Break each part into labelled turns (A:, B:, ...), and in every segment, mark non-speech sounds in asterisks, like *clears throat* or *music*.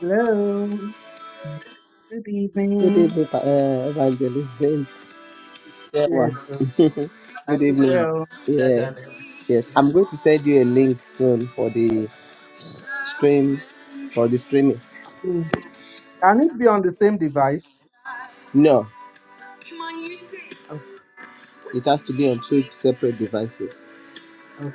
A: Hello. Good
B: Good
A: evening.
B: evening, Pa- uh, Evangelist Benz. Yeah, wa.
A: Yes, um,
B: *laughs* Good
A: I do
B: evening. ma.
A: well.
B: Yes, yes.
A: Yeah.
B: I'm going to send you a link soon for the stream, for the streaming.
A: Hmm. Can it be on the same device?
B: No,
A: Oh,
B: for devices.
A: oh,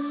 B: But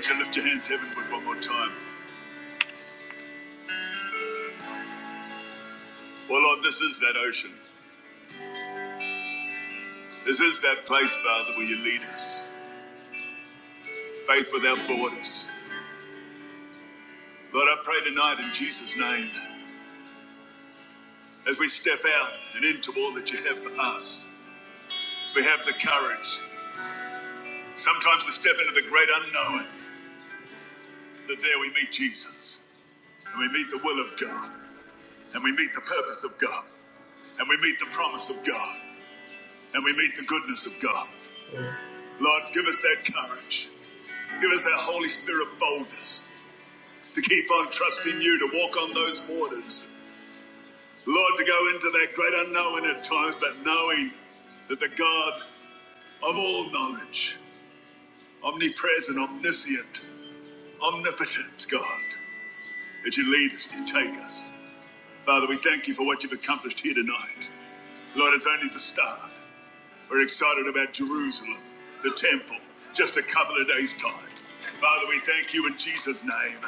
B: can lift your hands heavenward one more time. Well, Lord, this is that ocean. This is that place, Father, where you lead us. Faith without borders. Lord, I pray tonight in Jesus' name as we step out and into all that you have for us. We have the courage sometimes to step into the great unknown, that there we meet Jesus, and we meet the will of God, and we meet the purpose of God, and we meet the promise of God, and we meet the goodness of God. Lord, give us that courage. Give us that Holy Spirit boldness to keep on trusting you, to walk on those waters. Lord, to go into that great unknown at times, but knowing that the God of all knowledge, omnipresent, omniscient, omnipotent God, that you lead us and take us. Father, we thank you for what you've accomplished here tonight. Lord, it's only the start. We're excited about Jerusalem, the temple, just a couple of days' time. Father, we thank you in Jesus' name.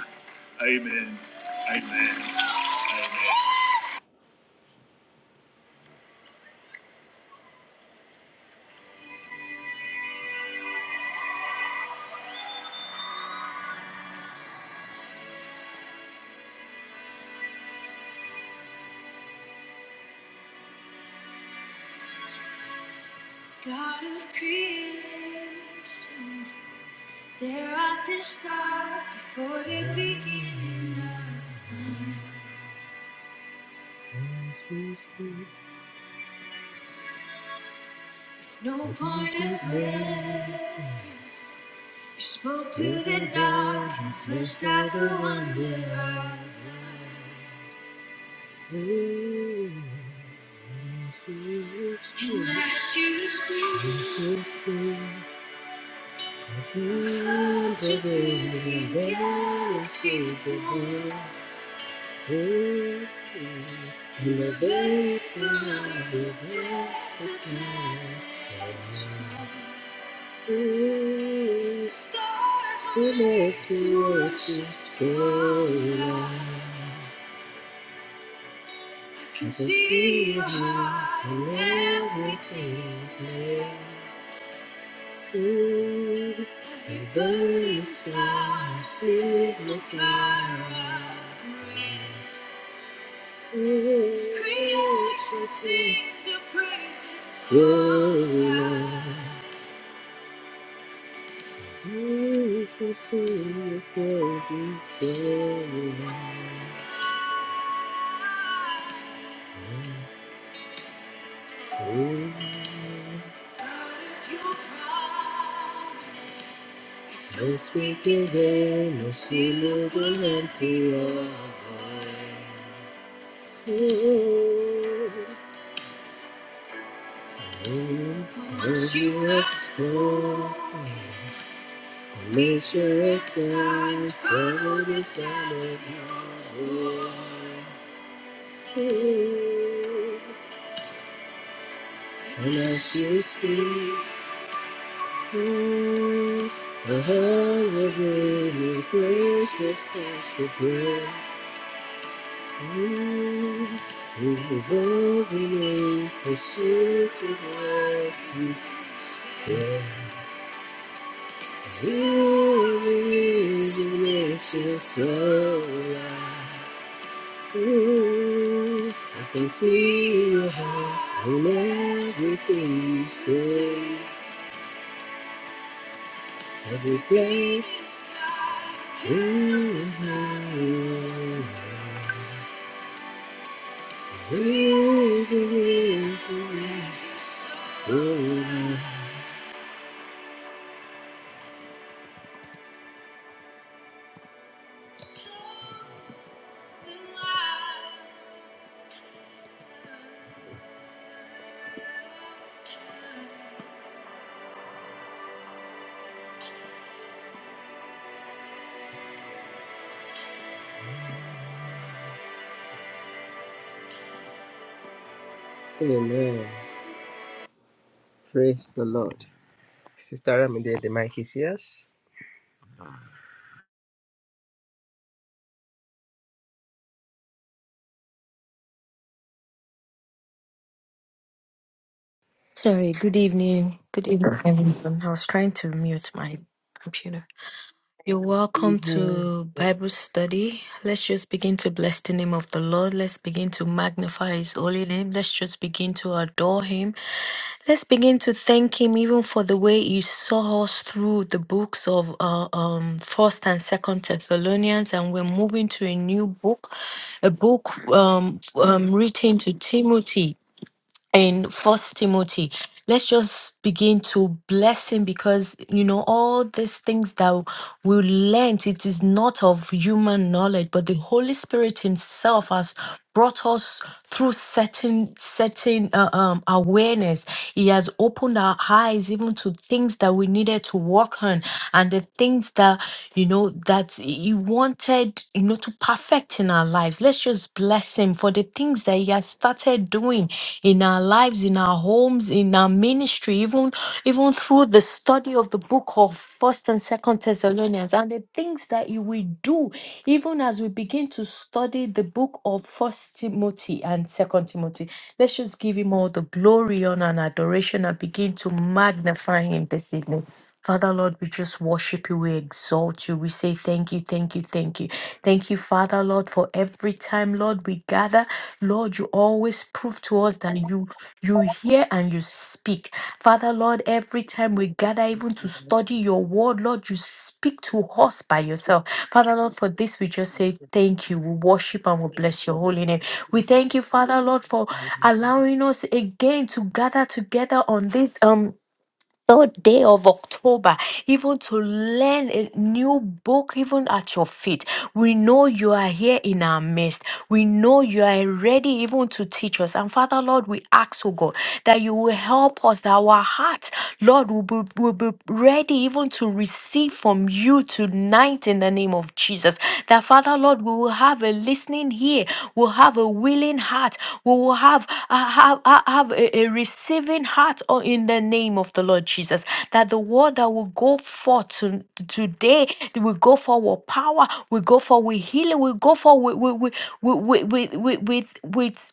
B: Amen. Amen. I in everything. Every burning star, signal fire of grace. Creation sings your praises. Oh, Lord. Creation sings your praises. Oh, Lord. No speaking there, no seal will empty our void. Oh, oh, for what you have spoken. Make sure it's there for the summer And as you speak, ooh, the whole of me grace with special prayer. Ooh, revolving in pursuit of what you yeah. You are the reason it's just so alive. Ooh, I can everything you every breathe. Amen. Praise the Lord. Sister Ramide, the mic is yours.
C: Sorry, good evening. Good evening, everyone. I was trying to mute my computer. You're
A: Good
C: welcome
A: evening.
C: to Bible study. Let's just begin to bless the name of the Lord. Let's begin to magnify his holy name. Let's just begin to adore him. Let's begin to thank him even for the way he saw us through the books of uh, um first and second Thessalonians and we're moving to a new book, a book um, um written to Timothy in first timothy let's just begin to bless him because you know all these things that we learned it is not of human knowledge but the holy spirit himself has brought us through certain certain uh, um, awareness he has opened our eyes even to things that we needed to work on and the things that you know that He wanted, you know, to perfect in our lives. Let's just bless Him for the things that He has started doing in our lives, in our homes, in our ministry, even even through the study of the book of First and Second Thessalonians, and the things that He will do, even as we begin to study the book of First Timothy and Second Timothy. Let's just give Him all the glory, honor, and adoration, and begin to magnify Him this evening. Father Lord, we just worship you, we exalt you, we say thank you, thank you, thank you. Thank you, Father Lord, for every time, Lord, we gather. Lord, you always prove to us that you you hear and you speak. Father Lord, every time we gather even to study your word, Lord, you speak to us by yourself. Father Lord, for this we just say thank you. We worship and we bless your holy name. We thank you, Father Lord, for allowing us again to gather together on this um third day of October, even to learn a new book, even at your feet. We know you are here in our midst. We know you are ready even to teach us. And Father, Lord, we ask, oh God, that you will help us, that our heart, Lord, will be, will be ready even to receive from you tonight in the name of Jesus. That Father, Lord, we will have a listening ear, we'll have a willing heart, we will have, uh, have, uh, have a, a receiving heart oh, in the name of the Lord Jesus. That the word that will go forth to, today, it will go for with power, we go for with healing, we go for with, with with with with, with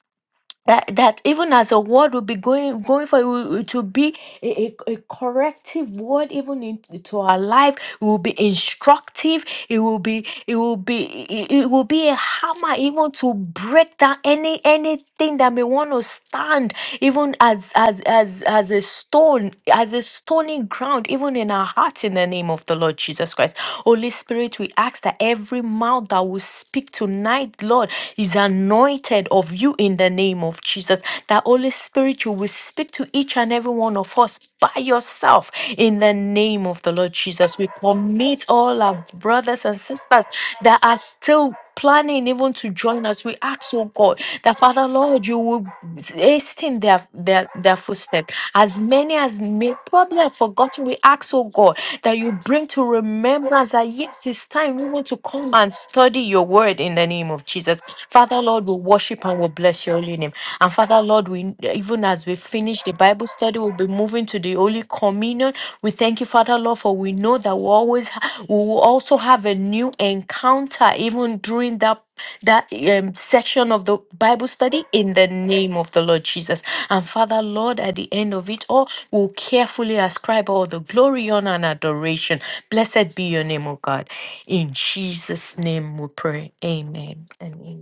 C: that, that even as a word will be going going for it, it be a, a, a corrective word even into our life it will be instructive it will be it will be it, it will be a hammer even to break down any anything that may want to stand even as as as as a stone as a stony ground even in our hearts in the name of the lord jesus christ Holy Spirit, we ask that every mouth that will speak tonight, Lord, is anointed of you in the name of Jesus. That Holy Spirit, you will speak to each and every one of us by yourself in the name of the Lord Jesus. We commit all our brothers and sisters that are still planning even to join us. We ask, oh oh God, that Father Lord, you will hasten their their, their footsteps. As many as may probably have forgotten, we ask, oh God, that you bring to remembrance that yes, it's time we want to come and study your word in the name of Jesus. Father Lord, we worship and we bless your holy name. And Father Lord, we even as we finish the Bible study, we'll be moving moving to the Holy Communion. We thank you, Father Lord, for we know that we always ha- we will also have a new encounter even during that that um, section of the Bible study in the name of the Lord Jesus. And Father Lord, at the end of it all, we'll carefully ascribe all the glory, honor, and adoration. Blessed be your name, O God. In Jesus' name we pray. Amen and amen.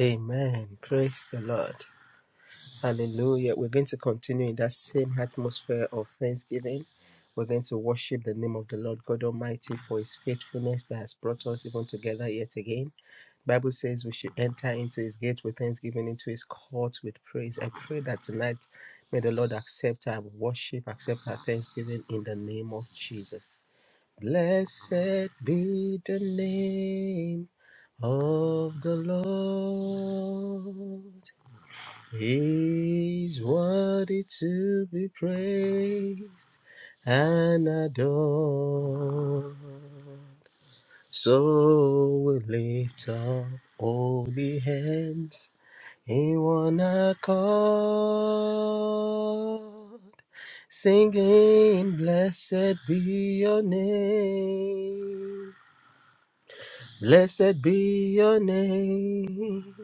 B: Amen. Praise the Lord. Hallelujah. We're going to continue in that same atmosphere of thanksgiving. We're going to worship the name of the Lord God Almighty for his faithfulness that has brought us even together yet again. Bible says we should enter into his gate with thanksgiving, into his courts with praise. I pray that tonight may the Lord accept our worship, accept our thanksgiving in the name of Jesus. Blessed be the name of the Lord. He's worthy to be praised and adored. So we lift up holy hands in one accord, singing, Blessed be your name, blessed be your name.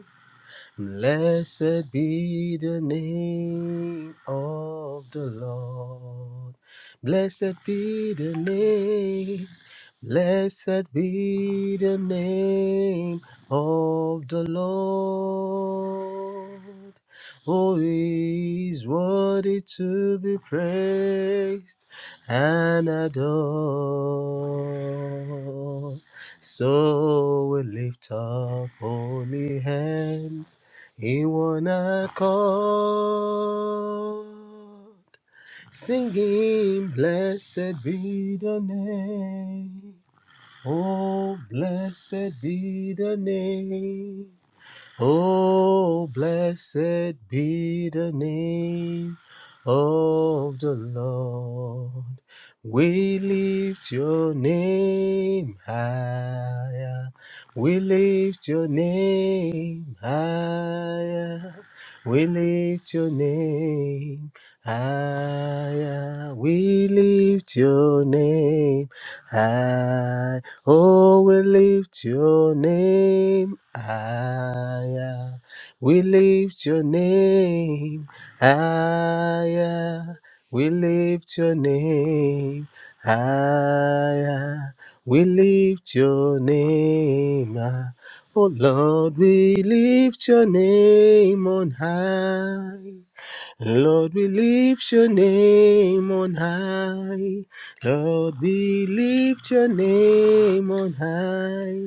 B: Blessed be the name of the Lord. Blessed be the name. Blessed be the name of the Lord. Who is worthy to be praised and adored. So we lift up holy hands he In one call, singing, blessed be the name. Oh, blessed be the name Oh, blessed be the name of the Lord. We lift your name higher. We lift your name higher. We lift your name. Higher, we lift your name. High, oh, we lift your name. Higher, we lift your name. Higher, we lift your name. Higher, we lift your name. Ah, Oh Lord, we lift your name on high. Lord, we lift your name on high. Lord, we lift your name on high.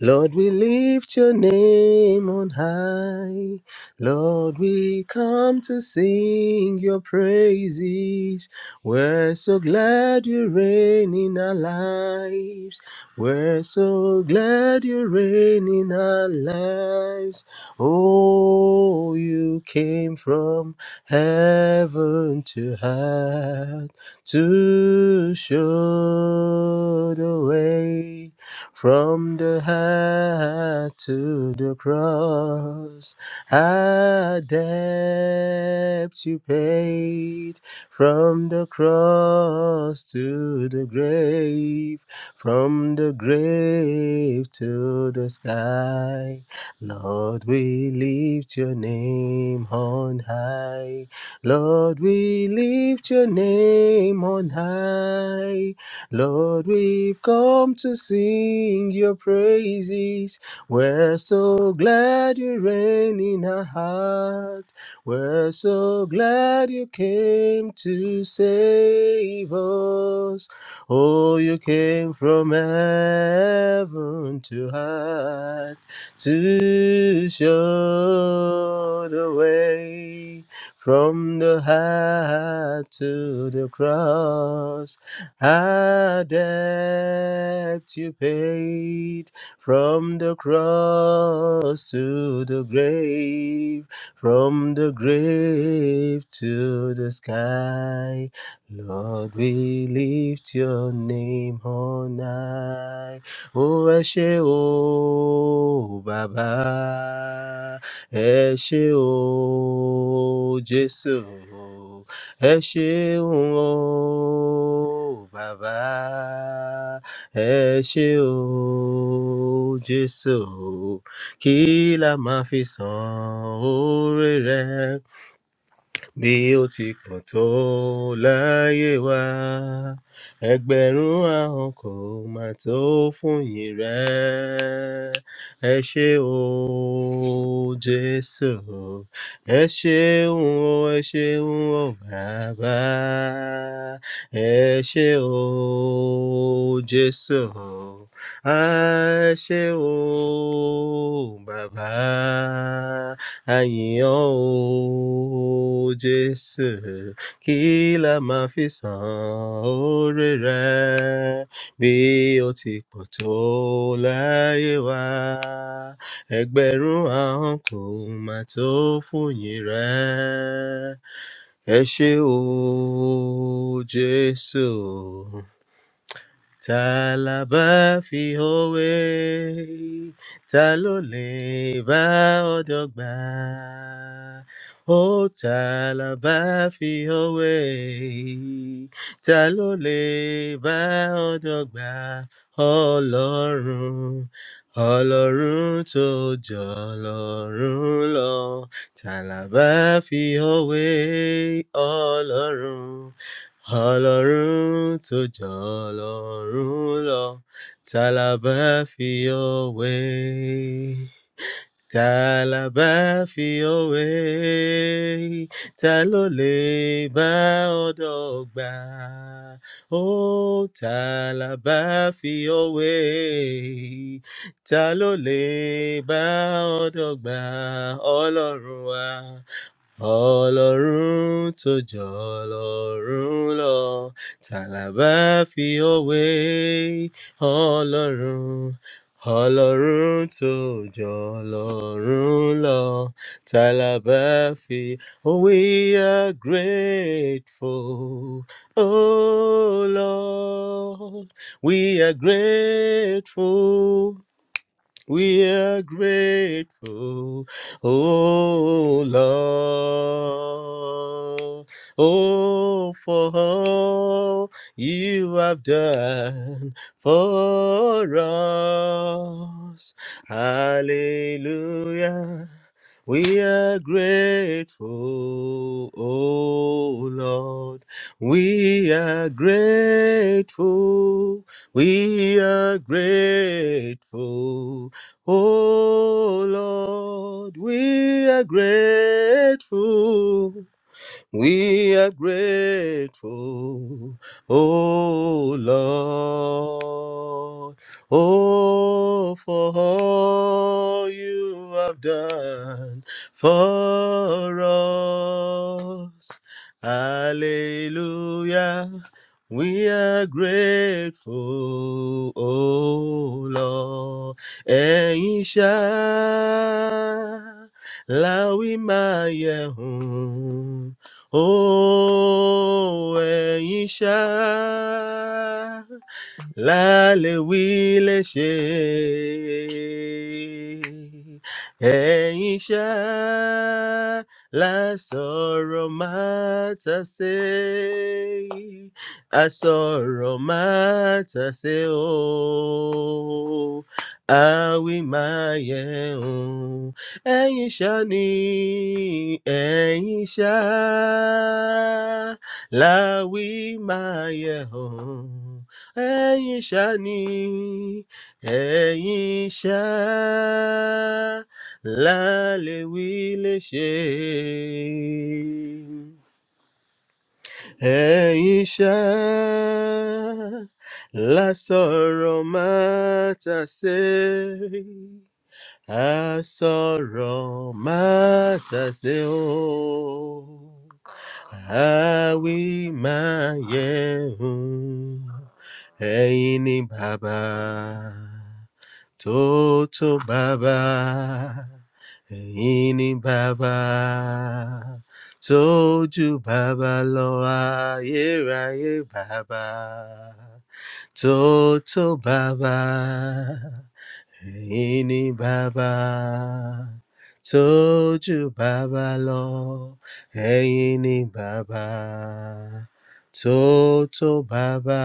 B: Lord, we lift your name on high. Lord, we come to sing your praises. We're so glad you reign in our lives. We're so glad you reign in our lives. Oh, you came from heaven to earth to show the way. From the heart to the cross, a debt you paid. From the cross to the grave, from the grave to the sky. Lord, we lift your name on high. Lord, we lift your name name on high. Lord, we've come to sing your praises. We're so glad you're in our heart. We're so glad you came to save us. Oh, you came from heaven to earth to show the way. From the heart to the cross, a debt you paid. From the cross to the grave, from the grave to the sky, Lord, we lift your name on high ó ẹ ṣé o bàbá ẹ ṣé o jésù ẹ ṣeun o bàbá ẹ ṣé o jésù kí la máa fi san oore rẹ bí ó ti pọ̀ tó láyé wa ẹgbẹ̀rún ahọ́n kò má tó fún yín rẹ̀ ẹ ṣé o jésù ẹ ṣeun o ẹ ṣeun o bàbá ẹ ṣé o jésù a ẹ ṣé o bàbá àyìn ọ́ o O Jésù, kí la máa fi san oore rẹ bí ó ti pọ̀ tó láyé wa? Ẹgbẹ̀rún ahọ́n kò máa tó fòyìn rẹ. Ẹ ṣé o, Jésù ta la bá fi òwe ta ló lè bá ọ̀dọ́ gbà ó ta la bá fi òwe ta ló lè bá ọ̀dọ́ gbà ọlọ́run ọlọ́run tó jọ ọlọ́run lọ ta la bá fi òwe ọlọ́run. Ọlọ́run tó jọ ọlọ́run lọ, ta la bá fi òwe? Ta la bá fi òwe? Ta ló lè bá ọ̀dọ̀ gbà? Ó ta la bá fi òwe? Ta ló lè bá ọ̀dọ̀ gbà? Ọlọ́run wa ọlọ́run tó jọ ọlọ́run lọ tàlàbà fi òwe ọlọ́run ọlọ́run tó jọ ọlọ́run lọ tàlàbà fi ọ́ wé? we are grateful oh lord we are grateful we are grateful, oh Lord, oh for all you have done for us. Hallelujah. We are grateful, oh Lord. We are grateful. We are grateful. Oh Lord, we are grateful. We are grateful, oh Lord, oh for all you have done for us. Hallelujah. We are grateful, oh Lord. Ẹ̀yin ṣá la wí máa yẹ hùn. Oh, ẹ̀yin ṣá lálẹ́ wí lè ṣe. Ẹ̀yin ṣá lásọ̀rọ̀ máa ta ṣe. Àsọ̀rọ̀ máa ta ṣe o. Àwí máa yẹ̀ ẹ̀yin ṣá ni ẹ̀yin ṣá láwí máa yẹ hàn ẹ̀yin ṣá ni ẹ̀yin ṣá lálẹ́ wí lè ṣe ẹ̀yin ṣá lásọ̀rọ̀ má tà sé Asọ̀rọ̀ máa tàsé o, àwí máa yẹ hùn. Ẹ̀yin ni bàbá tó tó bàbá, ẹ̀yin ni bàbá tó ju bàbá lọ ayérayé bàbá tó tó bàbá. Ẹ̀yin ni Baba told you Baba Law. ni Baba Toto Baba.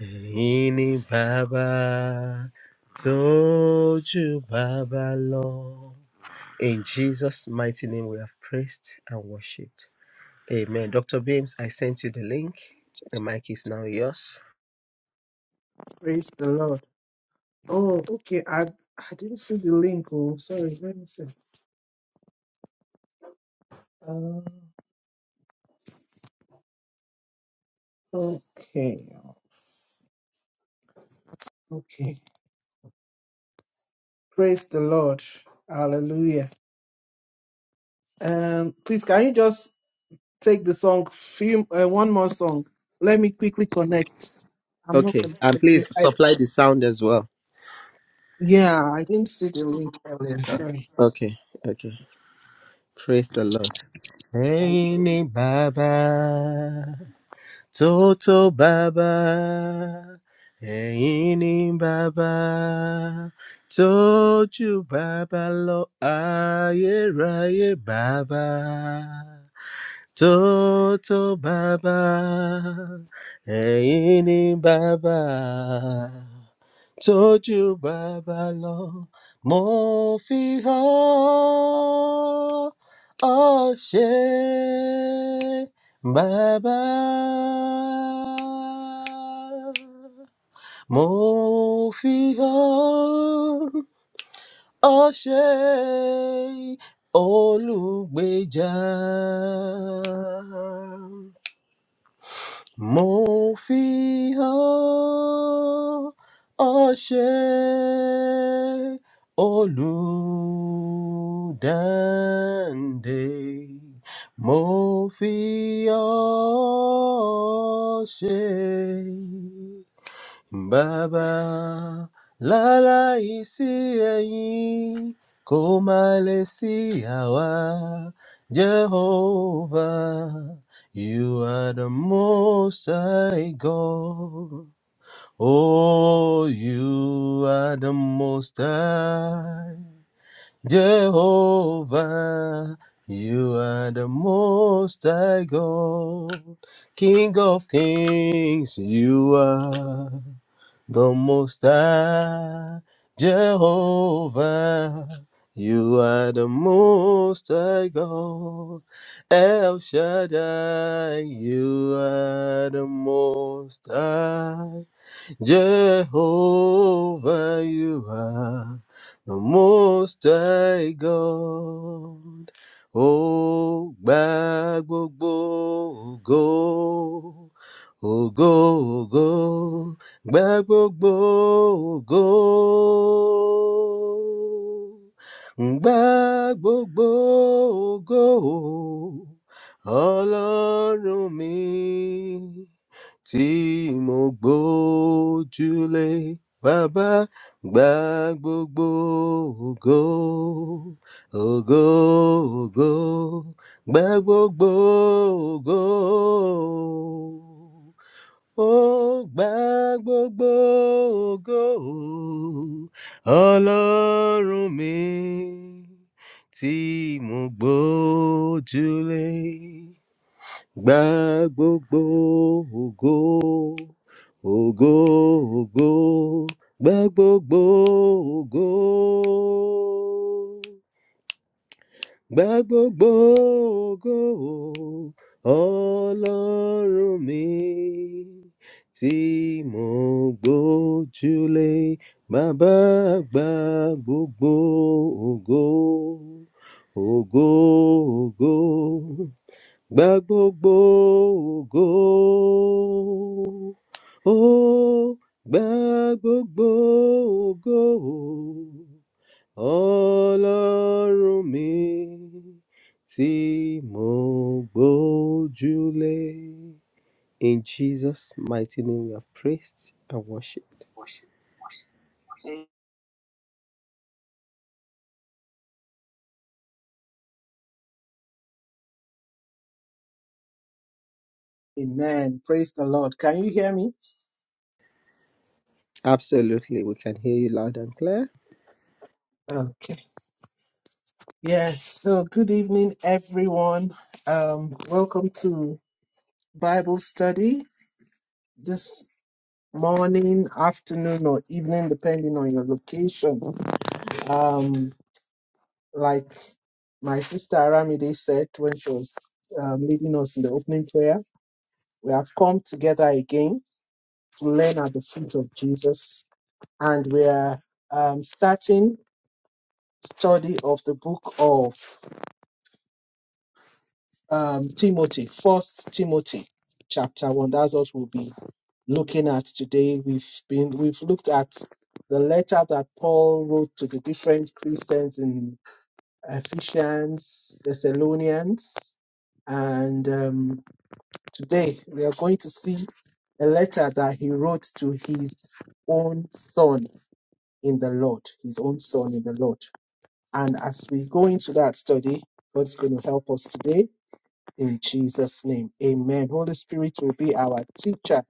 B: ni Baba told you Baba lo. In Jesus' mighty name, we have praised and worshipped. Amen. Dr. Beams, I sent you the link. The mic is now yours.
A: Praise the Lord. Oh, okay. I I didn't see the link. Oh, sorry. Let me see. Uh, okay. Okay. Praise the Lord. Hallelujah. Um, please can you just take the song, few, uh, one more song. Let me quickly connect. I'm not
B: Okay. And
A: connected.
B: please
A: I,
B: supply the sound as well.
A: yeah, I didn't see the link earlier. Sorry.
B: Okay. Okay. Praise the Lord. Ẹni bàbá tó bàbá, ẹ̀yin bàbá tó bàbá lọ ayérayé bàbá tó bàbá, ẹ̀yin bàbá tójú bàbá lọ mo fi hàn ọ́ ṣe bàbá mo fi hàn ọ́ ṣe olùgbèjà Mo fi hàn ọṣẹ olùdáǹdè. Mo fi hàn ọṣẹ Baba, lala isiyeyi, komalesiawa, Jehovah, you are the most high God. Oh, you are the most high. Jehovah, you are the most high God. King of kings, you are the Most High, Jehovah. You are the Most High God, El Shaddai. You are the Most High. Jehovah, you are the most high God. Ó gba gbogbo ògo, ògo, ògo, gba gbogbo ògo. Gba gbogbo ògo, Ọlọ́run mi tí mo gbójúlé bàbá gba gbogbo ògo ògo ògo gba gbogbo ògo ó gba gbogbo ògo ọlọ́run mi tí mo gbójúlé Gba gbogbo ògo, ògo, ògo, gba gbogbo ògo, gba gbogbo ògo, Ọlọ́run mi, tí mo gbójúlé, bàbá gba gbogbo ògo, ògo, ògo. Gba gbogbo ògo. Ó gba gbogbo ògo. Ọlọ́run mi tí mo gbójúlé. In Jesus' mighty name we have praised and worshipped.
A: Amen. Praise the Lord. Can you hear me?
B: Absolutely, we can hear you loud and clear.
A: Okay. Yes. So, good evening, everyone. Um, welcome to Bible study this morning, afternoon, or evening, depending on your location. Um, like my sister Aramide said when she was um, leading us in the opening prayer, We have come together again to learn at the feet of Jesus, and we are um, starting study of the book of um, Timothy, First Timothy, chapter one. That's what we'll be looking at today. We've been we've looked at the letter that Paul wrote to the different Christians in Ephesians, Thessalonians, and um, Today, we are going to see a letter that he wrote to his own son in the Lord, his own son in the Lord. And as we go into that study, God's going to help us today in Jesus' name. Amen. Holy Spirit will be our teacher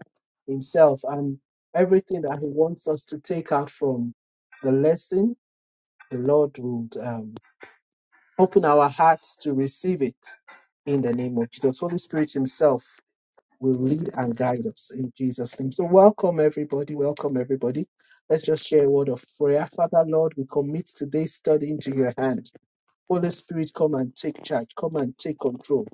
A: himself, and everything that he wants us to take out from the lesson, the Lord would um, open our hearts to receive it in the name of Jesus. Holy Spirit himself will lead and guide us in Jesus' name. So, welcome everybody. Welcome everybody. Let's just share a word of prayer. Father, Lord, we commit today's study into your hand. Holy Spirit, come and take charge. Come and take control.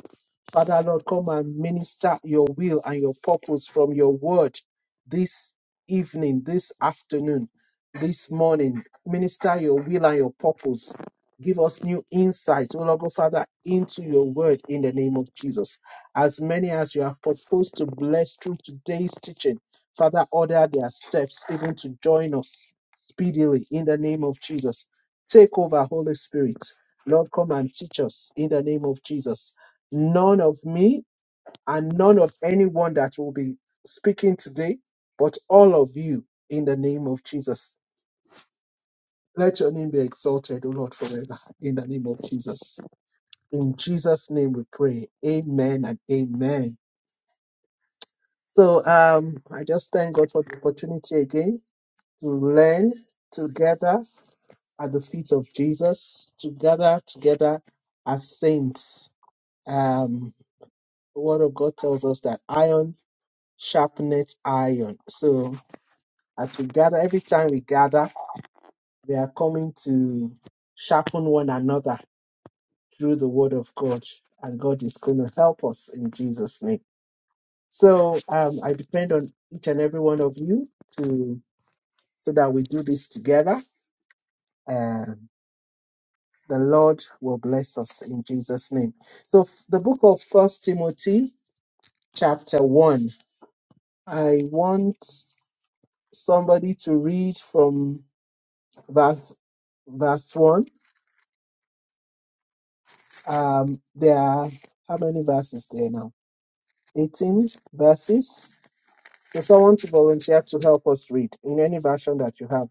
A: Father Lord, come and minister your will and your purpose from your word this evening, this afternoon, this morning. Minister your will and your purpose. Give us new insight, O Lord God, Father, into your word in the name of Jesus. As many as you have proposed to bless through today's teaching, Father, order their steps even to join us speedily in the name of Jesus. Take over, Holy Spirit. Lord, come and teach us in the name of Jesus none of me and none of anyone that will be speaking today, but all of you in the name of Jesus. Let your name be exalted, O Lord, forever in the name of Jesus. In Jesus' name we pray. Amen and amen. So um, I just thank God for the opportunity again to learn together at the feet of Jesus, together, together as saints. Um, the word of God tells us that iron sharpeneth iron. So as we gather, every time we gather, we are coming to sharpen one another through the word of God. And God is going to help us in Jesus' name. So um, I depend on each and every one of you to so that we do this together. Um, the Lord will bless us in Jesus' name. So f- the book of First Timothy, chapter one. I want somebody to read from. verse verse one. Um, there are how many verses there now? Eighteen verses. So someone to volunteer to help us read in any version that you have.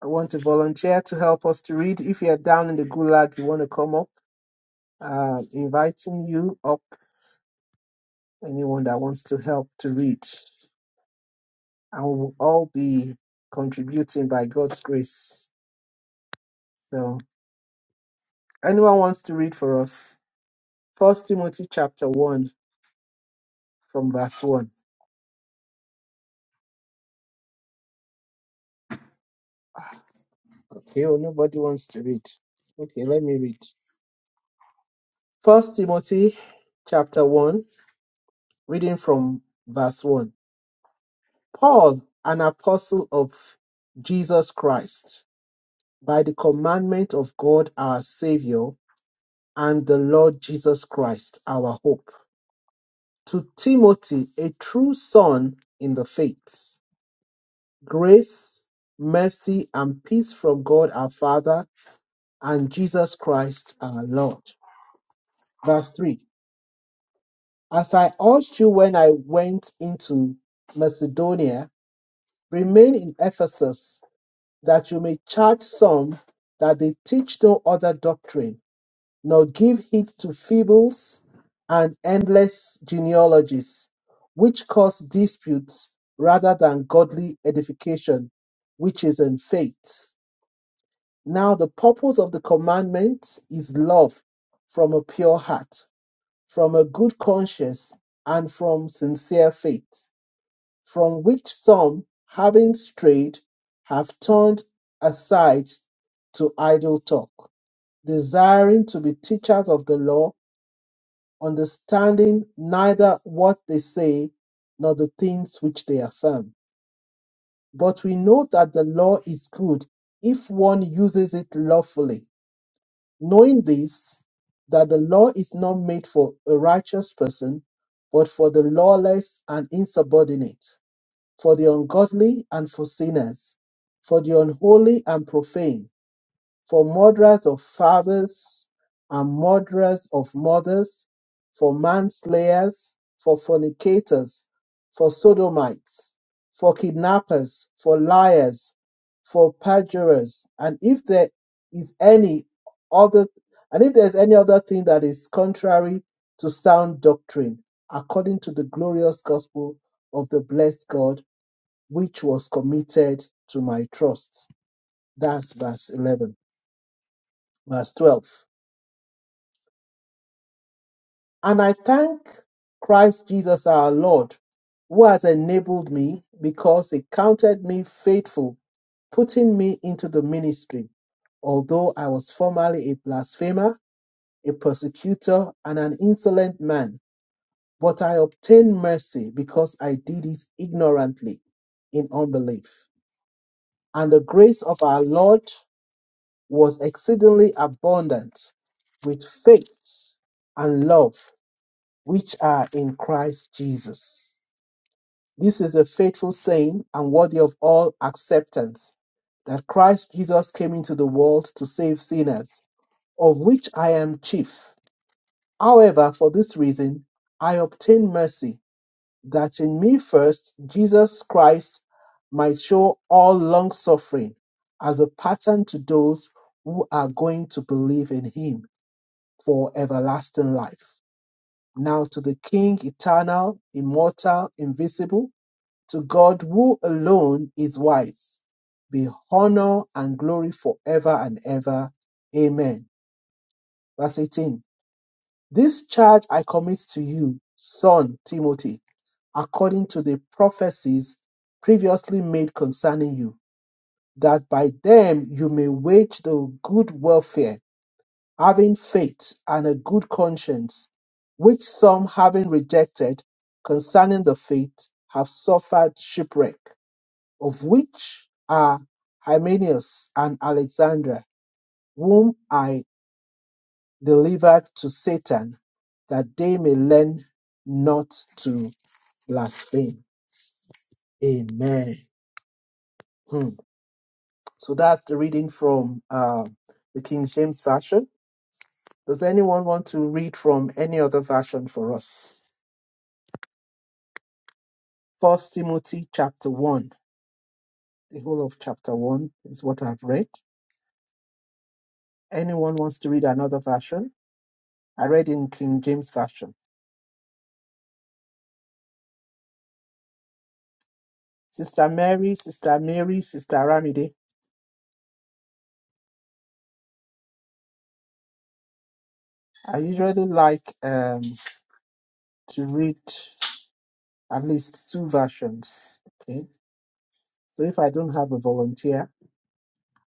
A: I want to volunteer to help us to read. If you're down in the gulag, you want to come up. Uh, inviting you up. Anyone that wants to help to read, and we will all be contributing by God's grace. So, anyone wants to read for us? First Timothy chapter one from verse one. Okay, oh, nobody wants to read. Okay, let me read. First Timothy chapter 1, reading from verse 1. Paul, an apostle of Jesus Christ, by the commandment of God our Savior and the Lord Jesus Christ, our hope. To Timothy, a true son in the faith, grace, mercy, and peace from God our Father and Jesus Christ our Lord. Verse 3 As I urged you when I went into Macedonia, remain in Ephesus, that you may charge some that they teach no other doctrine, nor give heed to fables and endless genealogies, which cause disputes rather than godly edification, which is in faith. Now, the purpose of the commandment is love from a pure heart from a good conscience and from sincere faith, from which some, having strayed, have turned aside to idle talk, desiring to be teachers of the law, understanding neither what they say nor the things which they affirm. But we know that the law is good if one uses it lawfully knowing this, that the law is not made for a righteous person, but for the lawless and insubordinate, for the ungodly and for sinners, for the unholy and profane for murderers of fathers and murderers of mothers, for manslayers, for fornicators, for sodomites, for kidnappers, for liars, for perjurers, and if there is any other and if there is any other thing that is contrary to sound doctrine, according to the glorious gospel of the blessed God, which was committed to my trust. That's verse 11 verse 12. And I thank Christ Jesus our Lord, who has enabled me because he counted me faithful, putting me into the ministry. Although I was formerly a blasphemer, a persecutor, and an insolent man, but I obtained mercy because I did it ignorantly in unbelief. And the grace of our Lord was exceedingly abundant with faith and love which are in Christ Jesus. This is a faithful saying and worthy of all acceptance that Christ Jesus came into the world to save sinners, of which I am chief. However, for this reason, I obtain mercy, that in me first Jesus Christ might show all long suffering as a pattern to those who are going to believe in him for everlasting life. Now to the King, eternal, immortal, invisible, to God who alone is wise, be honor and glory forever and ever. Amen. Verse 18 This charge I commit to you, son Timothy, according to the prophecies previously made concerning you, that by them you may wage the good warfare having faith and a good conscience, which some having rejected concerning the faith have suffered shipwreck, of which are Hymenaeus and Alexander, whom I delivered to Satan, that they may learn not to blaspheme. Amen. Hmm. So that's the reading from uh, the King James Version. Does anyone want to read from any other version for us? First Timothy chapter 1, the whole of chapter 1 is what I've read. Anyone wants to read another version? I read in King James Version. Sister Mary, Sister Mary, Sister Ramide. I usually like um, to read at least two versions. Okay. So if I don't have a volunteer,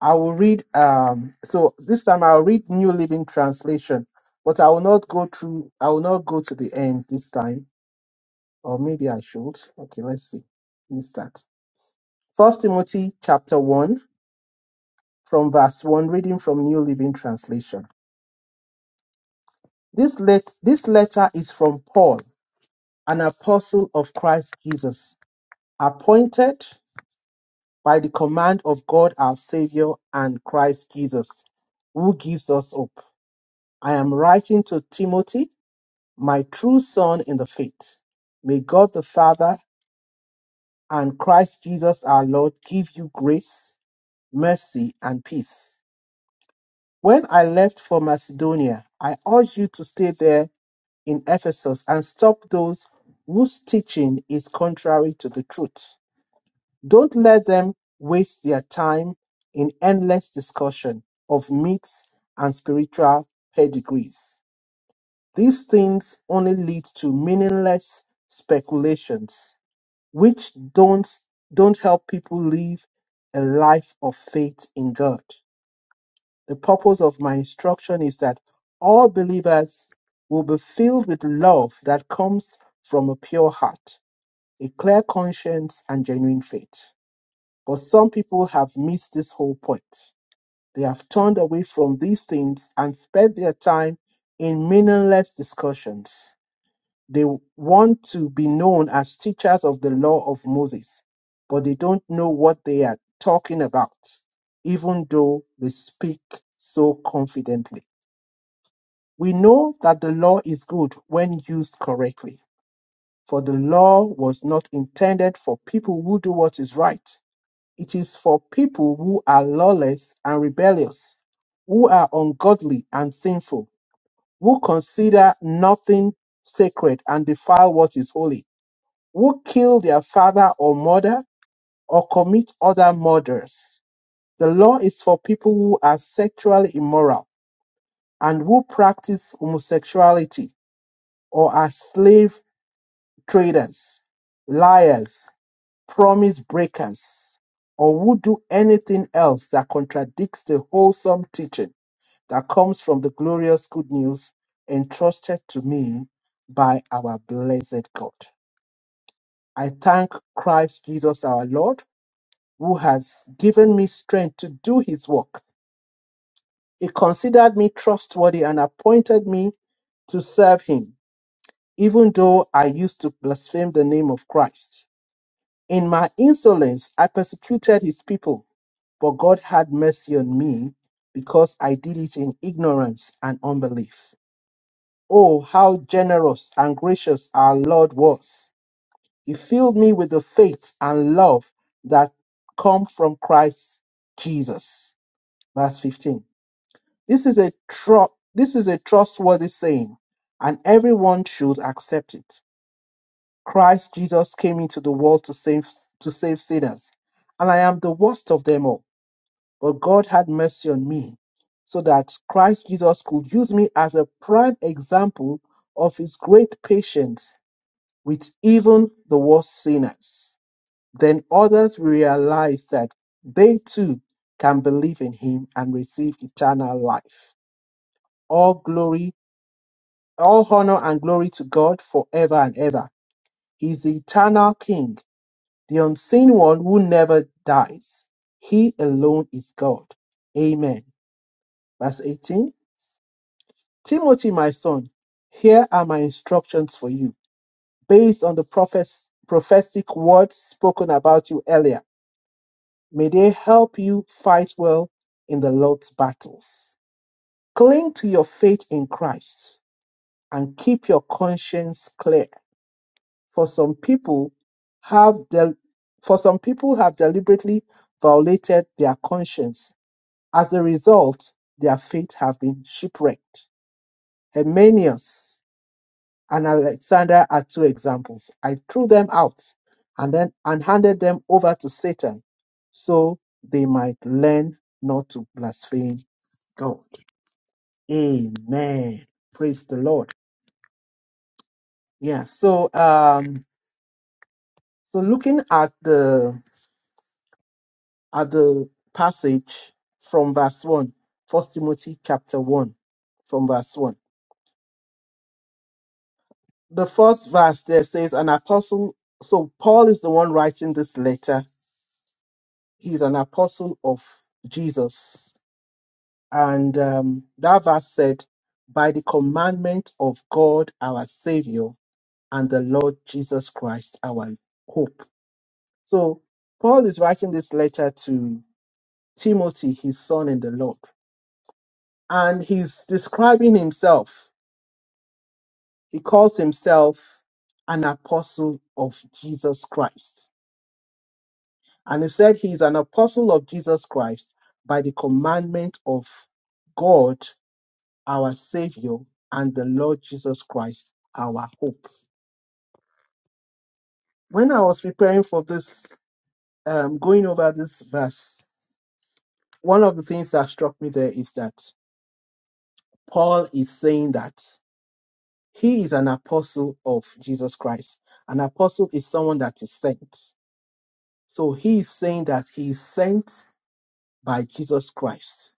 A: I will read um so this time I'll read New Living Translation, but I will not go through I will not go to the end this time. Or maybe I should. Okay, let's see. Let me start. First Timothy chapter 1 from verse 1 reading from New Living Translation. This let this letter is from Paul, an apostle of Christ Jesus, appointed by the command of God our Savior and Christ Jesus, who gives us hope. I am writing to Timothy, my true son in the faith. May God the Father and Christ Jesus our Lord give you grace, mercy, and peace. When I left for Macedonia, I urge you to stay there in Ephesus and stop those whose teaching is contrary to the truth. Don't let them waste their time in endless discussion of myths and spiritual pedigrees. These things only lead to meaningless speculations, which don't, don't help people live a life of faith in God. The purpose of my instruction is that all believers will be filled with love that comes from a pure heart, a clear conscience, and genuine faith. But some people have missed this whole point. They have turned away from these things and spent their time in meaningless discussions. They want to be known as teachers of the law of Moses, but they don't know what they are talking about, even though they speak so confidently. We know that the law is good when used correctly, for the law was not intended for people who do what is right. It is for people who are lawless and rebellious, who are ungodly and sinful, who consider nothing sacred and defile what is holy, who kill their father or mother or commit other murders. The law is for people who are sexually immoral and who practice homosexuality or are slaves traders, liars, promise breakers, or would do anything else that contradicts the wholesome teaching that comes from the glorious good news entrusted to me by our blessed God. I thank Christ Jesus our Lord, who has given me strength to do his work. He considered me trustworthy and appointed me to serve him, even though I used to blaspheme the name of Christ. In my insolence, I persecuted his people, but God had mercy on me because I did it in ignorance and unbelief. Oh, how generous and gracious our Lord was! He filled me with the faith and love that come from Christ Jesus. Verse 15. This is a tru- this is a trustworthy saying, and everyone should accept it. Christ Jesus came into the world to save to save sinners, and I am the worst of them all. But God had mercy on me, so that Christ Jesus could use me as a prime example of his great patience with even the worst sinners. Then others will realize that they too can believe in him and receive eternal life. All glory, all honor and glory to God forever and ever. He is the eternal King the unseen one who never dies. He alone is God. Amen. Verse 18 Timothy, my son, here are my instructions for you, based on the prophes- prophetic words spoken about you earlier. May they help you fight well in the Lord's battles. Cling to your faith in Christ and keep your conscience clear. For some people have del- for some people have deliberately violated their conscience As a result, their fate have been shipwrecked. Herminius and Alexander are two examples. I threw them out and then and handed them over to Satan so they might learn not to blaspheme God. Amen. Praise the Lord. Yeah, so um so looking at the at the passage from verse one, First Timothy chapter 1 from verse 1. the first verse there says, an apostle. So Paul is the one writing this letter. He's an apostle of Jesus. And um, that verse said, by the commandment of God, our Savior, and the Lord Jesus Christ, our hope. So Paul is writing this letter to Timothy, his son in the Lord. And he's describing himself. He calls himself an apostle of Jesus Christ And he said he is an apostle of Jesus Christ by the commandment of God, our Savior, and the Lord Jesus Christ, our hope. When I was preparing for this, um, going over this verse, one of the things that struck me there is that Paul is saying that he is an apostle of Jesus Christ. An apostle is someone that is sent. So he is saying that he is sent by Jesus Christ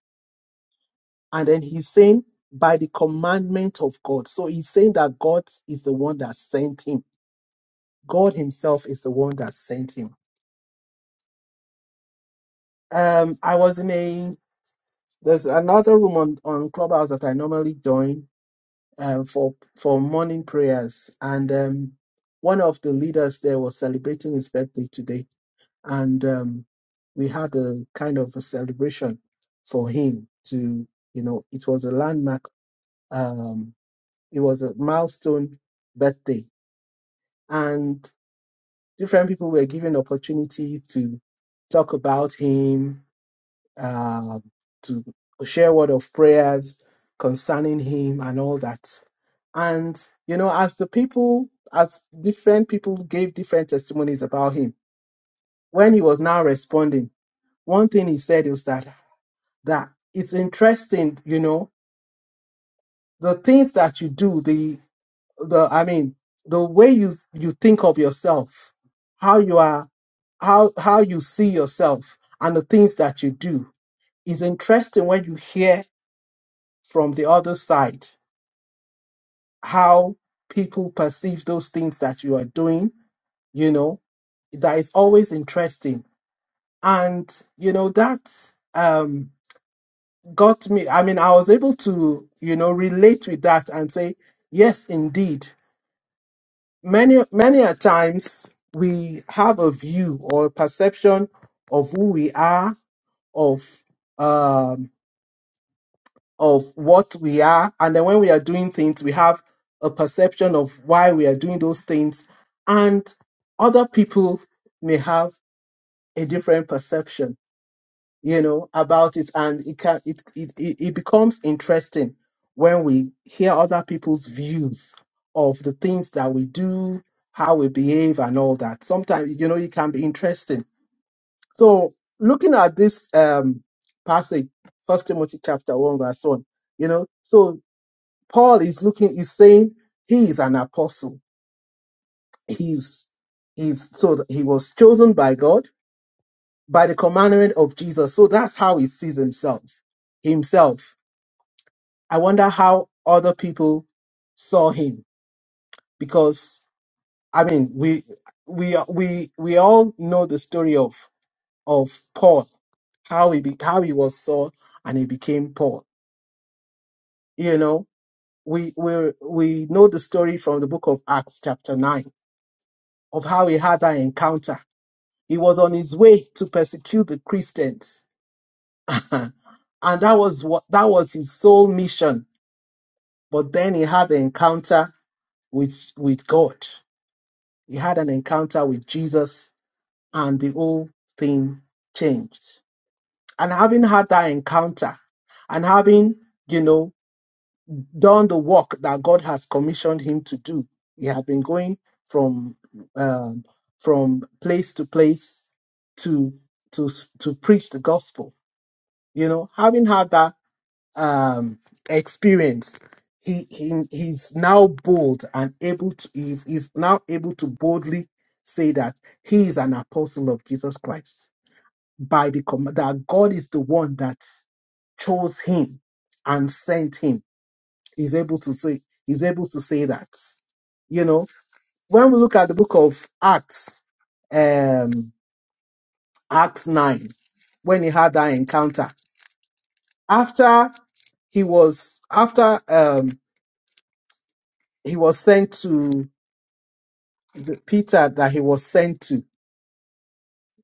A: And then he's saying, by the commandment of God. So he's saying that God is the one that sent him. God himself is the one that sent him. Um, I was in a, there's another room on, on Clubhouse that I normally join um, for, for morning prayers. And um, one of the leaders there was celebrating his birthday today. And um, we had a kind of a celebration for him to, you know, it was a landmark. Um, it was a milestone birthday and different people were given opportunity to talk about him uh, to share word of prayers concerning him and all that and you know as the people as different people gave different testimonies about him when he was now responding one thing he said was that that it's interesting you know the things that you do the the i mean the way you you think of yourself how you are how how you see yourself and the things that you do is interesting when you hear from the other side how people perceive those things that you are doing you know that is always interesting and you know that um got me i mean i was able to you know relate with that and say yes indeed many many a times we have a view or a perception of who we are of um of what we are and then when we are doing things we have a perception of why we are doing those things and other people may have a different perception you know, about it, and it can it it it it becomes interesting when we hear other people's views of the things that we do, how we behave, and all that. Sometimes, you know, it can be interesting. So, looking at this um passage, First Timothy chapter one verse one, you know, so Paul is looking, is saying he is an apostle. He's he's so he was chosen by God by the commandment of Jesus. So that's how he sees himself. Himself. I wonder how other people saw him because I mean we we we we all know the story of of Paul, how he be, how he was Saul and he became Paul. You know, we we we know the story from the book of Acts chapter nine of how he had that encounter. He was on his way to persecute the Christians. *laughs* and that was what that was his sole mission but then he had an encounter with with God. He had an encounter with Jesus, and the whole thing changed. And having had that encounter, and having you know done the work that God has commissioned him to do, he had been going from um, from place to place to to to preach the gospel. You know, having had that um experience he, he he's now bold and able to he's, he's now able to boldly say that he is an apostle of jesus christ by the command that god is the one that chose him and sent him he's able to say he's able to say that you know when we look at the book of acts um acts 9 when he had that encounter after he was after um. he was sent to the Peter that he was sent to.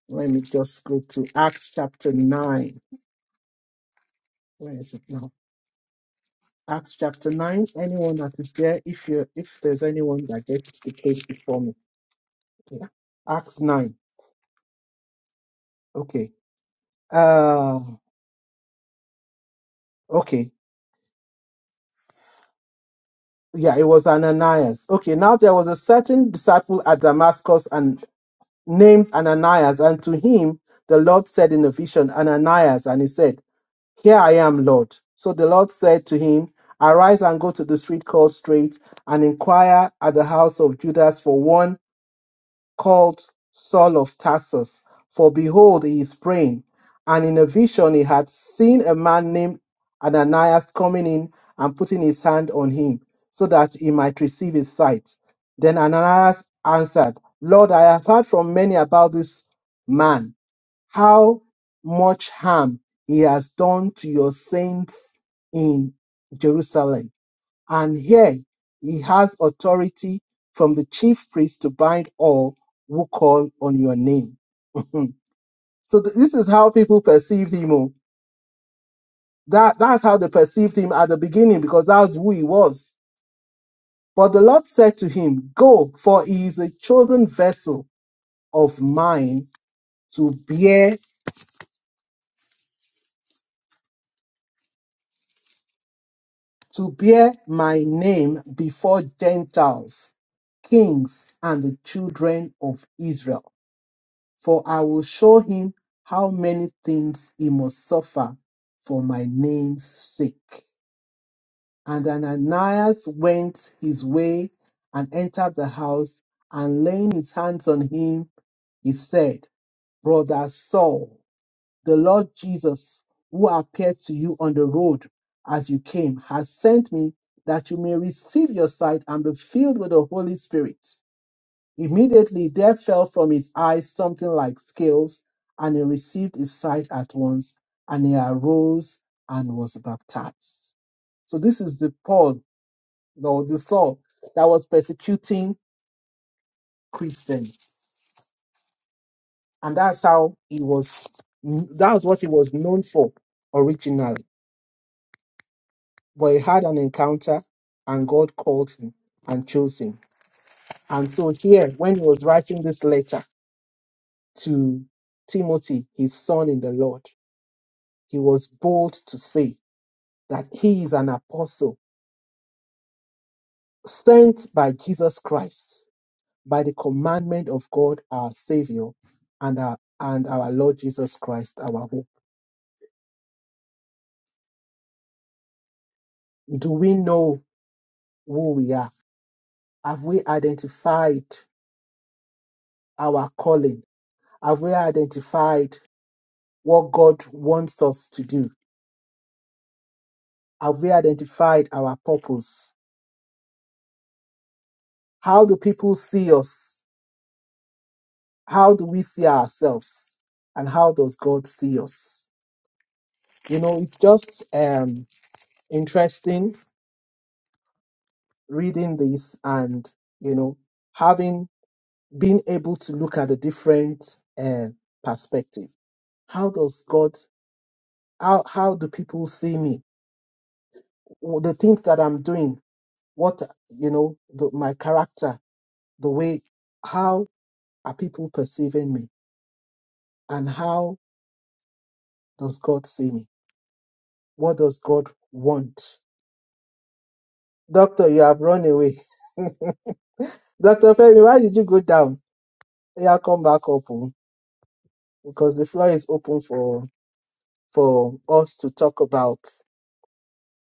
A: Let me just go to Acts chapter nine. Where is it now? Acts chapter nine. Anyone that is there, if you if there's anyone that gets the place before me. Yeah. Acts nine. Okay. Uh okay. Yeah, it was Ananias. Okay, now there was a certain disciple at Damascus and named Ananias, and to him the Lord said in a vision, Ananias, and he said, Here I am, Lord. So the Lord said to him, Arise and go to the street called Straight, and inquire at the house of Judas for one called Saul of Tarsus. For behold, he is praying. And in a vision he had seen a man named Ananias coming in and putting his hand on him, so that he might receive his sight. Then Ananias answered, Lord, I have heard from many about this man how much harm he has done to your saints in Jerusalem. And here he has authority from the chief priest to bind all who call on your name. *laughs* so th- this is how people perceived him. oh. That that's how they perceived him at the beginning because that's who he was. But the Lord said to him, Go, for he is a chosen vessel of mine to bear to bear my name before Gentiles, kings, and the children of Israel. For I will show him how many things he must suffer for my name's sake. And Ananias went his way and entered the house, and laying his hands on him, he said, Brother Saul, the Lord Jesus, who appeared to you on the road as you came, has sent me that you may receive your sight and be filled with the Holy Spirit. Immediately there fell from his eyes something like scales, and he received his sight at once, and he arose and was baptized. So this is the Paul, no, the Saul that was persecuting Christians, and that's how he was. That's what he was known for originally. but he had an encounter and God called him and chose him. And so here, when he was writing this letter to Timothy, his son in the Lord, he was bold to say that he is an apostle sent by Jesus Christ by the commandment of God our Savior and our and our Lord Jesus Christ, our hope. Do we know who we are? Have we identified our calling? Have we identified what God wants us to do? Have we identified our purpose? How do people see us? How do we see ourselves? And how does God see us? You know, it's just um, interesting reading this and, you know, having been able to look at a different uh, perspective. How does God, how, how do people see me? The things that I'm doing, what, you know, the, my character, the way, how are people perceiving me? And how does God see me? What does God want? Doctor, you have run away. *laughs* Dr. Femi, why did you go down? Yeah, come back up oh, because the floor is open for for us to talk about.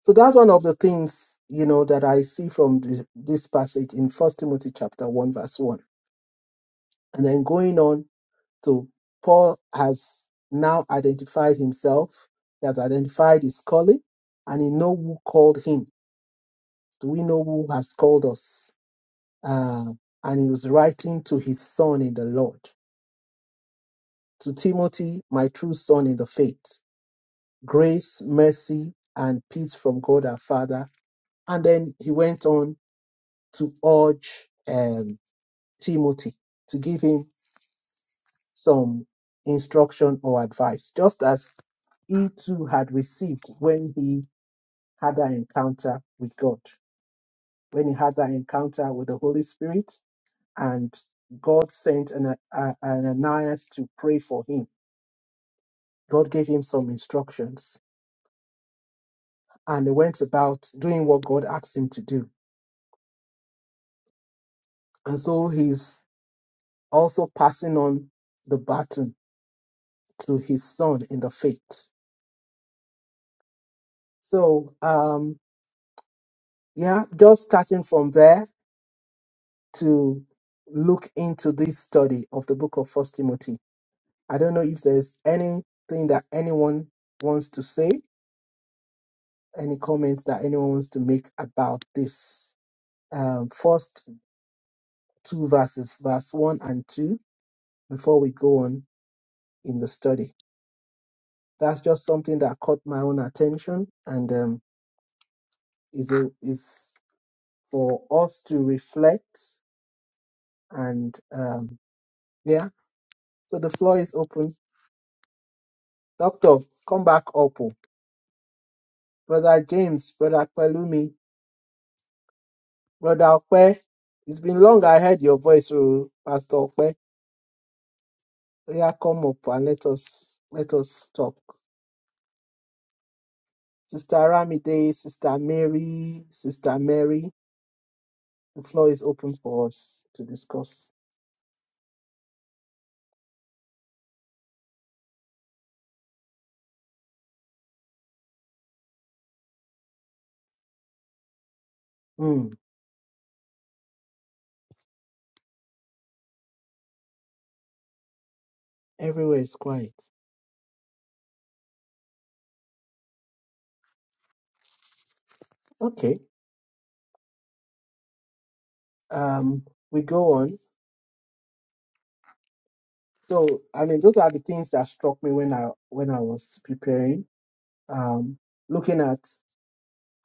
A: So that's one of the things you know that I see from the, this passage in First Timothy chapter one verse one, and then going on to Paul has now identified himself. He has identified his calling, and he know who called him Do we know who has called us? Uh, and he was writing to his son in the Lord, to Timothy, my true son in the faith, grace, mercy, and peace from God our Father. And then he went on to urge um, Timothy to give him some instruction or advice, just as he too had received when he had that encounter with God, when he had that encounter with the Holy Spirit and God sent an, uh, Ananias to pray for him. God gave him some instructions, and he went about doing what God asked him to do. And so he's also passing on the baton to his son in the faith. So, um, yeah, just starting from there to look into this study of the book of First Timothy. I don't know if there's anything that anyone wants to say, any comments that anyone wants to make about this. um, first two verses, verse one and two, before we go on in the study. That's just something that caught my own attention and um, is a, is for us to reflect and um, yeah. So the floor is open. Doctor, come back up. oh. Brother James, Brother Pelumi, Brother Okwe. It's been long I heard your voice, oh, Pastor Okwe. Yeah, come up and let us let us talk. Sister Aramide, Sister Mary, Sister Mary, the floor is open for us to discuss. Hmm, everywhere is quiet. Okay, um, we go on. So, I mean, those are the things that struck me when I when I was preparing. Um, looking at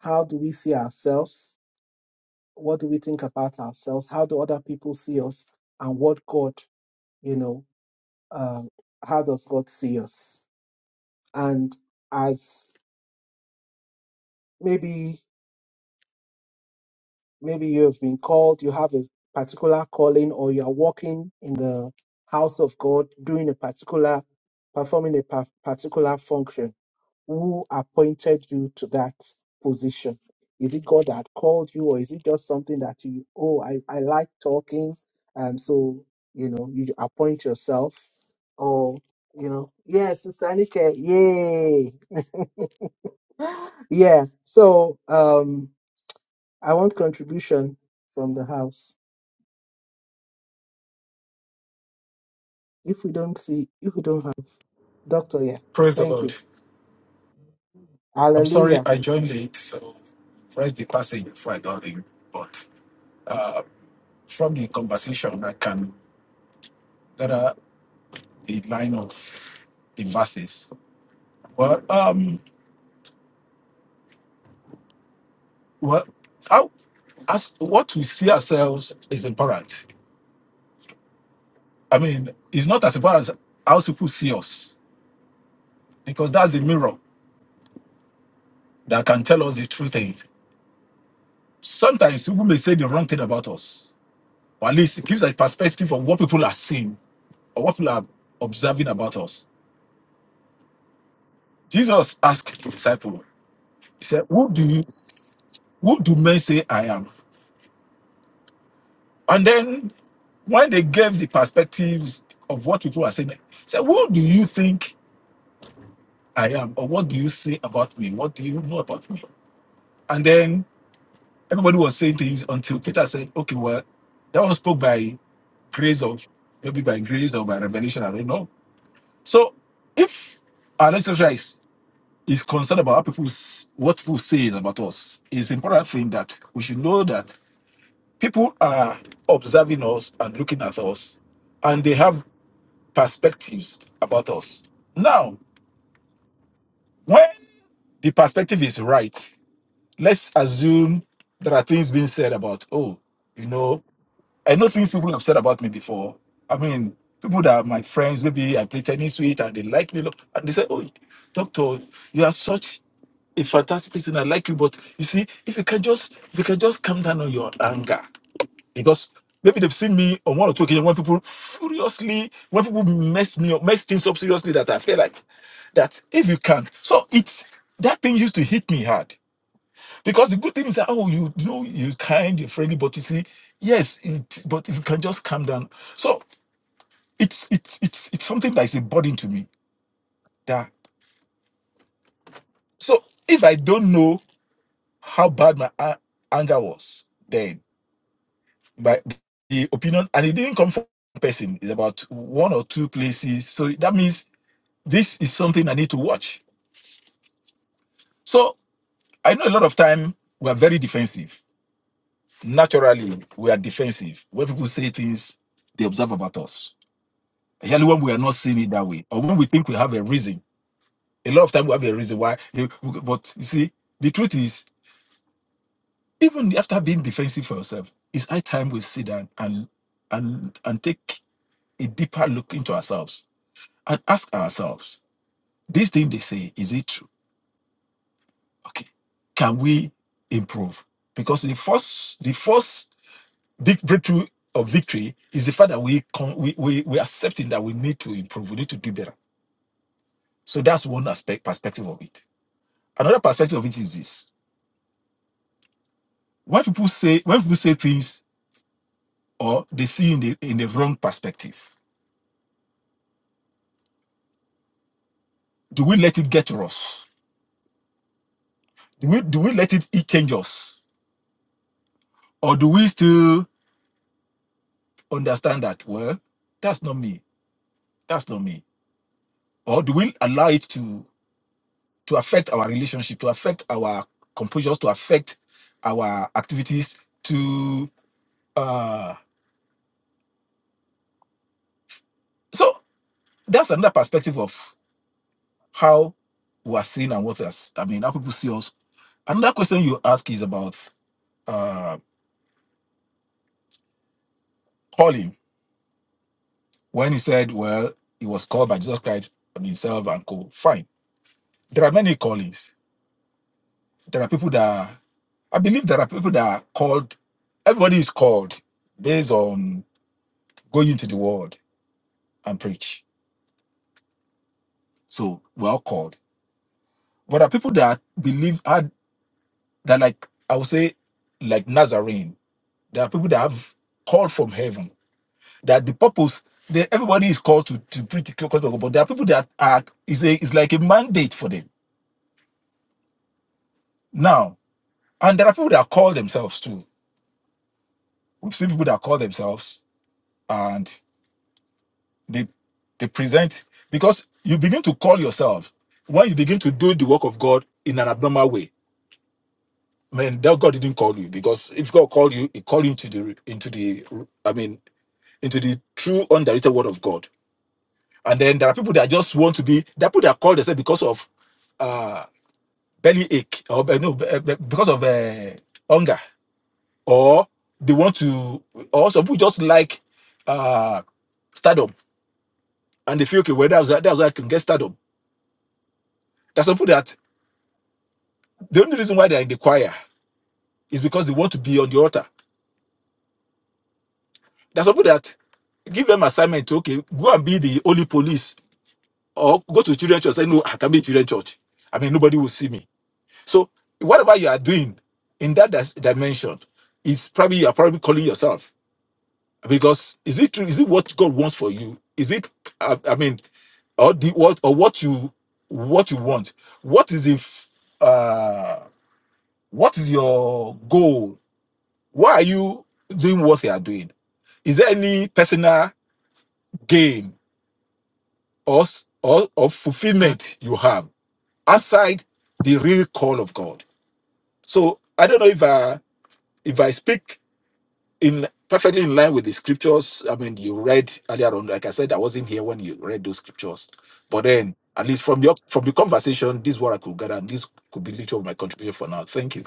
A: how do we see ourselves, what do we think about ourselves, how do other people see us, and what God, you know, uh, how does God see us? And as maybe Maybe you have been called, you have a particular calling, or you are walking in the house of God doing a particular, performing a pa- particular function. Who appointed you to that position? Is it God that called you, or is it just something that you, oh, I, I like talking, and so, you know, you appoint yourself, or, you know, yeah, Sister Anike, yay! *gasps* *laughs* yeah, so um, I want contribution from the house. if we don't see, if we don't have. Doctor, yeah.
D: Praise the
A: Thank
D: Lord.
A: you.
D: I'm sorry
A: Hallelujah.
D: I joined late, so I read the passage before I got in. But uh, from the conversation, I can gather the line of the verses. Well, um, well, how, as what we see ourselves is important. I mean, it's not as important as how people see us, because that's the mirror that can tell us the true things. Sometimes people may say the wrong thing about us, or at least it gives a perspective of what people are seeing or what people are observing about us Jesus asked the disciple, He said, Who do you who do men say I am? And then when they gave the perspectives of what people are saying, he said, Who do you think I am? Or what do you say about me? What do you know about me? And then everybody was saying things until Peter said, Okay, well, that one spoke by grace of maybe by grace or by revelation, I don't know. So if our lecture is is concerned about how people s- what people say about us, it's important thing that we should know that people are observing us and looking at us and they have perspectives about us now when the perspective is right let's assume there are things being said about oh you know i know things people have said about me before i mean people that are my friends maybe i play tennis with and they like me Look, and they say oh doctor you are such a fantastic person i like you but you see if you can just if you can just calm down on your anger because maybe they've seen me on one or two occasions when people furiously, when people mess me up, mess things up seriously, that I feel like that if you can. So it's that thing used to hit me hard because the good thing is that oh you, you know you're kind, you're friendly, but you see yes, it, but if you can just calm down. So it's it's it's it's something that is a burden to me. That so if I don't know how bad my a- anger was then by the opinion, and it didn't come from one person. It's about one or two places. So that means this is something I need to watch. So I know a lot of time we are very defensive. Naturally, we are defensive. When people say things, they observe about us. Especially when we are not seeing it that way, or when we think we have a reason. A lot of time we have a reason why. eh, But you see, the truth is, even after being defensive for yourself, it's high time we sit down and and and take a deeper look into ourselves and ask ourselves this thing they say is it true okay can we improve because the first the first big breakthrough of victory is the fact that we con- we, we we accepting that we need to improve we need to do better so that's one aspect perspective of it another perspective of it is this when people say when people say things or they see in the in the wrong perspective do we let it get to us do we do we let it, it change us or do we still understand that well that's not me that's not me or do we allow it to to affect our relationship to affect our composures to affect our activities to uh so that's another perspective of how we are seen and what us i mean how people see us another question you ask is about uh calling when he said well he was called by jesus christ and himself and co fine there are many callings there are people that are- i believe there are people that are called everybody is called based on going into the world and preach. So we're all called. But there are people that believe had that like I would say like Nazarene. There are people that have called from heaven. That the purpose that everybody is called to to preach the gospel, but there are people that are is a is like a mandate for them now. And there are people that call themselves too. We've seen people that call themselves and they they present because you begin to call yourself when you begin to do the work of God in an abnormal way man, that God didn't call you because if God called you, He called you into the into the I mean into the true undirected word of God. And then there are people that just want to be there are people that are called themselves because of uh belly ache or uh, no uh, because of uh, hunger or they want to or some people just like uh stardom and they feel okay well that's that's why I can get stardom. There's some people that the only reason why they're in the choir is because they want to be on the altar There's people that give them assignment to okay, go and be the holy police or go to children's church. Say, no, I can be in children's church. I mean, nobody will see me. So whatever you are doing in that dis- dimension is probably you are probably calling yourself because is it true? Is it what God wants for you? Is it? I, I mean, or the what or what you what you want? What is if? Uh, what is your goal? Why are you doing what you are doing? Is there any personal gain or, or, or fulfillment you have outside the real call of God. So I don't know if I if I speak in perfectly in line with the scriptures. I mean, you read earlier on. Like I said, I wasn't here when you read those scriptures, but then at least from your from the conversation, this is what I could gather, and this could be little of my contribution for now. Thank you.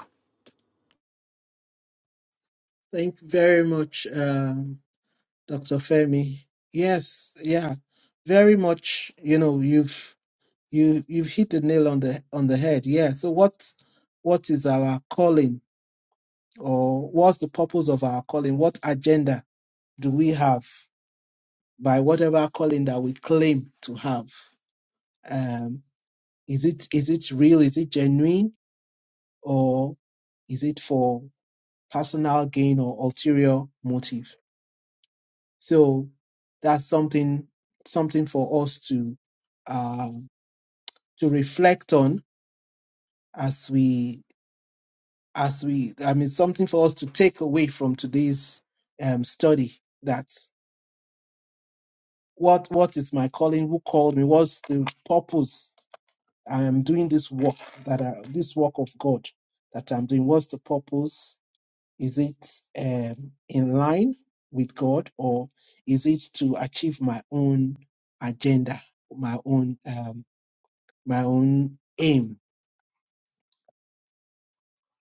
A: Thank you very much, um, Dr. Femi. Yes, yeah, very much. You know, you've you you've hit the nail on the on the head. Yeah. So what what is our calling, or what's the purpose of our calling? What agenda do we have by whatever calling that we claim to have? Um, is it is it real? Is it genuine, or is it for? personal gain or ulterior motive. So that's something something for us to uh, to reflect on as we as we I mean something for us to take away from today's um, study that what what is my calling? Who called me? What's the purpose? I am doing this work that I, this work of God that I'm doing. What's the purpose? Is it um, in line with God or is it to achieve my own agenda, my own um, my own aim?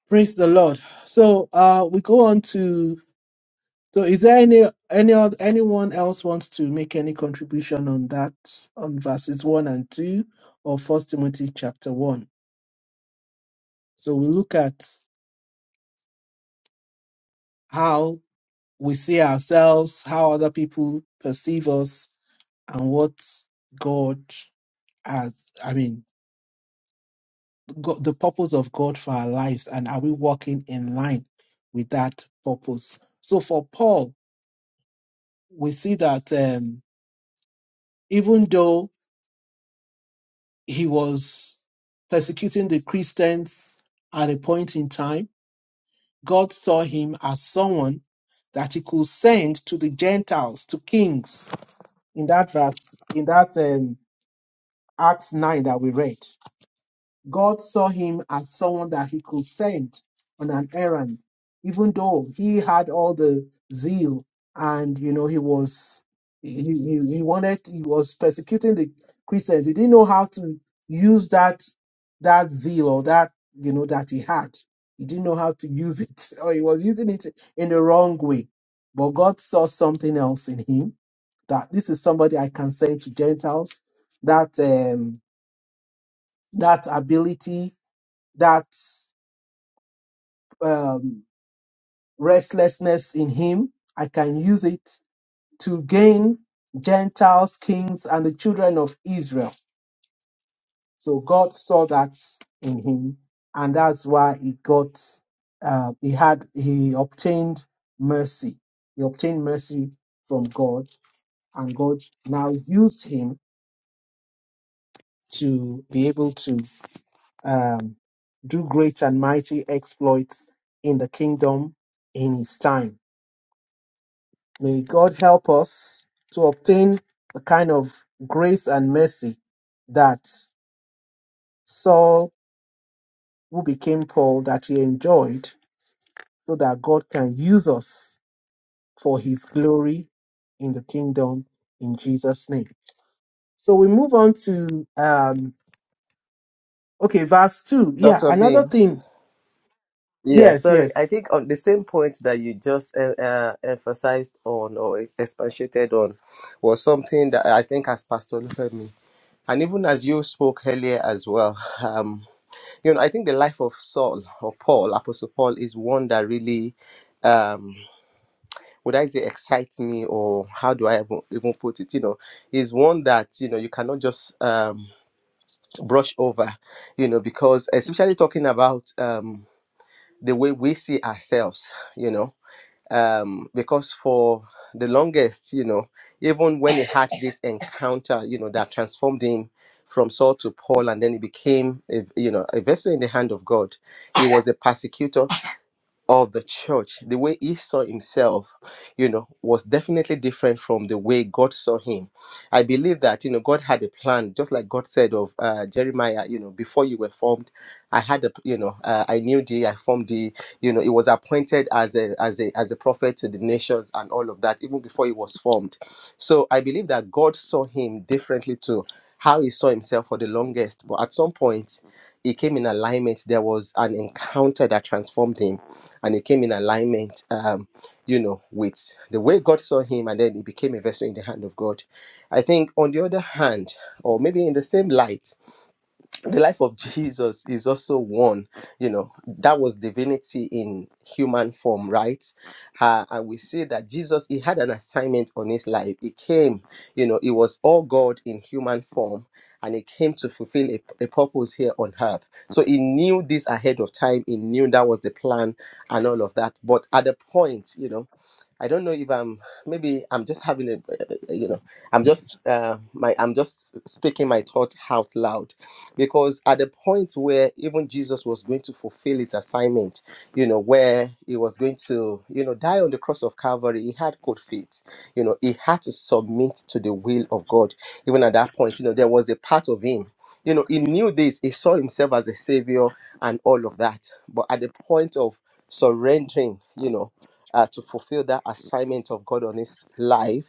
A: Praise the Lord. So uh, we go on to. So is there any any oth- anyone else wants to make any contribution on that on verses one and two of First Timothy chapter one? So we look at how we see ourselves, how other people perceive us, and what God has, I mean, God, the purpose of God for our lives, and are we walking in line with that purpose? So for Paul, we see that um, even though he was persecuting the Christians at a point in time, God saw him as someone that he could send to the Gentiles, to kings. In that verse, in that um, Acts 9 that we read. God saw him as someone that he could send on an errand, even though he had all the zeal and you know he was he, he, he wanted he was persecuting the Christians. He didn't know how to use that that zeal or that you know that he had. He didn't know how to use it, *laughs* or he was using it in the wrong way. But God saw something else in him that this is somebody I can send to Gentiles. That um that ability, that um, restlessness in him. I can use it to gain Gentiles, kings, and the children of Israel. So God saw that in him, and that's why he got, uh, he had, he obtained mercy. He obtained mercy from God, and God now used him to be able to um, do great and mighty exploits in the kingdom in his time. May God help us to obtain the kind of grace and mercy that Saul, who became Paul, that he enjoyed, so that God can use us for his glory in the kingdom in Jesus' name. So we move on to, um, okay, verse 2. Yeah,
B: Dr.
A: another
B: Beams.
A: thing.
B: Yeah,
A: Yes,
B: sorry.
A: yes.
B: I think on the same point that you just uh, uh, emphasized on or expatiated on was something that I think as Pastor Olufemi and even as you spoke earlier as well, um, you know, I think the life of Saul or Paul, Apostle Paul, is one that really, um, would I say, excites me, or how do I even, even put it? You know, is one that you know you cannot just um, brush over, you know, because especially talking about um, the way we see ourselves, you know um, because for the longest, you know, even when he had this encounter, you know, that transformed him from Saul to Paul, and then he became, a, you know, a vessel in the hand of God. He was a persecutor of the church, the way he saw himself, you know, was definitely different from the way God saw him. I believe that, you know, God had a plan, just like God said of uh, Jeremiah, you know, before you were formed, I had a, you know, uh, I knew thee, I formed thee, you know, he was appointed as a, as a, as a prophet to the nations and all of that, even before he was formed. So I believe that God saw him differently to how he saw himself for the longest. But at some point, he came in alignment. There was an encounter that transformed him, and he came in alignment, um, you know, with the way God saw him, and then he became a vessel in the hand of God. I think, on the other hand, or maybe in the same light, the life of Jesus is also one, you know, that was divinity in human form, right? Uh, and we see that Jesus, he had an assignment on his life. He came, you know, he was all God in human form, and he came to fulfill a, a purpose here on earth. So he knew this ahead of time. He knew that was the plan and all of that. But at the point, you know, I don't know if I'm maybe I'm just having a, you know, I'm just uh, my I'm just speaking my thought out loud because at the point where even Jesus was going to fulfill his assignment, you know, where he was going to, you know, die on the cross of Calvary, he had good feet. You know, he had to submit to the will of God. Even at that point, you know, there was a part of him. You know, he knew this, he saw himself as a savior and all of that. But at the point of surrendering, you know, uh, to fulfill that assignment of God on his life,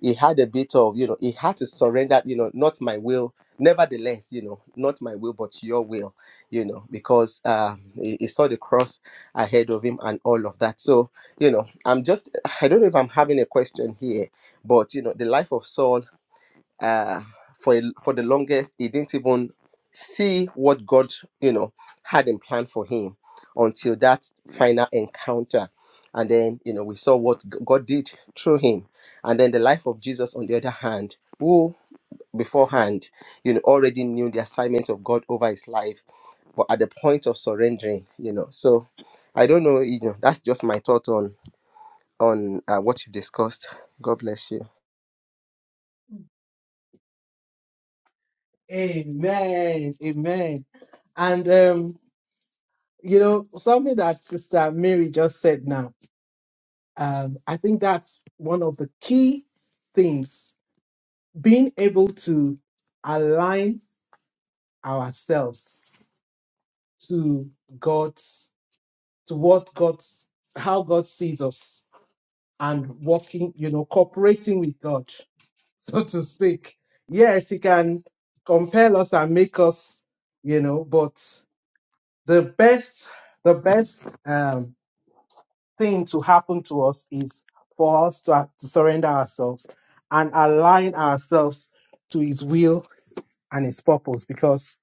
B: he had a bit of you know he had to surrender you know not my will nevertheless you know not my will but your will you know because uh he, he saw the cross ahead of him and all of that so you know i'm just i don't know if i'm having a question here but you know the life of saul uh, for a, for the longest, he didn't even see what God, you know, had in plan for him until that final encounter, and then you know we saw what G- God did through him, and then the life of Jesus on the other hand, who beforehand, you know, already knew the assignment of God over his life, but at the point of surrendering, you know, so. I don't know, you know. That's just my thought on on uh, what you discussed. God bless you,
A: Amen. Amen. And um, you know, something that Sister Mary just said now, um, I think that's one of the key things, being able to align ourselves to God's to what God's how God sees us and working, you know, cooperating with God, *laughs* so to speak. Yes, he can compel us and make us, you know, but the best the best um, thing to happen to us is for us to, to surrender ourselves and align ourselves to his will and his purpose because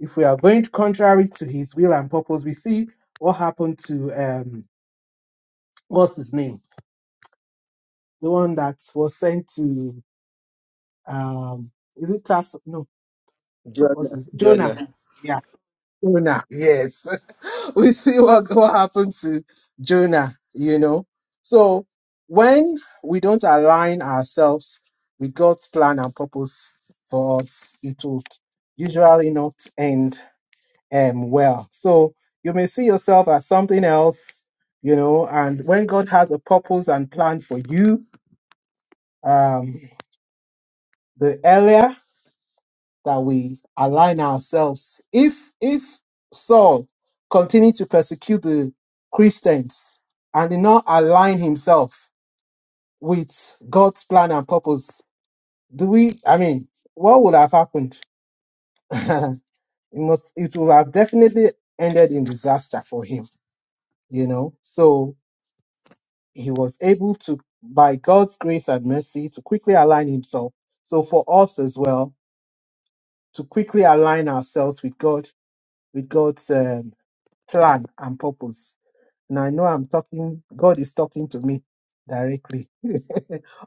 A: if we are going contrary to his will and purpose we see what happened to um what's his name the one that was sent to um is it Tas no what's
B: Joanna.
A: his jonah
B: Joanna.
A: Jonah, yes. *laughs* we see what, what happened to Jonah, you know. So when we don't align ourselves with God's plan and purpose for us, it will usually not end um, well. So you may see yourself as something else, you know, and when God has a purpose and plan for you, um, the earlier. that we align ourselves. If if Saul continued to persecute the Christians and did not align himself with God's plan and purpose, do we? I mean, what would have happened? *laughs* it must. It would have definitely ended in disaster for him. You know. So he was able to, by God's grace and mercy, to quickly align himself. So for us as well, to quickly align ourselves with God, with God's um, plan and purpose. Now I know I'm talking, God is talking to me directly *laughs*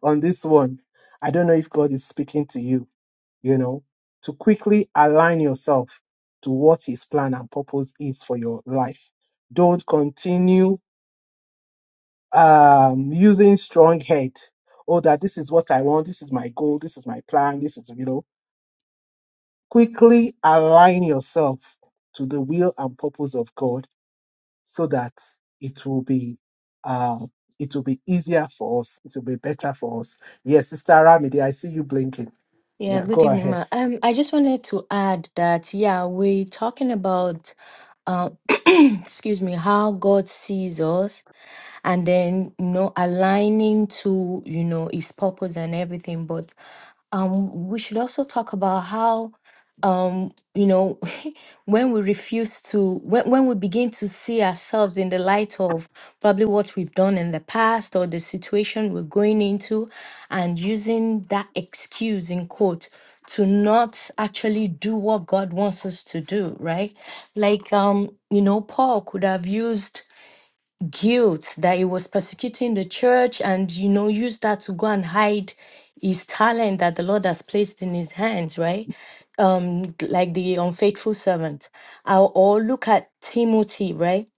A: on this one. I don't know if God is speaking to you, you know, to quickly align yourself to what His plan and purpose is for your life. Don't continue um, using strong head. Oh, that this is what I want. This is my goal. This is my plan. This is, you know, quickly align yourself to the will and purpose of God so that it will be uh, it will be easier for us. It will be better for us. Yes, Sister Ramide, I see you blinking.
C: Yeah,
A: Yeah, go
C: good evening,
A: ahead.
C: ma. Um, I just wanted to add that, yeah, we're talking about, uh, *clears throat* excuse me, how God sees us, and then you know, aligning to you know His purpose and everything. But um, we should also talk about how um, you know, *laughs* when we refuse to, when, when we begin to see ourselves in the light of probably what we've done in the past or the situation we're going into, and using that excuse in quote to not actually do what God wants us to do, right? Like, um, you know, Paul could have used guilt that he was persecuting the church and, you know, used that to go and hide his talent that the Lord has placed in his hands, right? um like the unfaithful servant or, or look at timothy right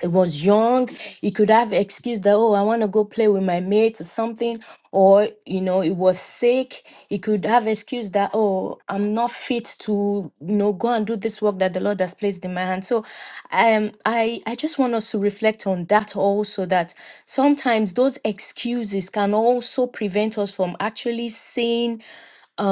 C: he was young he could have excused that oh i want to go play with my mates or something or you know he was sick he could have excused that oh i'm not fit to you know go and do this work that the lord has placed in my hand so um i i just want us to reflect on that also that sometimes those excuses can also prevent us from actually seeing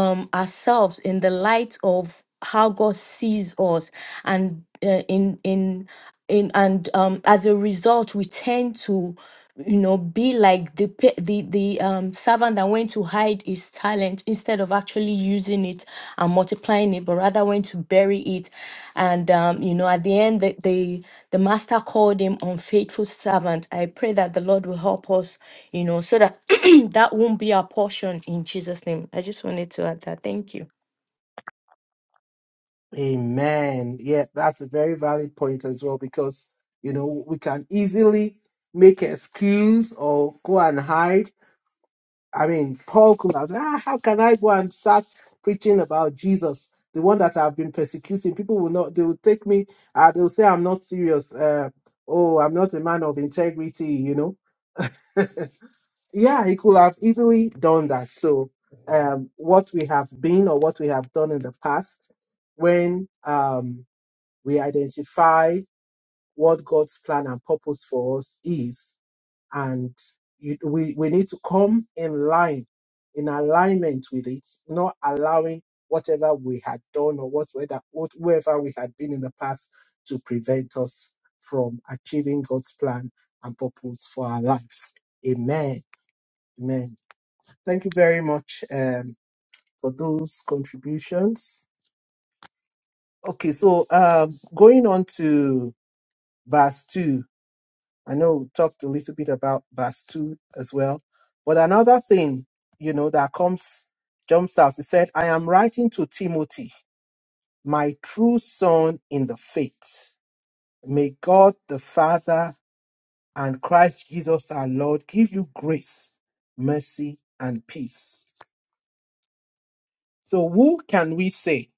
C: um, ourselves in the light of how God sees us, and uh, in in in and um, as a result, we tend to you know be like the pe- the the um servant that went to hide his talent instead of actually using it and multiplying it but rather went to bury it and um you know at the end the the, the master called him unfaithful servant i pray that the lord will help us you know so that *clears throat* that won't be our portion in Jesus' name. I just wanted to add that. Thank you.
A: Amen. Yeah, that's a very valid point as well because you know we can easily make an excuse or go and hide. I mean, Paul could have said, ah, how can I go and start preaching about Jesus, the one that I've been persecuting? People will not. They will take me. Uh, they will say I'm not serious. Uh, oh, I'm not a man of integrity. You know yeah, he could have easily done that. So, um, what we have been or what we have done in the past, when um, we identify what God's plan and purpose for us is, and you, we, we need to come in line, in alignment with it, not allowing whatever we had done or what whether- what- we had been in the past to prevent us from achieving God's plan and purpose for our lives. Amen. Amen. Thank you very much um, for those contributions. Okay, so um, going on to verse 2, I know we talked a little bit about verse 2 as well, but another thing, you know, that comes, jumps out, it said, I am writing to Timothy, my true son in the faith. May God the Father and Christ Jesus our Lord give you grace, mercy, and peace. So, who can we say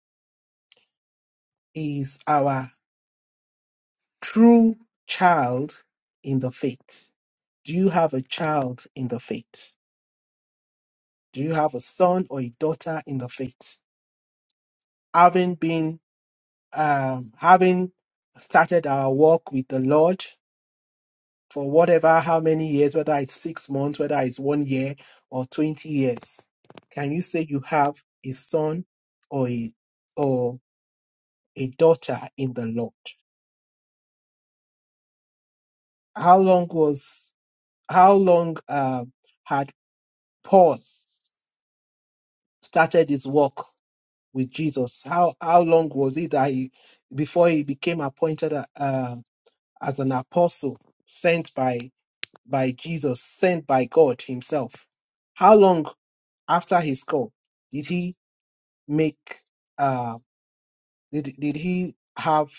A: is our True child in the faith. Do you have a child in the faith? Do you have a son or a daughter in the faith? Having been, um, having started our walk with the Lord for whatever, how many years, whether it's six months, whether it's one year or 20 years, can you say you have a son or a, or a daughter in the Lord? How long was, how long, um, had Paul started his walk with Jesus. How how long was it that he before he became appointed uh, as an apostle sent by by Jesus, sent by God Himself? How long after his call did he make uh, did did he have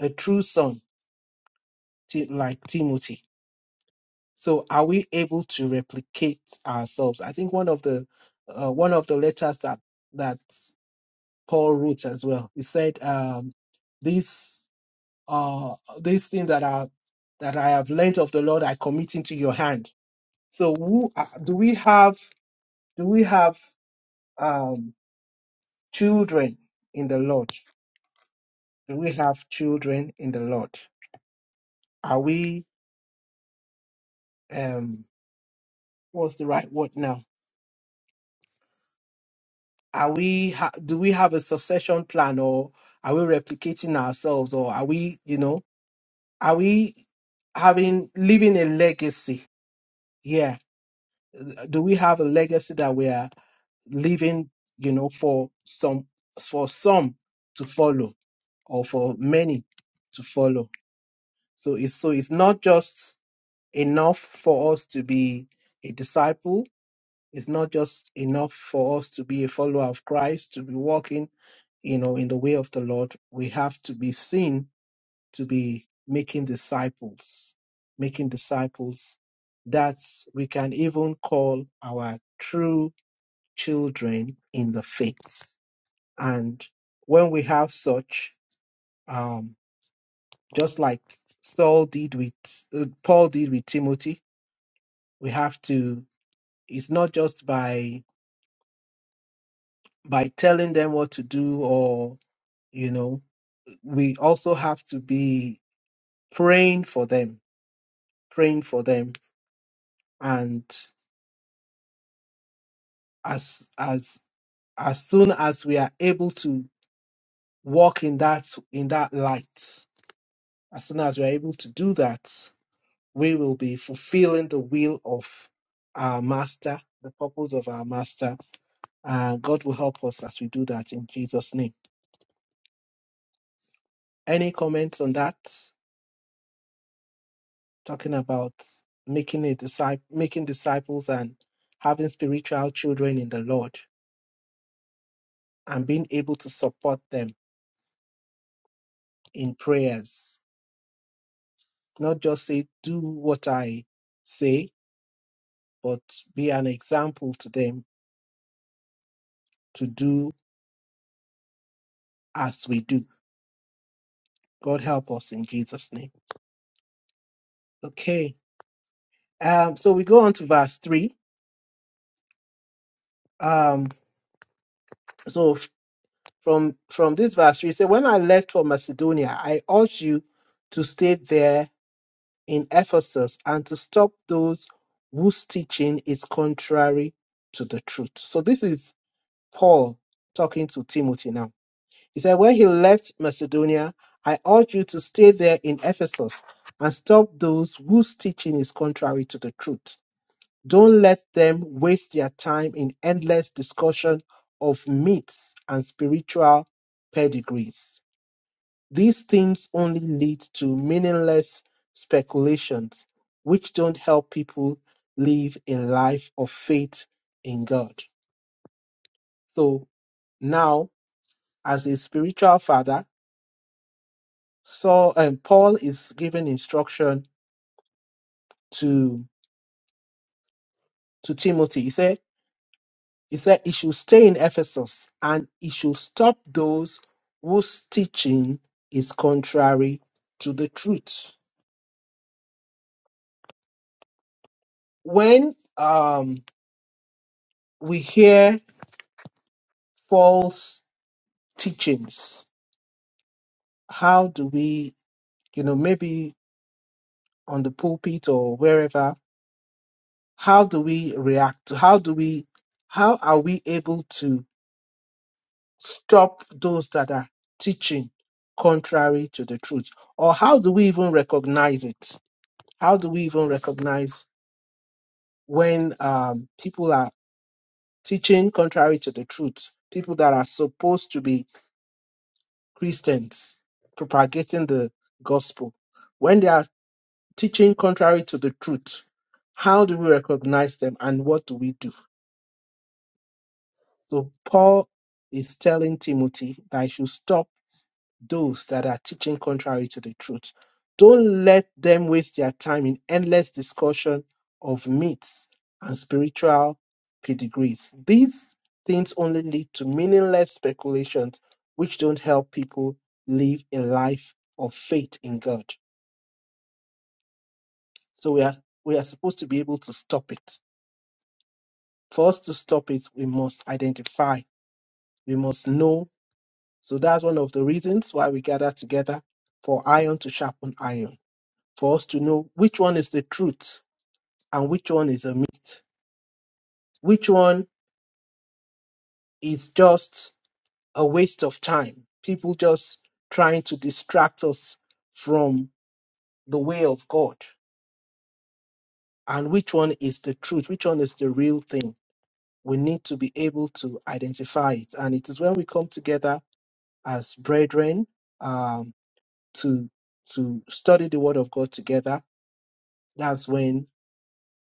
A: a true son ti- like Timothy? So are we able to replicate ourselves? I think one of the uh, one of the letters that that Paul wrote as well. He said, um, "These uh, these things that are that I have learnt of the Lord, I commit into your hand." So, who are, do we have? Do we have um, children in the Lord? Do we have children in the Lord? Are we? Um, what's the right word now? Are we? Ha- do we have a succession plan, or are we replicating ourselves, or are we? You know, are we having living a legacy? Yeah. do we have a legacy that we are leaving you know for some for some to follow or for many to follow so it's so it's not just enough for us to be a disciple it's not just enough for us to be a follower of christ to be walking you know in the way of the lord we have to be seen to be making disciples making disciples that we can even call our true children in the faith. And when we have such, um, just like Saul did with uh, Paul did with Timothy, we have to. It's not just by by telling them what to do, or you know, we also have to be praying for them, praying for them, and as as as soon as we are able to walk in that in that light, as soon as we are able to do that, we will be fulfilling the will of our master, the purpose of our master. Uh, God will help us as we do that in Jesus' name. Any comments on that? Talking about making a disciple, making disciples, and having spiritual children in the Lord, and being able to support them in prayers. Not just say do what I say, but be an example to them to do as we do. God help us in Jesus' name. Okay. Um, so we go on to verse three. Um, so f- from from this verse three, it says, "When I left for Macedonia, I urged you to stay there in Ephesus and to stop those whose teaching is contrary to the truth." So this is Paul talking to Timothy now. He said, "When he left Macedonia, I urged you to stay there in Ephesus and stop those whose teaching is contrary to the truth." Don't let them waste their time in endless discussion of myths and spiritual pedigrees. These things only lead to meaningless speculations, which don't help people live a life of faith in God. So now, as a spiritual father, Saul and Paul is giving instruction to to Timothy. He said, He said he should stay in Ephesus and he should stop those whose teaching is contrary to the truth. When um, we hear false teachings, how do we, you know, maybe on the pulpit or wherever, how do we react? How do we, how are we able to stop those that are teaching contrary to the truth? Or how do we even recognize it? How do we even recognize when um, people are teaching contrary to the truth? People that are supposed to be Christians propagating the gospel, when they are teaching contrary to the truth, how do we recognize them and what do we do? So, Paul is telling Timothy that he should stop those that are teaching contrary to the truth. Don't let them waste their time in endless discussion of myths and spiritual pedigrees. These things only lead to meaningless speculations which don't help people live a life of faith in God. So we are we are supposed to be able to stop it. For us to stop it, we must identify, we must know. So that's one of the reasons why we gather together for iron to sharpen iron for us to know which one is the truth and which one is a myth, which one is just a waste of time, people just trying to distract us from the way of God, and which one is the truth, which one is the real thing. We need to be able to identify it, and it is when we come together as brethren um, to to study the Word of God together. That's when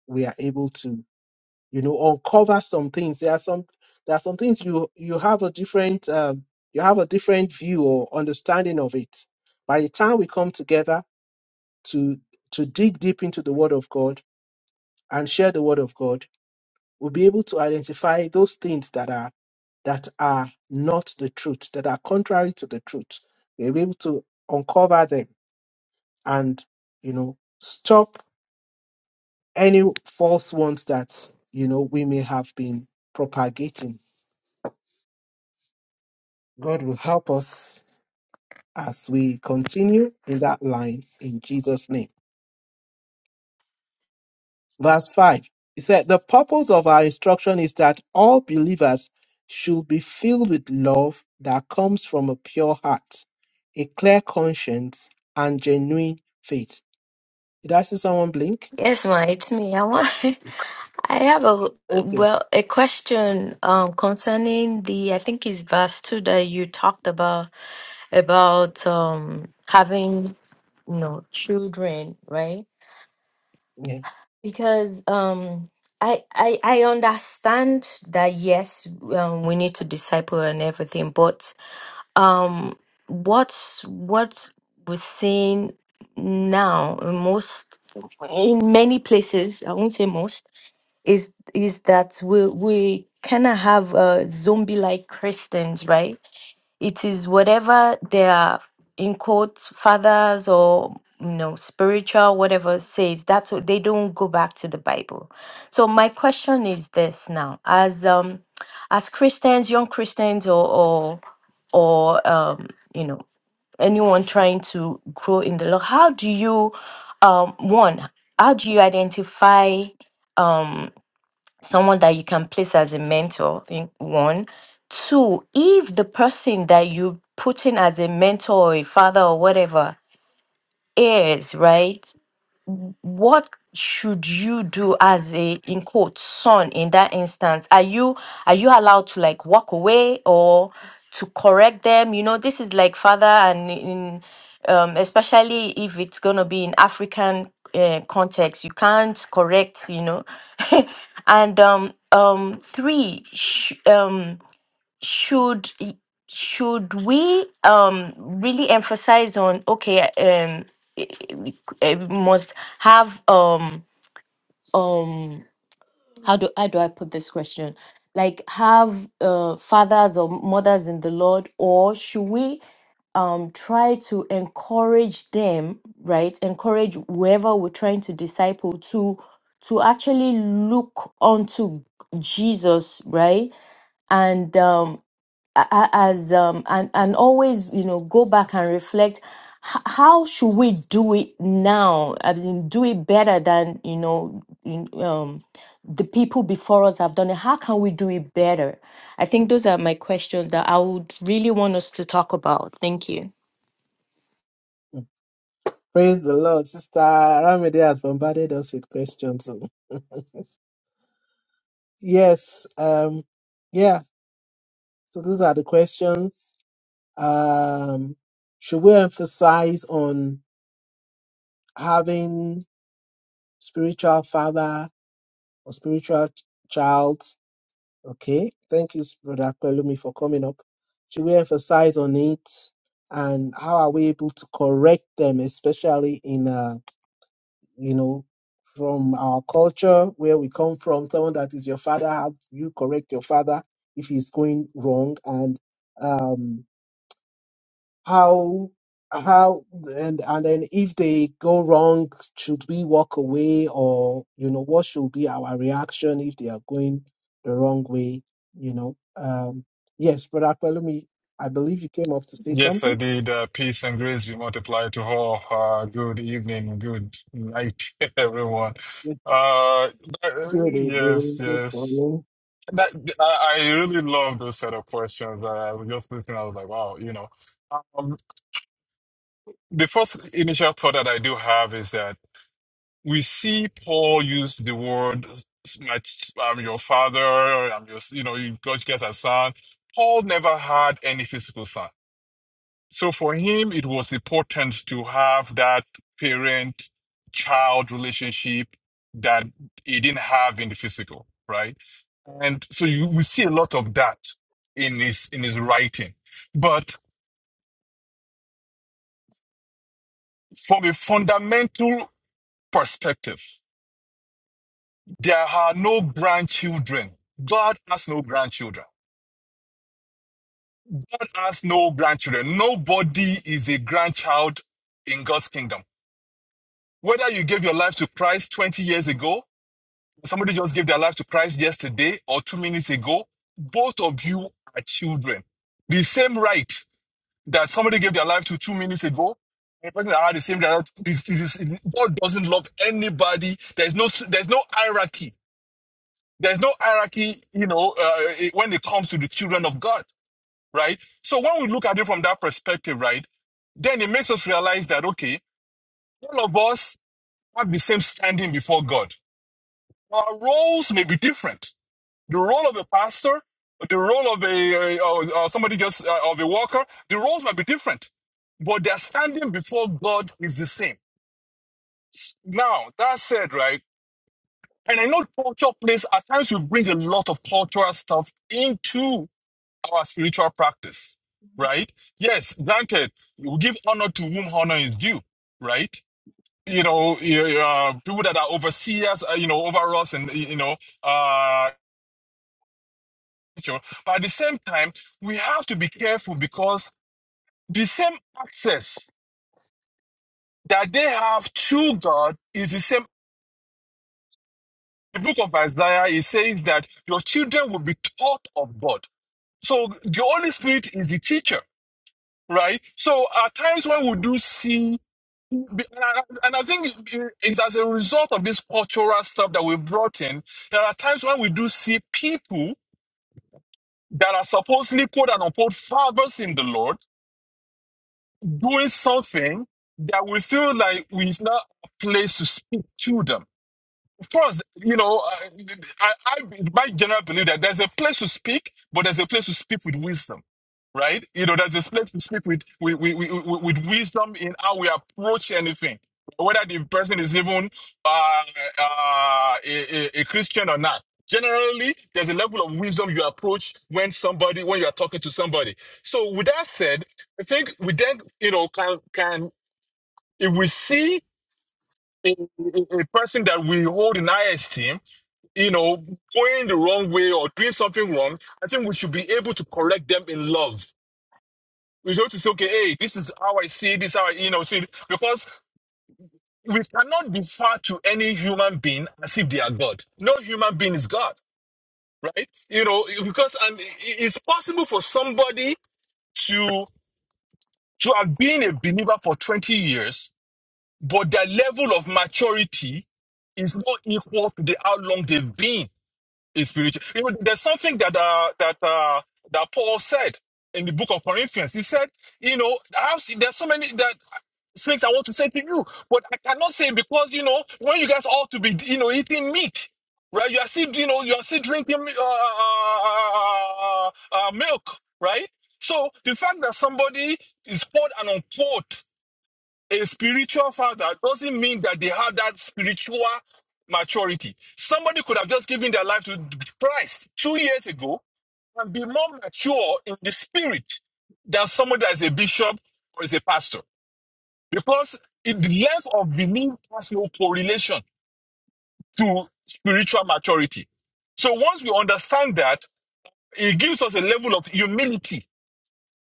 A: we are able to you know uncover some things there are some there are some things you you have a different um, you have a different view or understanding of it by the time we come together to to dig deep into the word of god and share the word of god we'll be able to identify those things that are that are not the truth that are contrary to the truth we'll be able to uncover them and you know stop any false ones that you know we may have been propagating God will help us as we continue in that line in Jesus' name. Verse 5 He said, The purpose of our instruction is that all believers should be filled with love that comes from a pure heart, a clear conscience, and genuine faith. Did I see someone blink?
C: Yes, ma, it's me. I want. *laughs* I have a
A: Okay.
C: well a question um concerning the I think it's verse two that you talked about about um having you know children right
A: Yeah.
C: because um I, I I understand that yes um, we need to disciple and everything but. um what's what we're seeing now in most in many places i won't say most is is that we we kind of have uh zombie like christians right it is whatever their in quotes fathers or you know spiritual whatever says that's what they don't go back to the bible so my question is this now as um as christians young christians or or or um you know anyone trying to grow in the lord how do you um one how do you identify um, someone that you can place as a mentor in one two if the person that you put in as a mentor or a father or whatever is right what should you do as a in quote son in that instance are you are you allowed to like walk away or to correct them you know this is like father and in um especially if it's going to be in african uh, context you can't correct you know *laughs* and um um three sh- um should y- should we um really emphasize on okay um i- i- eh, we must have um um how do how do I put this question like have uh, fathers or mothers in the Lord or should we um try to encourage them right encourage whoever we're trying to disciple to to actually look onto Jesus right and um a- as um and and always you know go back and reflect h- how should we do it now i mean do it better than you know in- um the people before us have done it how can we do it better i think those are my questions that i would really want us to talk about thank you
A: Mm. Praise the Lord. Sister Ramide has bombarded us with questions. so. *laughs* yes. Um, yeah. So those are the questions um, should we emphasize on having spiritual father or spiritual ch- child? Okay, thank you, Brother Pelumi, for coming up. Should we emphasize on it, and how are we able to correct them, especially in uh, you know from our culture where we come from? Someone that is your father, how do you correct your father if he's going wrong, and um, how how and and then if they go wrong should we walk away or you know what should be our reaction if they are going the wrong way you know um yes but Pelumi, i believe you came up to say
E: Yes, I
A: something
E: did. Uh, peace and grace be multiplied to all. Uh, good evening, good night, *laughs* everyone.
A: Good,
E: Uh, uh,
A: good
E: yes,
A: evening. Good
E: yes.
A: morning.
E: That, I, I really love those set of questions. Uh, I was just listening. I was like, wow, you know. Um, the first initial thought that I do have is that we see Paul use the word, "My- "I'm your father," "I'm your," you know, you- God, you guys are son. Paul never had any physical son. So for him, it was important to have that parent child relationship that he didn't have in the physical, right? And so you we see a lot of that in his in his writing. But from a fundamental perspective, there are no grandchildren. God has no grandchildren. God has no grandchildren. Nobody is a grandchild in God's kingdom. Whether you gave your life to Christ 20 years ago Somebody just gave their life to Christ yesterday or two minutes ago. Both of you are children. The same right that somebody gave their life to two minutes ago, the person that had the same right, is, is, is- God doesn't love anybody. There's no, there's no hierarchy. There's no hierarchy, you know, uh, eh, when it comes to the children of God, right? So when we look at it from that perspective, right, then it makes us realize that, okay, all of us have the same standing before God. Our roles may be different the role of a pastor, the role of a uh, or, somebody just uh, of a worker, the roles might be different, but their standing before God is the same. Now that said, right, and I know culture plays at times we bring a lot of cultural stuff into our spiritual practice, right? Yes, granted, we give honor to whom honor is due, right? You know, eh, uh, people that are overseers, uh, you know, over us, and you know, uh, picture. But at the same time, we have to be careful because the same access that they have to God is the same. The book of Isaiah is saying that your children will be taught of God. So the Holy Spirit is the teacher, right? So at times when we do see and I and I think it's as a result of this cultural stuff that we brought in. There are times when we do see people that are supposedly quote and unquote fathers in the Lord doing something that we feel like we is not a place to speak to them. Of course, you know, I, I, I, my general belief that there's a place to speak, but there's a place to speak with wisdom, right? You know, there's a place to speak with with, with, with with wisdom in how we approach anything, whether the person is even uh, uh, a, a a Christian or not. Generally, there's a level of wisdom you approach when somebody when you are talking to somebody. So, with that said, I think we then, you know, can can if we see a, a a person that we hold in high esteem you know, going the wrong way or doing something wrong, I think we should be able to correct them in love. We should to say, okay, hey, this is how I see it, this is how I, you know, see it. Because we cannot defer to any human being as if they are God. No human being is God, right? You know, because and it- it's possible for somebody to to have been a believer for 20 years, but their level of maturity is not equal to the how long they've been is spiritual. You know, there's something that uh, that uh, that Paul said in the book of Corinthians. He said, you know, I have, there's so many that things I want to say to you, but I cannot say because you know when you guys ought to be, you know, eating meat, right? You are still, you know, you are still drinking uh, uh, uh, uh, uh, milk, right? So the fact that somebody is quote and unquote a spiritual father doesn't mean that they have that spiritual maturity. Somebody could have just given their life to Christ two years ago and be more mature in the spirit than somebody that is a bishop or is a pastor. Because it- the length of belief has no correlation to spiritual maturity. So once we understand that, it gives us a level of humility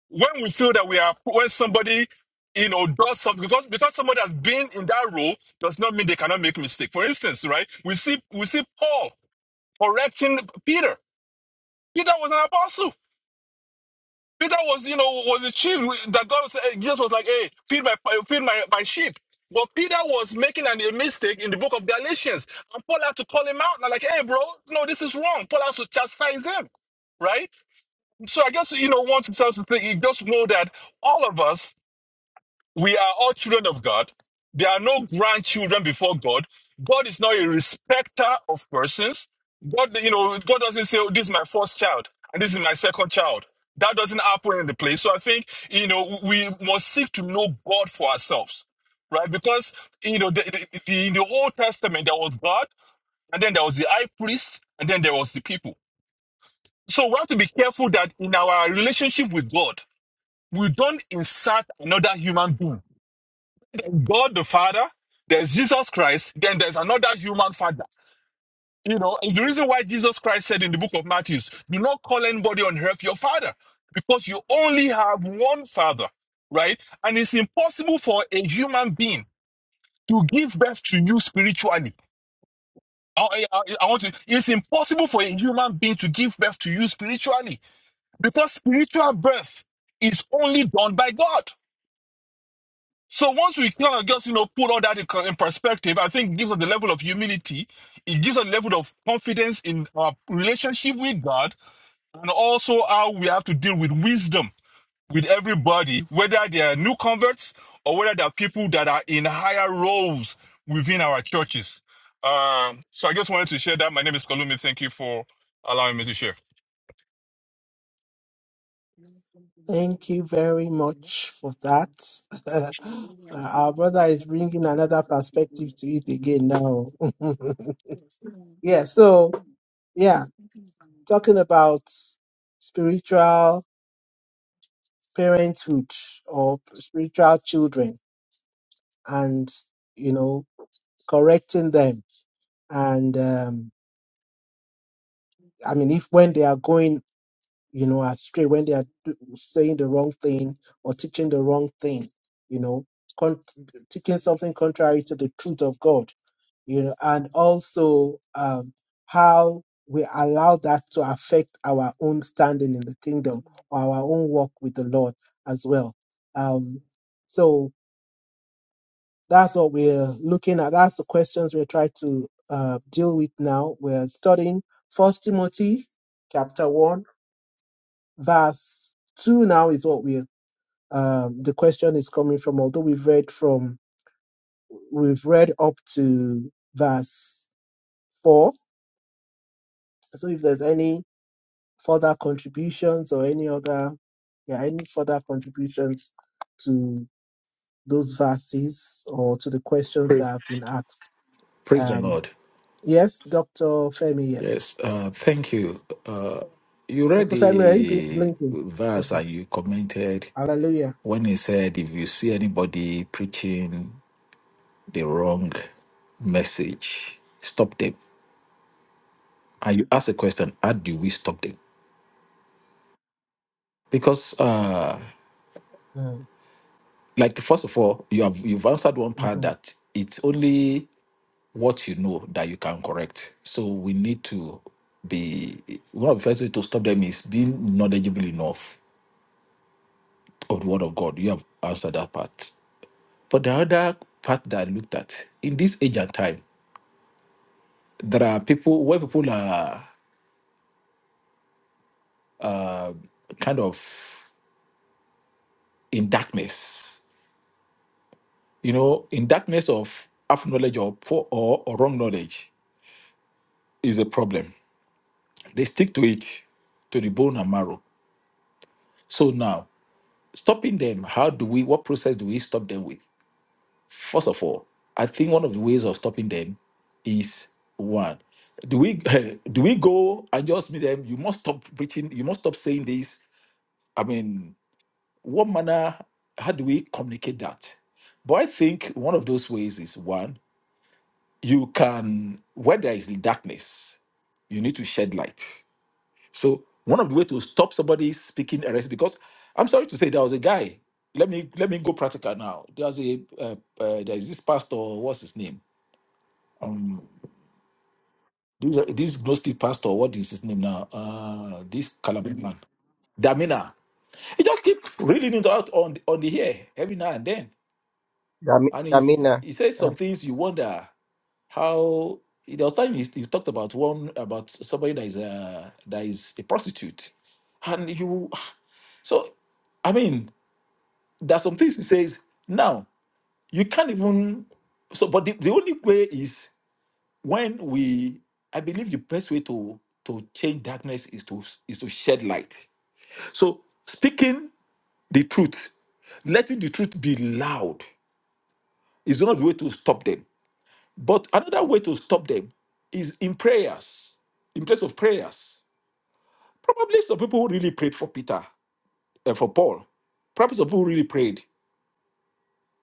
E: when we feel that we are when somebody you know does something because because somebody has been in that role does not mean they cannot make mistake for instance right we see we see paul correcting peter peter was an apostle peter was you know was a chief that god said jesus was like hey feed my feed my, my sheep but Peter was making an, a mistake in the book of Galatians, and Paul had to call him out. And like, hey, bro, no, this is wrong. Paul has to chastise him, right? So I guess you know, want to just think, you just know that all of us We are all children of God. There are no grandchildren before God. God is not a respecter of persons. God, you know, God doesn't say, oh, this is my first child and this is my second child. That doesn't happen in the place. So I think, you know, we must seek to know God for ourselves, right? Because, you know, the, the, the, in the Old Testament, there was God and then there was the high priest and then there was the people. So we have to be careful that in our relationship with God, we don't insert another human being God the Father, there's Jesus Christ, then there's another human father. You know, it's the reason why Jesus Christ said in the book of Matthew, do not call anybody on earth your father, because you only have one father, right? And it's impossible for a human being to give birth to you spiritually. I, I, I want to, it's impossible for a human being to give birth to you spiritually because spiritual birth is only done by God. So once we kind of just you know put all that in in perspective, I think it gives us the level of humility. It gives us the level of confidence in our relationship with God, and also how we have to deal with wisdom with everybody, whether they are new converts or whether they are people that are in higher roles within our churches. Um, so I just wanted to share that. My name is Kolumi. Thank you for allowing me to share.
A: thank you very much for that *laughs* Uh, our brother is bringing another perspective to it again now *laughs* yeah so yeah talking about spiritual parenthood or spiritual children and you know correcting them and um, i mean if when they are going you know, astray when they are do- saying the wrong thing or teaching the wrong thing, you know, con- teaching something contrary to the truth of God, you know, and also um, how we allow that to affect our own standing in the kingdom or our own walk with the Lord as well. Um, so that's what we're looking at. That's the questions we're trying to uh, deal with now. We're studying First Timothy chapter 1 verse 2 now is what we um the question is coming from although we've read from we've read up to verse 4 so if there's any further contributions or any other yeah any further contributions to those verses or to the questions that
F: Praise,
A: have been asked
F: praise the
A: um
F: Lord.
A: yes dr femi yes
F: Yes, uh, thank you. Uh, you read
A: dr femi are you
F: the
A: blinking
F: verse
A: okay
F: that you commented
A: hallelujah
F: when he said, if you see anybody preaching the wrong message, stop them. And you ask the question, how do we stop them? Because, uh,
A: Mm,
F: like, first of all, you have you've answered one part
A: mhm.
F: that it's only what you know that you can correct. So we need to be one of the first way to stop them is being knowledgeable enough of the word of God. You have answered that part. But the other part that I looked at in this age and time, there are people where people are kind of in darkness. You know, in darkness of half knowledge or poor or, or wrong knowledge is a problem. They stick to it to the bone and marrow. So now, stopping them, how do we? What process do we stop them with? First of all, I think one of the ways of stopping them is one. Do we *laughs* do we go and just meet them? You must stop preaching. You must stop saying this. I mean, what manner? How do we communicate that? But I think one of those ways is one. You can where there is darkness, you need to shed light. So one of the way to stop somebody speaking heresy, because I'm sorry to say, there was a guy. Let me let me go practical now. There's a uh, uh, there's this pastor. What's his name? um these this Gnostic pastor, what is his name now? Uh this Calabrian man. Damina. He just keep reading it out on the, on the air every now and then.
B: Dami-
F: And he's
B: Damina.
F: he says some things you wonder how there was time he, he talked about one about somebody that is a that is a prostitute. And you so I mean there are some things he says now you can't even so but the, the only way is when we i believe the best way to to change darkness is to is to shed light so speaking the truth letting the truth be loud is not the way to stop them but another way to stop them is in prayers in place of prayers probably some people who really prayed for peter and for paul probably some people who really prayed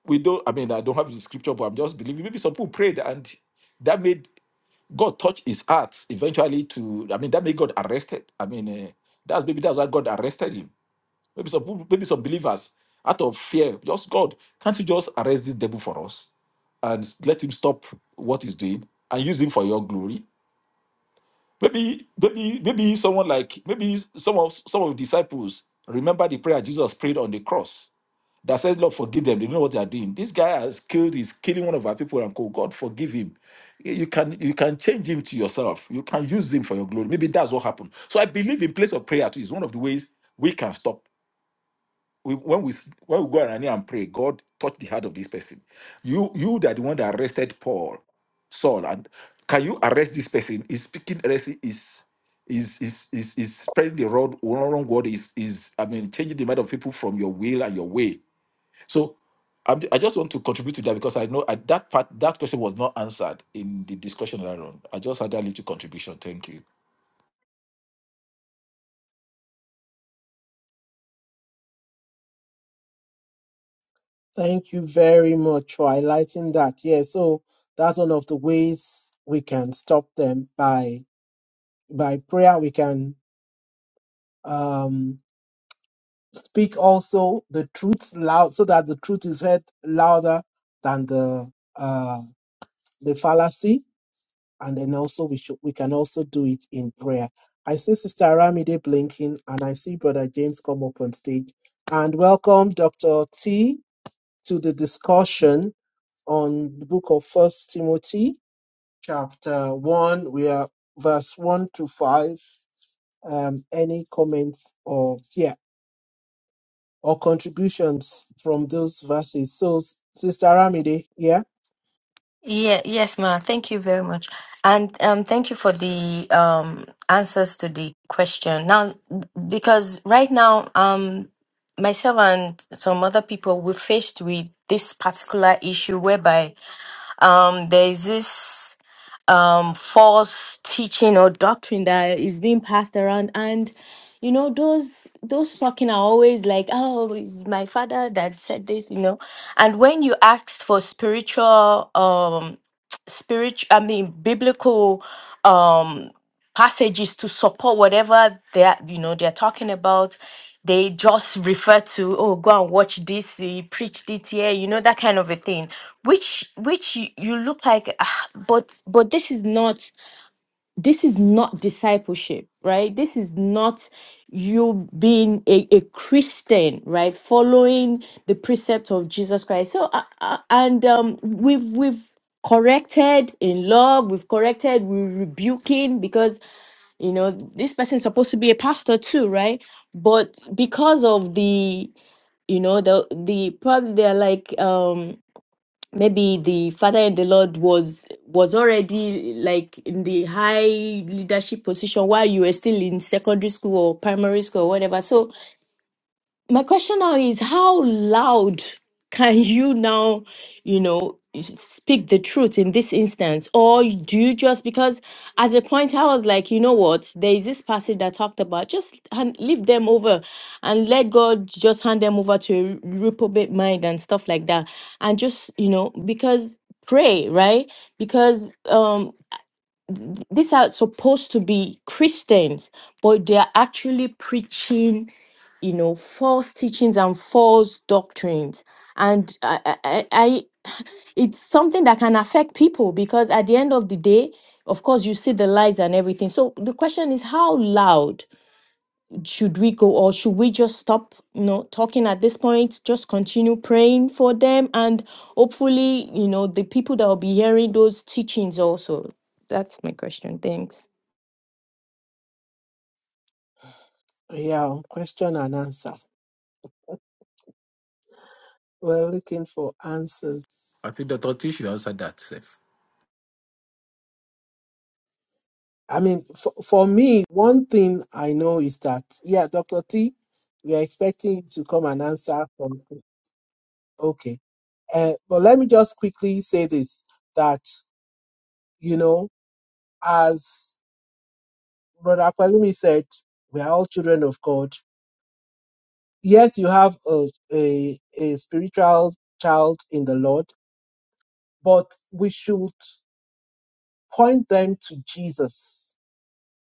F: we don't i mean i don't have the scripture but i'm just believing maybe some people prayed and that made God touched his heart eventually to, I mean, that made God arrested. I mean, eh, that's maybe that's why God arrested him. Maybe some people- maybe some believers out of fear, just God, can't you just arrest this devil for us and let him stop what he's doing and use him for your glory? Maybe, maybe, maybe someone like maybe some of some of the disciples remember the prayer Jesus prayed on the cross that says, Lord, forgive them. They don't know what they are doing. This guy has killed, he's killing one of our people and call God, forgive him. You can you can change him to yourself. You can use him for your glory. Maybe that's what happened. So I believe in place of prayer too is one of the ways we can stop. We, when we s- when we go around here and pray, God touch the heart of this person. You you that the one that arrested Paul, Saul, and can you arrest this person? Is speaking heresy is is is is is spreading the wrong wrong word is is I mean changing the mind of people from your will and your way so I'm, I just want to contribute to that because I know at that part that question was not answered in the discussion earlier on. I just had that little contribution. Thank you.
A: Thank you very much for highlighting that. Yeah, so that's one of the ways we can stop them by by prayer. We can um, speak also the truth loud, so that the truth is heard louder than the uh, the fallacy. And then also we should we can also do it in prayer. I see Sister Aramide blinking, and I see Brother James come up on stage. And welcome Dr. T to the discussion. on the book of First Timothy, chapter one, we are verse one to five. Um, any comments or yeah or contributions from those verses? So, S- Sister Ramide, yeah,
C: Yeah, yes, ma'am. Thank you very much. And um, thank you for the um, answers to the question. Now, because right now, um, myself and some other people, we're faced with this particular issue whereby um, there is this um, false teaching or doctrine that is being passed around, and you know those those talking are always like, "Oh, it's my father that said this," you know. And when you ask for spiritual, um, *tsk* spiritual, I mean, biblical. Um, passages to support whatever they're you know they're talking about they just refer to oh go and watch this he preached it here you know that kind of a thing which which you, you look like "Ah, but but this is not this is not discipleship right this is not you being a, a christian right following the precept of jesus christ so uh, uh, and um we've we've corrected in love we've corrected we're rebuking because you know this person's supposed to be a pastor too right but because of the you know the the probably they're like um maybe the father in the lord was was already like in the high leadership position while you were still in secondary school or primary school or whatever so my question now is how loud can you now you know speak the truth in this instance or do you just because at the point i was like you know what there is this passage that talked about just hand, leave them over and let god just hand them over to a reprobate mind and stuff like that and just you know because pray right because um th- these are supposed to be Christians, but they are actually preaching, you know, false teachings and false doctrines. And I, I, I I- it's something that can affect people because at the end of the day, of course, you see the lies and everything. So the question is, how loud? should we go or should we just stop you know talking at this point just continue praying for them and hopefully you know the people that will be hearing those teachings also that's my question thanks
A: yeah, on question and answer. We're looking for answers.
F: I think Dr. T should answer that self.
A: I mean, for, for me, one thing I know is that yeah, Doctor T, we are expecting you to come and answer from Okay, uh, but let me just quickly say this that you know as Brother Aqualumi said, we are all children of God. Yes, you have a, a, a spiritual child in the Lord, but we should point them to Jesus,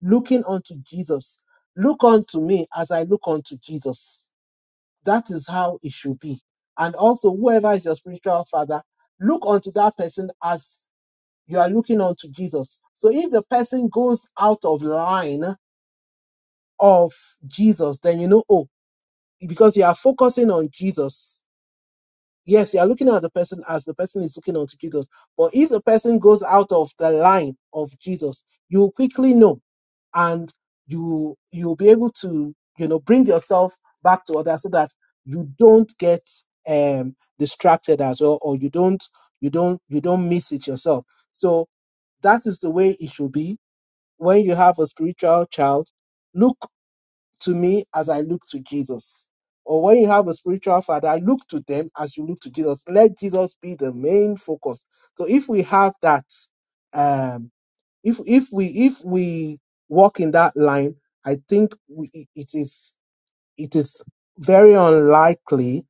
A: looking unto Jesus. Look unto me as I look unto Jesus. That is how it should be. And also, whoever is your spiritual father, look unto that person as you are looking unto Jesus. So if the person goes out of line of Jesus, then you know, oh, because you are focusing on Jesus. Yes, you are looking at the person as the person is looking onto Jesus. But if the person goes out of the line of Jesus, you will quickly know and you you'll be able to, you know, bring yourself back to others so that you don't get um distracted as well or you don't you don't you don't miss it yourself. So that is the way it should be. When you have a spiritual child, Look to me as I look to Jesus. Or when you have a spiritual father, look to them as you look to Jesus. Let Jesus be the main focus. So if we have that, um, if if we if we walk in that line, I think we, it is it is very unlikely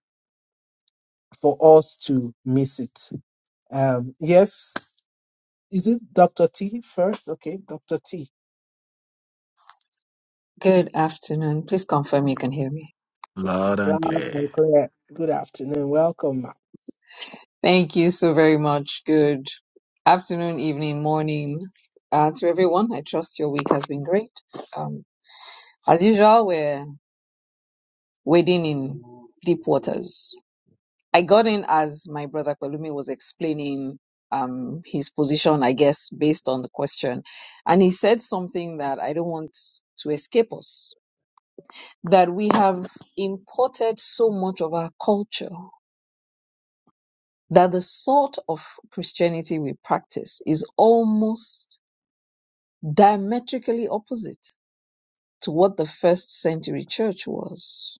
A: for us to miss it. Um, yes, is it Dr. T first? Okay, Dr. T.
G: Good afternoon. Please confirm you can hear me.
F: Loud
A: Loud
F: and clear.
A: and clear. Good afternoon. Welcome,
G: Thank you so very much. Good afternoon, evening, morning uh, to everyone. I trust your week has been great. Um, as usual, we're wading in deep waters. I got in as my brother Kwelumi was explaining um, his position, I guess, based on the question. And he said something that I don't want to escape us that we have imported so much of our culture that the sort of Christianity we practice is almost diametrically opposite to what the first century church was.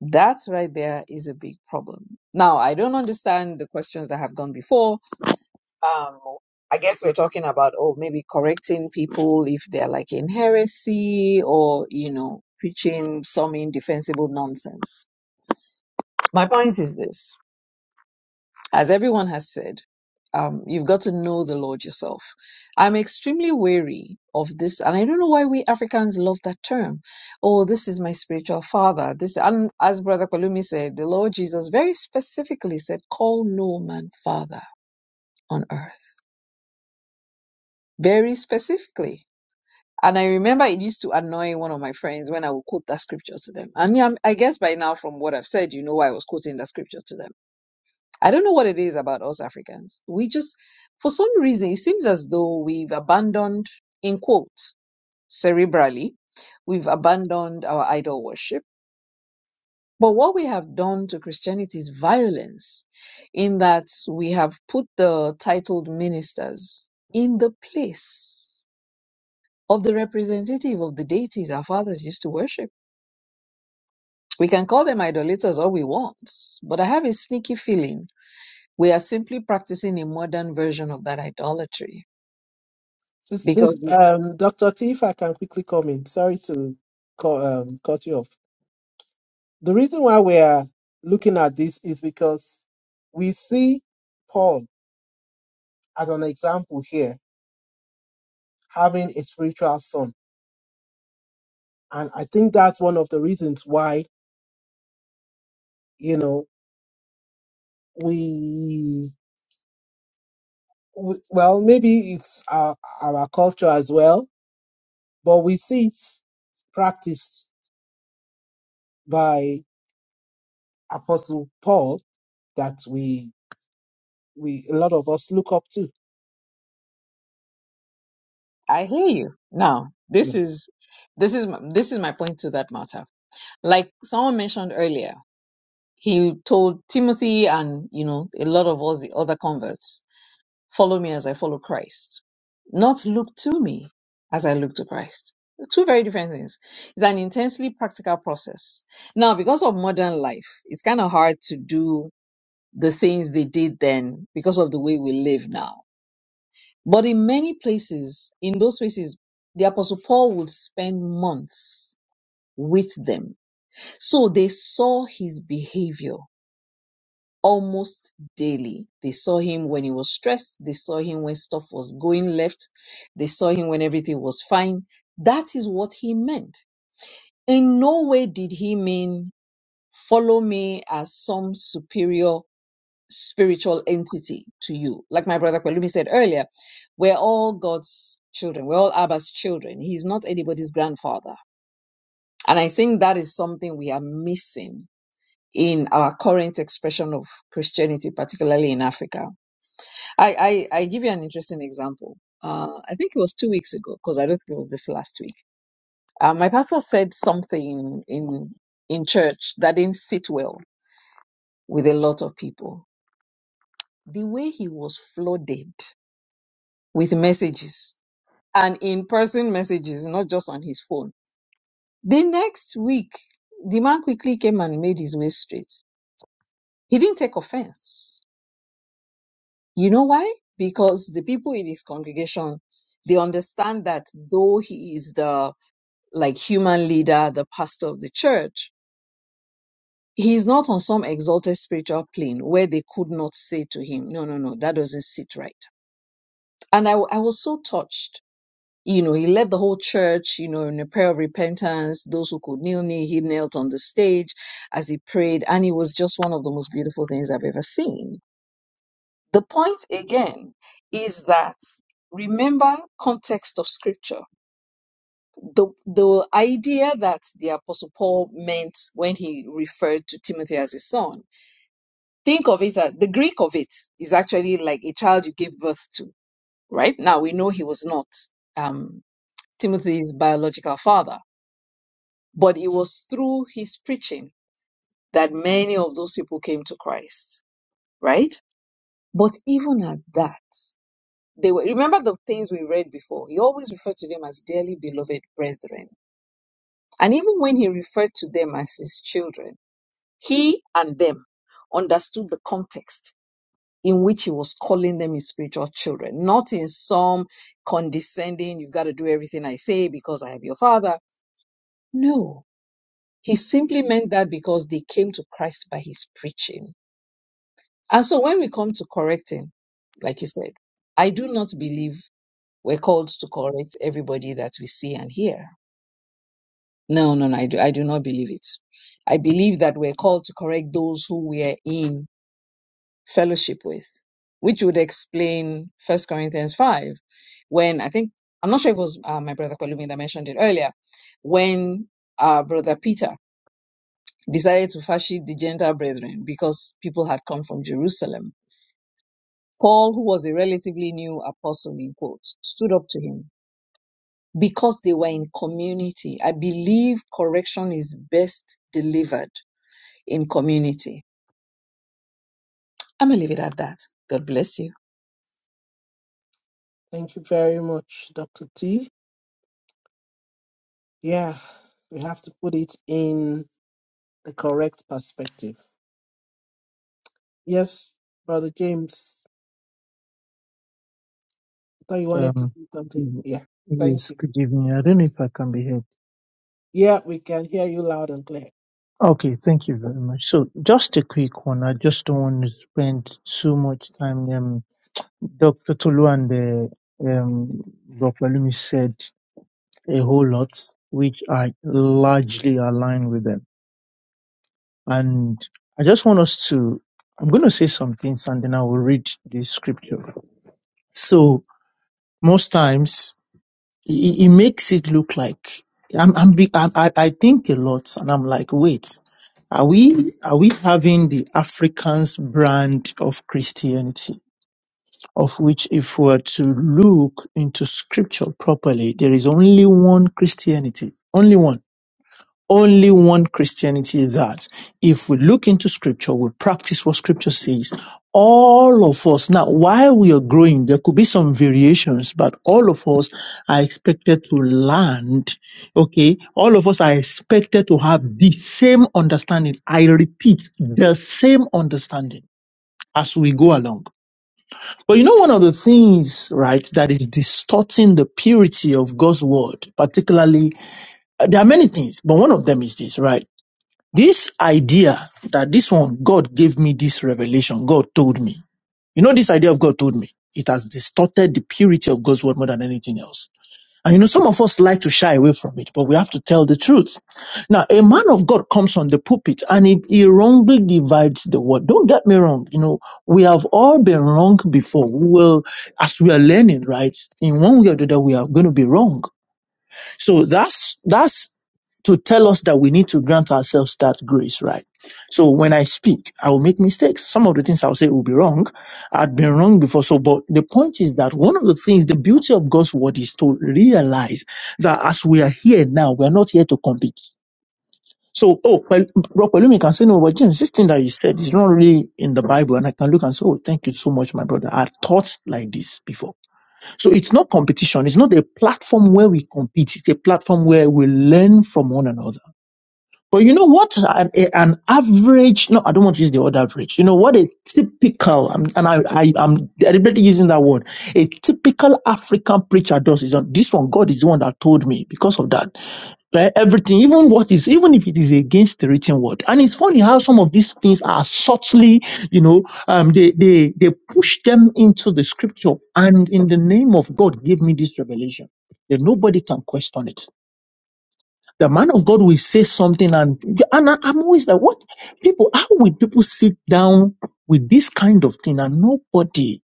G: That right there is a big problem. Now, I don't understand the questions that have gone before. Um, I guess we're talking about, oh, maybe correcting people if they're like in heresy or, you know, preaching some indefensible nonsense. My point is this As everyone has said, um, you've got to know the Lord yourself. I'm extremely wary of this, and I don't know why we Africans love that term. Oh, this is my spiritual father. This, and as Brother Palumi said, the Lord Jesus very specifically said, "Call no man father on earth." Very specifically. And I remember it used to annoy one of my friends when I would quote that scripture to them. And yeah, I guess by now, from what I've said, you know why I was quoting that scripture to them I don't know what it is about us Africans. We just, for some reason, it seems as though we've abandoned, in quotes, cerebrally, we've abandoned our idol worship. But what we have done to Christianity is violence, in that we have put the titled ministers in the place of the representative of the deities our fathers used to worship. We can call them idolaters all we want, but I have a sneaky feeling we are simply practicing a modern version of that idolatry
A: Sis,
G: because
A: sis, um, Dr. T, if I can quickly comment. Sorry to cut, um, cut you off. The reason why we are looking at this is because we see Paul as an example here, having a spiritual son. And I think that's one of the reasons why, you know, we w- well, maybe it's our, our culture as well, but we see it practiced by Apostle Paul that we we a lot of us look up to.
G: I hear you. Now,
A: Yeah.
G: this is this is my- this is my point to that matter. Like someone mentioned earlier, he told Timothy and you know a lot of us the other converts, follow me as I follow Christ, not look to me as I look to Christ. Two very different things. It's an intensely practical process. Now, because of modern life, it's kind of hard to do the things they did then because of the way we live now But in many places, in those places, the Apostle Paul would spend months with them. So they saw his behavior almost daily. They saw him when he was stressed. They saw him when stuff was going left. They saw him when everything was fine. That is what he meant. In no way did he mean follow me as some superior spiritual entity to you. Like my brother Kwelumi said earlier, we're all God's children. We're all Abba's children. He's not anybody's grandfather. And I think that is something we are missing in our current expression of Christianity, particularly in Africa. I, I, I give you an interesting example. Uh, I think it was two weeks ago, because I don't think it was this last week. Uh, my pastor said something in in church that didn't sit well with a lot of people. The way he was flooded with messages and in-person messages, not just on his phone. The next week, the man quickly came and made his way straight. He didn't take offense. You know why? Because the people in his congregation, they understand that though he is the like human leader, the pastor of the church, he is not on some exalted spiritual plane where they could not say to him, no, no, no, that doesn't sit right. And I, w- I was so touched you know, he led the whole church, you know, in a prayer of repentance. Those who could kneel, kneel. He knelt on the stage as he prayed, and it was just one of the most beautiful things I've ever seen. The point again is that remember context of scripture. The the idea that the apostle Paul meant when he referred to Timothy as his son. Think of it as the Greek of it is actually like a child you gave birth to, right? Now we know he was not um, Timothy's biological father But it was through his preaching that many of those people came to Christ, right? But even at that, they were, remember the things we read before. He always referred to them as dearly beloved brethren. And even when he referred to them as his children, he and them understood the context in which he was calling them his spiritual children, not in some condescending, you've got to do everything I say because I am your father. No, He simply meant that because they came to Christ by his preaching. And so when we come to correcting, like you said, I do not believe we're called to correct everybody that we see and hear. No, no, no, I do, I do not believe it. I believe that we're called to correct those who we are in fellowship with, which would explain First Corinthians 5, when I think, I'm not sure if it was uh, my brother Palumi that mentioned it earlier, when uh, Brother Peter decided to fashion the Gentile brethren because people had come from Jerusalem. Paul, who was a relatively new apostle, in quotes, stood up to him because they were in community. I believe correction is best delivered in community. I'm going to leave it at that. God bless you.
A: Thank you very much, Dr. T. Yeah, we have to put it in the correct perspective. Yes, Brother James, I thought you
H: So
A: wanted to
H: um,
A: do something. Yeah, thank
H: yes,
A: you.
H: good evening. I don't know if I can be heard.
A: Yeah, we can hear you loud and clear.
H: Okay, thank you very much. So just a quick one. I just don't want to spend too much time. Um, Dr. Tolu and uh, um, Dr. Lumi said a whole lot, which I largely align with them. And I just want us to, I'm going to say some things and then I will read the scripture. So most times He, he he makes it look like I'm, I'm, be- i I, I think a lot, and I'm like, wait, are we are we having the African's brand of Christianity? Of which, if we were to look into Scripture properly, there is only one Christianity, only one only one Christianity that if we look into scripture, we practice what scripture says, all of us, now while we are growing, there could be some variations, but all of us are expected to land, okay? All of us are expected to have the same understanding. I repeat, the same understanding as we go along. But you know, one of the things, right, that is distorting the purity of God's word, particularly, uh, there are many things, but one of them is this, right? This idea that this one, God gave me this revelation, God told me. You know, this idea of God told me, it has distorted the purity of God's word more than anything else. And you know, some of us like to shy away from it, but we have to tell the truth. Now, a man of God comes on the pulpit and he, he wrongly divides the word. Don't get me wrong. You know, we have all been wrong before. We will, as we are learning, right? In one way or the other, we are going to be wrong. So that's that's to tell us that we need to grant ourselves that grace, right? So when I speak, I will make mistakes. Some of the things I'll say will be wrong. I've been wrong before. So, but the point is that one of the things, the beauty of God's word is to realize that as we are here now, we are not here to compete. So, oh, well, Rob Palumi can say, no, but James, this thing that you said is not really in the Bible. And I can look and say, oh, thank you so much, my brother. I thought like this before. So it's not competition. It's not a platform where we compete. It's a platform where we learn from one another. But you know what? An, a- an average, no, I don't want to use the word average. You know what? A typical, um, and I, I, I'm deliberately using that word. A typical African preacher does is on this one. God is the one that told me because of that. Like everything, even what is, even if it is against the written word. And it's funny how some of these things are subtly, you know, um, they, they, they push them into the scripture. And in the name of God, give me this revelation. Then nobody can question it. The man of God will say something and, and I- I'm always like, what people, how will people sit down with this kind of thing and nobody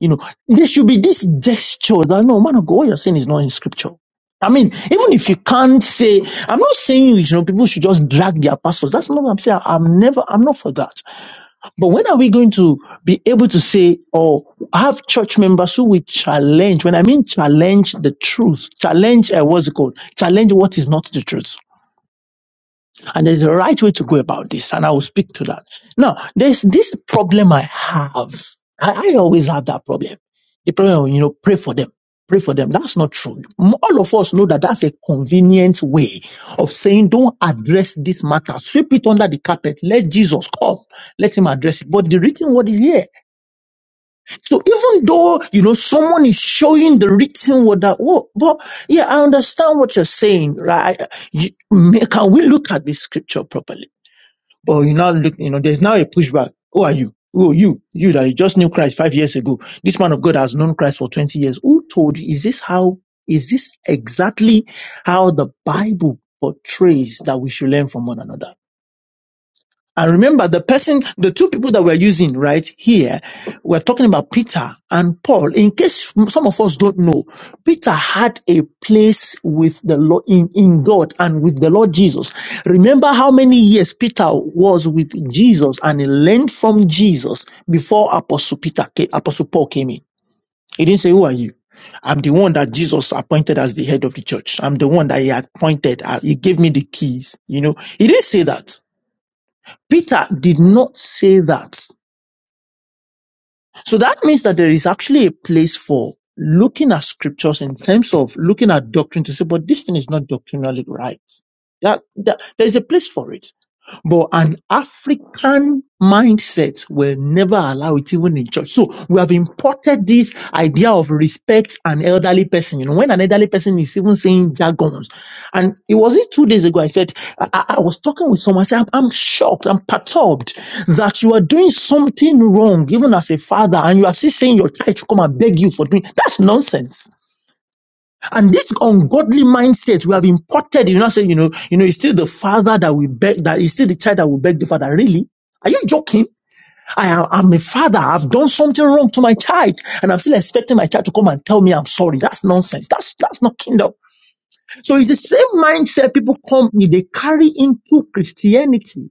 H: you know, there should be this gesture that no man of God, what you're saying is not in scripture. I mean, even if you can't say, I'm not saying you know people should just drag their pastors. That's not what I'm saying. I'm never, I'm not for that. But when are we going to be able to say or have church members who will challenge? When I mean challenge the truth, challenge uh, what's it called? Challenge what is not the truth. And there's a right way to go about this, and I will speak to that. Now, there's this problem I have. I, I always have that problem. The problem, you know, pray for them. Pray for them. That's not true. M- All of us know that that's a convenient way of saying, don't address this matter. Sweep it under the carpet. Let Jesus come. Let him address it. But the written word is here. So even though, you know, someone is showing the written word that, oh, but yeah, I understand what you're saying, right? You, may- can we look at this scripture properly? But you now look, you know, there's now a pushback. Who are you? Who are you? You that you just knew Christ five years ago. This man of God has known Christ for 20 years. Who told you? Is this how, is this exactly how the Bible portrays that we should learn from one another? And remember the person, the two people that we're using right here, we're talking about Peter and Paul. In case some of us don't know, Peter had a place with the Lord in, in God and with the Lord Jesus. Remember how many years Peter was with Jesus and he learned from Jesus before Apostle Peter came, Apostle Paul came in. He didn't say, Who are you? I'm the one that Jesus appointed as the head of the church. I'm the one that he appointed. uh, He gave me the keys. You know, he didn't say that. Peter did not say that. So that means that there is actually a place for looking at scriptures in terms of looking at doctrine to say, but this thing is not doctrinally right. That, that there is a place for it. But an African mindset will never allow it, even in church. So we have imported this idea of respect an elderly person. You know, when an elderly person is even saying jargons, and it was it two days ago. I said I, I I was talking with someone. I said I'm, I'm shocked. I'm perturbed that you are doing something wrong, even as a father, and you are still saying your child should come and beg you for doing. That's nonsense. And this ungodly mindset we have imported, you know, saying, you know, you know, it's still the father that we beg, that is still the child that will beg the father. Really? Are you joking? I am, I'm a father. I've done something wrong to my child and I'm still expecting my child to come and tell me I'm sorry. That's nonsense. That's, that's not kingdom. So it's the same mindset people come, they carry into Christianity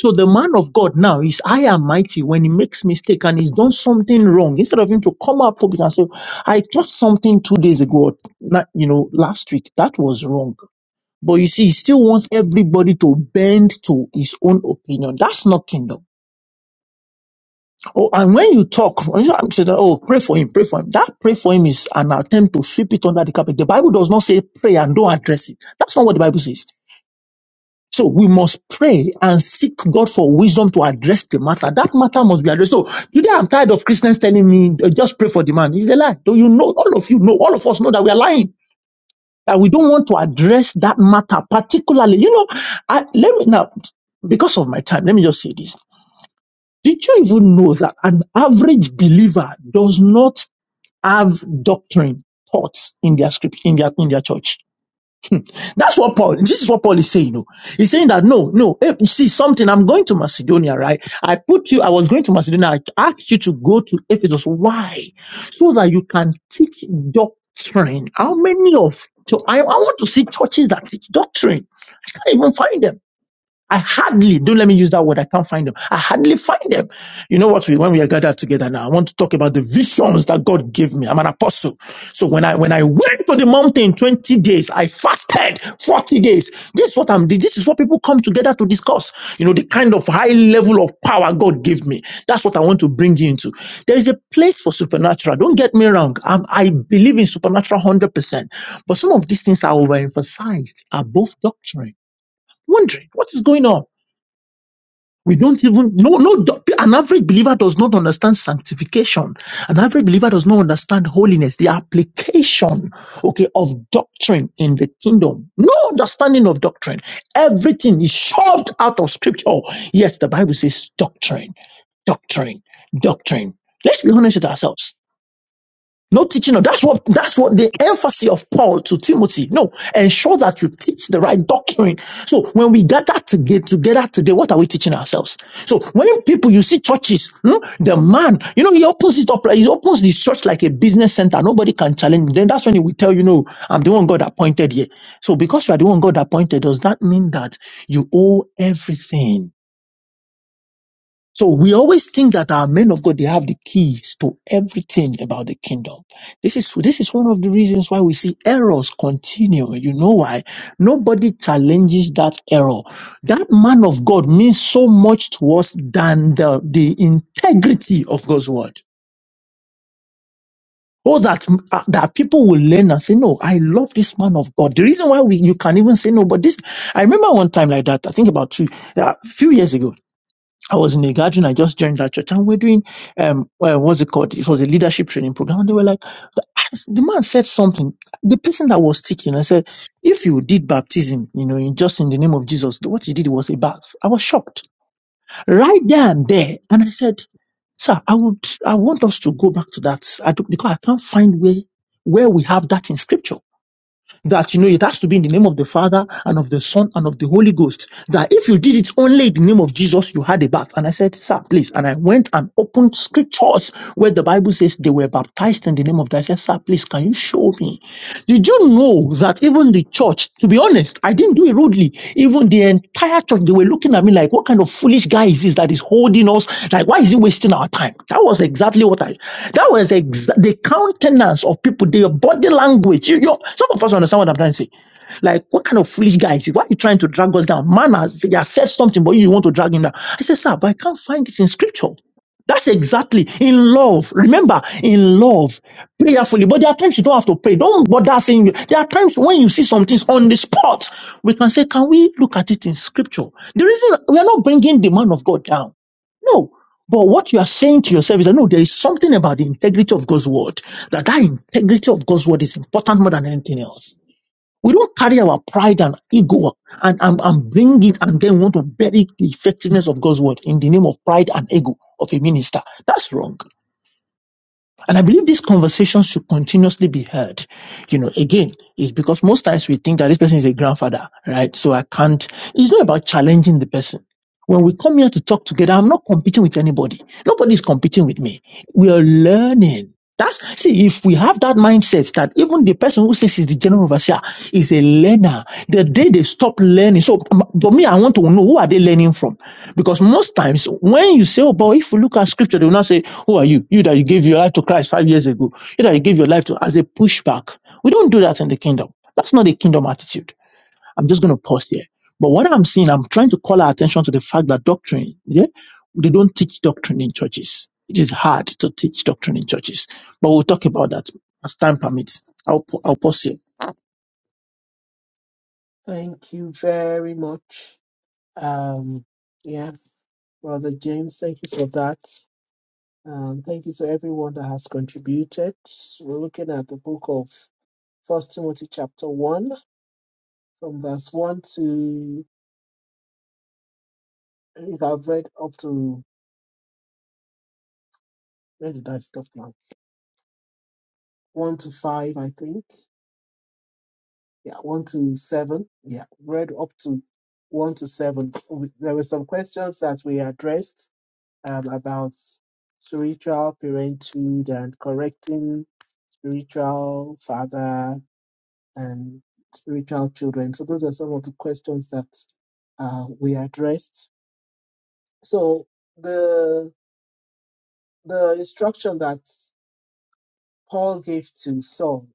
H: so the man of God now is high and mighty when he makes mistake and he's done something wrong. Instead of him to come out public and say, I taught something two days ago, or na- you know, last week. That was wrong. But you see, he still wants everybody to bend to his own opinion. That's not kingdom. Oh, and when you talk, when you say that, oh, pray for him, pray for him. That pray for him is an attempt to sweep it under the carpet. The Bible does not say pray and don't address it. That's not what the Bible says. So we must pray and seek God for wisdom to address the matter. That matter must be addressed. So today I'm tired of Christians telling me, "Uh, just pray for the man. It's a lie. Do you know? All of you know, all of us know that we are lying, that we don't want to address that matter particularly. You know, I, let me now, because of my time, let me just say this. Did you even know that an average believer does not have doctrine, thoughts in their script, in their, in their church? That's what Paul, this is what Paul is saying. No, he's saying that no, no, if you see something, I'm going to Macedonia, right? I put you, I was going to Macedonia, I asked you to go to Ephesus. Why? So that you can teach doctrine. How many of, so I, I want to see churches that teach doctrine. I can't even find them. I hardly, don't let me use that word, I can't find them. I hardly find them. You know what? We, when we are gathered together now, I want to talk about the visions that God gave me. I'm an apostle. So when I, when I went to the mountain 20 days, I fasted 40 days. This is what I'm, this is what people come together to discuss. You know, the kind of high level of power God gave me. That's what I want to bring you into. There is a place for supernatural. Don't get me wrong. I'm, I believe in supernatural 100%. But some of these things are overemphasized above doctrine. Wondering what is going on. We don't even no no an average believer does not understand sanctification. An average believer does not understand holiness, the application okay of doctrine in the kingdom. No understanding of doctrine. Everything is shoved out of scripture. Yet the Bible says doctrine, doctrine, doctrine. Let's be honest with ourselves. No teaching. No, that's what that's what the emphasis of Paul to Timothy. No, ensure that you teach the right doctrine. So when we gather toge- together today, what are we teaching ourselves? So when people you see churches, hmm, the man, you know, he opens it up, like- he opens the church like a business center. Nobody can challenge. him. Then that's when he will tell you, no, I'm the one God appointed here. So because you are the one God appointed, does that mean that you owe everything? So we always think that our men of God they have the keys to everything about the kingdom. This is this is one of the reasons why we see errors continue. You know why? Nobody challenges that error. That man of God means so much to us than the, the integrity of God's word. Oh, that uh, that people will learn and say, "No, I love this man of God." The reason why we you can even say no, but this I remember one time like that. I think about two a few years ago. I was in a gathering. I just joined that church, and we're doing um, well, what's it called? It was a leadership training program. And they were like, the the man said something. The person that was teaching, I said, if you did baptism, you know, in just in the name of Jesus, what you did was a bath. I was shocked right there and there, and I said, sir, I would, I want us to go back to that. I do, because I can't find where where we have that in scripture. That you know, it has to be in the name of the Father and of the Son and of the Holy Ghost that if you did it only in the name of Jesus, you had a bath. And I said, Sir, please. And I went and opened scriptures where the Bible says they were baptized in the name of that. I said, Sir, please, can you show me? Did you know that even the church, to be honest, I didn't do it rudely. Even the entire church, they were looking at me like, What kind of foolish guy is this that is holding us? Like, why is he wasting our time? That was exactly what I, that was exa- the countenance of people, their body language. You, you, some of us understand what I'm trying to say. Like, what kind of foolish guy is he? Why are you trying to drag us down? Man has he has said something, but you you want to drag him down. I said, sir, but I can't find this in scripture. That's exactly in love. Remember, in love, prayerfully. But there are times you don't have to pray. Don't bother saying. There are times when you see some things on the spot. We can say, can we look at it in scripture? The reason we are not bringing the man of God down. No. But what you are saying to yourself is that no, there is something about the integrity of God's word. That that integrity of God's word is important more than anything else. We don't carry our pride and ego and, and, and bring it and then want to bury the effectiveness of God's word in the name of pride and ego of a minister. That's wrong. And I believe this conversation should continuously be heard. You know, again, it's because most times we think that this person is a grandfather, right? So I can't, it's not about challenging the person. When we come here to talk together, I'm not competing with anybody. Nobody is competing with me. We are learning. That's, see, if we have that mindset that even the person who says he's the general overseer is a learner, the day they stop learning. So, um, for me, I want to know who are they learning from? Because most times when you say, oh, but if we look at scripture, they will not say, who are you? You that you gave your life to Christ five years ago. You that you gave your life to as a pushback. We don't do that in the kingdom. That's not a kingdom attitude. I'm just going to pause here. But what I'm seeing, I'm trying to call our attention to the fact that doctrine, yeah, they don't teach doctrine in churches. It is hard to teach doctrine in churches. But we'll talk about that as time permits. I'll, I'll pause here.
A: Thank you very much. Um, yeah. Brother James, thank you for that. Um, thank you to everyone that has contributed. We're looking at the book of First Timothy chapter one, from verse one to I think I've read up to where did I stop now? One to five, I think. Yeah, one to seven. Yeah, read up to one to seven. We- There were some questions that we addressed um, about spiritual parenthood and correcting spiritual father and spiritual children. So those are some of the questions that uh, we addressed. So the the instruction that Paul gave to Saul,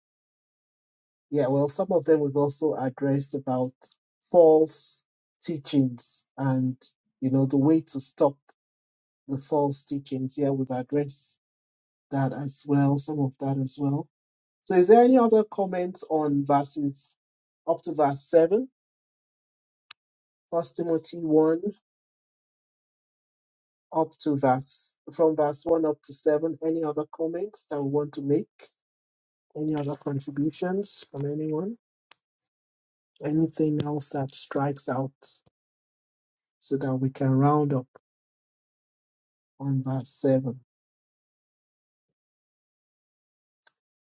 A: yeah, well, some of them we've also addressed about false teachings and you know the way to stop the false teachings. Yeah, we've addressed that as well, some of that as well. So is there any other comments on verses up to verse seven, First Timothy 1, up to verse from verse one up to seven. Any other comments that we want to make? Any other contributions from anyone? Anything else that strikes out so that we can round up on verse seven?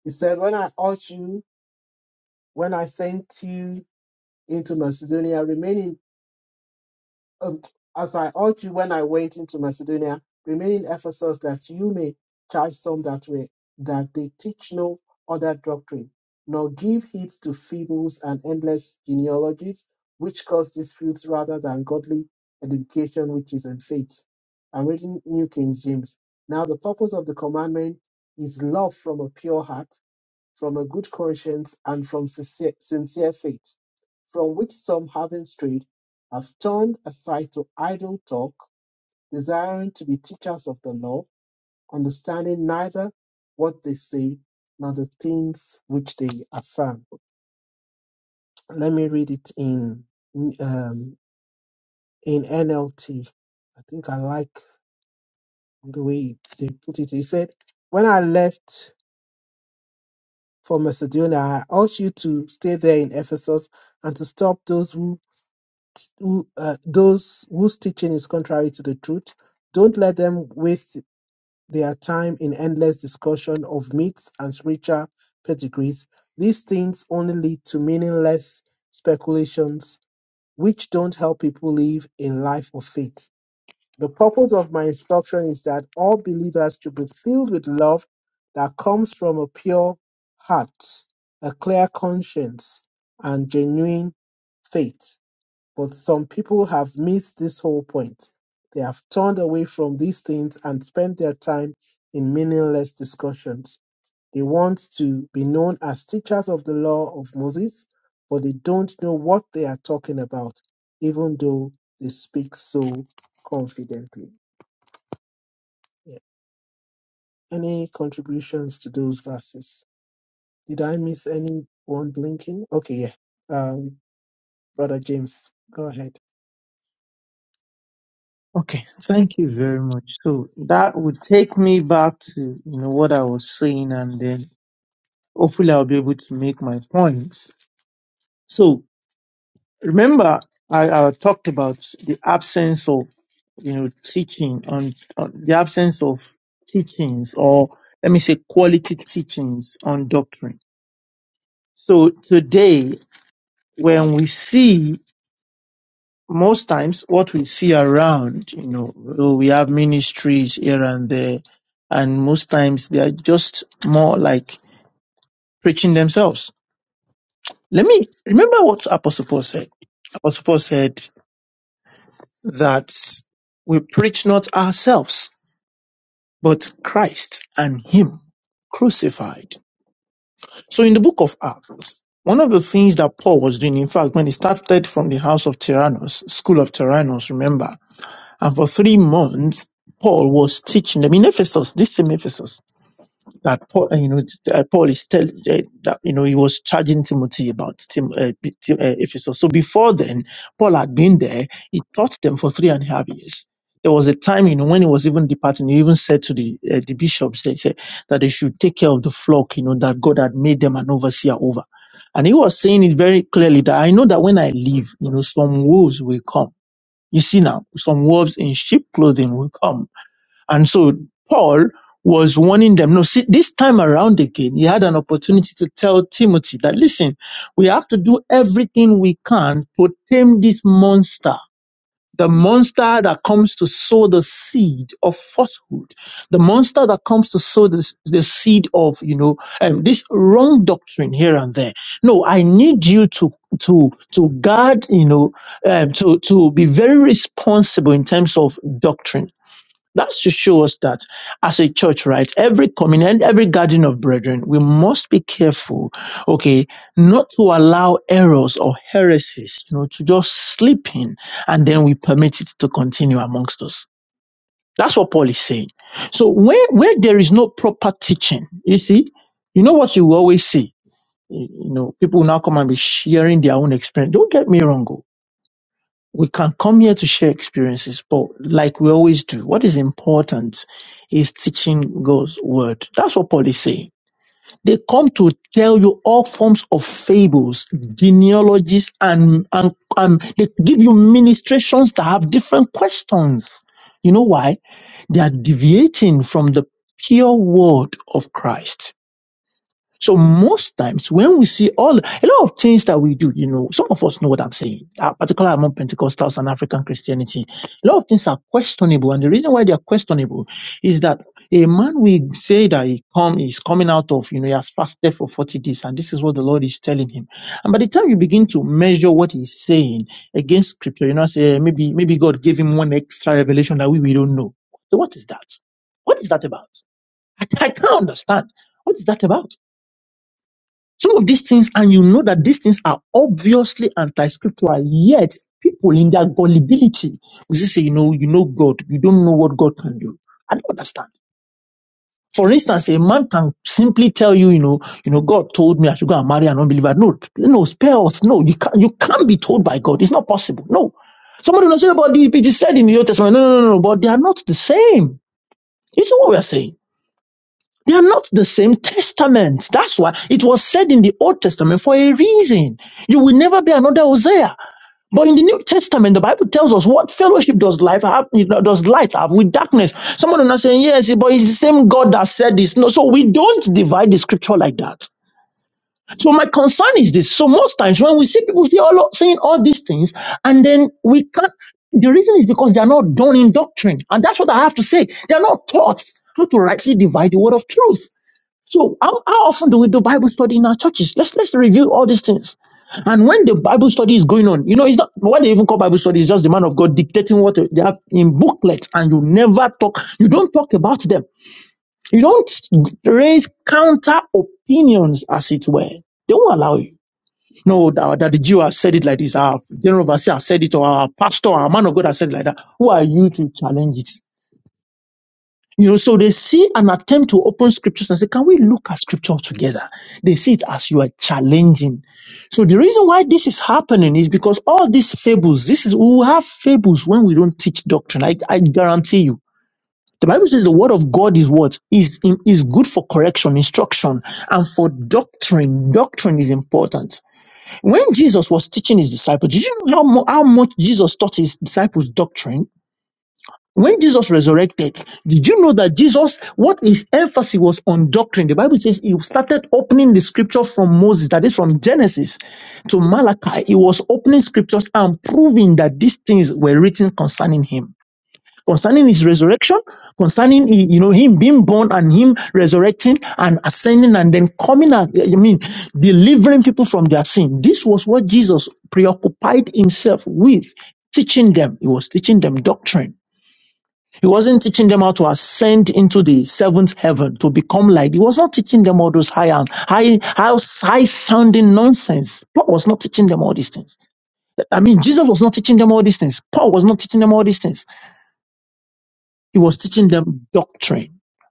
A: He said, When I urge you, when I sent you into Macedonia, remain um, as I urge you when I went into Macedonia, remain in Ephesus that you may charge some that way, that they teach no other doctrine, nor give heed to fables and endless genealogies, which cause disputes rather than godly edification which is in faith. I'm reading New King James. Now the purpose of the commandment is love from a pure heart from a good conscience and from sincere, sincere faith, from which some, having strayed, have turned aside to idle talk, desiring to be teachers of the law, understanding neither what they say nor the things which they affirm. Let me read it in um, in NLT. I think I like the way they put it. He said, "When I left for Macedonia, I urged you to stay there in Ephesus and to stop those who who, uh, those whose teaching is contrary to the truth. Don't let them waste their time in endless discussion of myths and spiritual pedigrees. These things only lead to meaningless speculations, which don't help people live a life of faith. The purpose of my instruction is that all believers should be filled with love that comes from a pure heart, a clear conscience, and genuine faith. But some people have missed this whole point. They have turned away from these things and spent their time in meaningless discussions. They want to be known as teachers of the law of Moses, but they don't know what they are talking about, even though they speak so confidently. Yeah. Any contributions to those verses? Did I miss anyone blinking? Okay, yeah. Um, Brother James, go ahead.
H: Okay, thank you very much. So that would take me back to you know what I was saying, and then hopefully I'll be able to make my points. So remember, I, I talked about the absence of you know teaching on, on the absence of teachings, or let me say quality teachings on doctrine. So today, when we see most times what we see around, you know, oh, we have ministries here and there, and most times they are just more like preaching themselves. Let me remember what Apostle Paul said. Apostle Paul said that we preach not ourselves, but Christ and Him crucified. So in the book of Acts, one of the things that Paul was doing, in fact, when he started from the house of Tyrannus, school of Tyrannus, remember, And for three months, Paul was teaching them in Ephesus, this same Ephesus that Paul, uh, you know, uh, Paul is telling uh, that you know he was charging Timothy about Tim, uh, P- Tim- uh, Ephesus. So before then, Paul had been there. He taught them for three and a half years. There was a time, you know, when he was even departing, he even said to the uh, the bishops they said, that they should take care of the flock, you know, that God had made them an overseer over. And he was saying it very clearly that I know that when I leave, you know, some wolves will come you see now, some wolves in sheep clothing will come. And so Paul was warning them. No, see, this time around again, he had an opportunity to tell Timothy that, listen, we have to do everything we can to tame this monster the monster that comes to sow the seed of falsehood, the monster that comes to sow the the seed of, you know, um, this wrong doctrine here and there. No, I need you to, to, to guard, you know, um, to, to be very responsible in terms of doctrine that's to show us that as a church, right? Every communion, every gathering of brethren, we must be careful, okay, not to allow errors or heresies, you know, to just slip in and then we permit it to continue amongst us. That's what Paul is saying. So where, where there is no proper teaching, you see, you know what you will always see? You know, people will now come and be sharing their own experience. Don't get me wrong. oh we can come here to share experiences, but like we always do, what is important is teaching God's word. That's what Paul is saying. They come to tell you all forms of fables, genealogies, and, and, and they give you ministrations that have different questions. You know why? They are deviating from the pure word of Christ. So most times when we see all a lot of things that we do, you know, some of us know what I'm saying, uh, particularly among Pentecostals and African Christianity. A lot of things are questionable, and the reason why they are questionable is that a man will say that he come is coming out of, you know, he has fasted for 40 days, and this is what the Lord is telling him. And by the time you begin to measure what he's saying against scripture, you know, say eh, maybe maybe God gave him one extra revelation that we, we don't know. So what is that? What is that about? I, I can't understand. What is that about? Some of these things, and you know that these things are obviously anti-scriptural, yet people in their gullibility will just say, you know, you know God, you don't know what God can do. I don't understand. For instance, a man can simply tell you, you know, you know, God told me I should go and marry an unbeliever. No, no, spare us. No, you can't, you can't be told by God. It's not possible. No. Somebody will say, but it is said in the Old Testament. No, no, no, no, but they are not the same. You see what we are saying? They are not the same testament. That's why it was said in the Old Testament for a reason. You will never be another Hosea. But in the New Testament, the Bible tells us what fellowship does life have, you know, does light have with darkness. Someone is not saying, yes, but it's the same God that said this. No, so we don't divide the scripture like that. So my concern is this. So most times when we see people say all, saying all these things, and then we can't, the reason is because they are not done in doctrine. And that's what I have to say. They are not taught how to rightly divide the word of truth. So how, how often do we do Bible study in our churches? Let's let's review all these things. And when the Bible study is going on, you know, it's not what they even call Bible study is just the man of God dictating what they have in booklets, and you never talk, you don't talk about them. You don't raise counter opinions, as it were. They won't allow you. No, that, that the Jew has said it like this, our general overseer has said it, or our pastor, our man of God has said it like that. Who are you to challenge it? You know, so they see an attempt to open scriptures and say, can we look at scripture together? They see it as you are challenging. So the reason why this is happening is because all these fables, this is, we will have fables when we don't teach doctrine. I, I guarantee you. The Bible says the word of God is what? Is, is good for correction, instruction, and for doctrine. Doctrine is important. When Jesus was teaching his disciples, did you know how, mu- how much Jesus taught his disciples doctrine? When Jesus resurrected, did you know that Jesus, what his emphasis was on doctrine? The Bible says he started opening the scripture from Moses, that is from Genesis to Malachi. He was opening scriptures and proving that these things were written concerning him, concerning his resurrection, concerning, you know, him being born and him resurrecting and ascending and then coming out, I mean, delivering people from their sin. This was what Jesus preoccupied himself with, teaching them. He was teaching them doctrine. He wasn't teaching them how to ascend into the seventh heaven to become like. He was not teaching them all those high, high, high, high sounding nonsense. Paul was not teaching them all these things. I mean, Jesus was not teaching them all these things. Paul was not teaching them all these things. He was teaching them doctrine.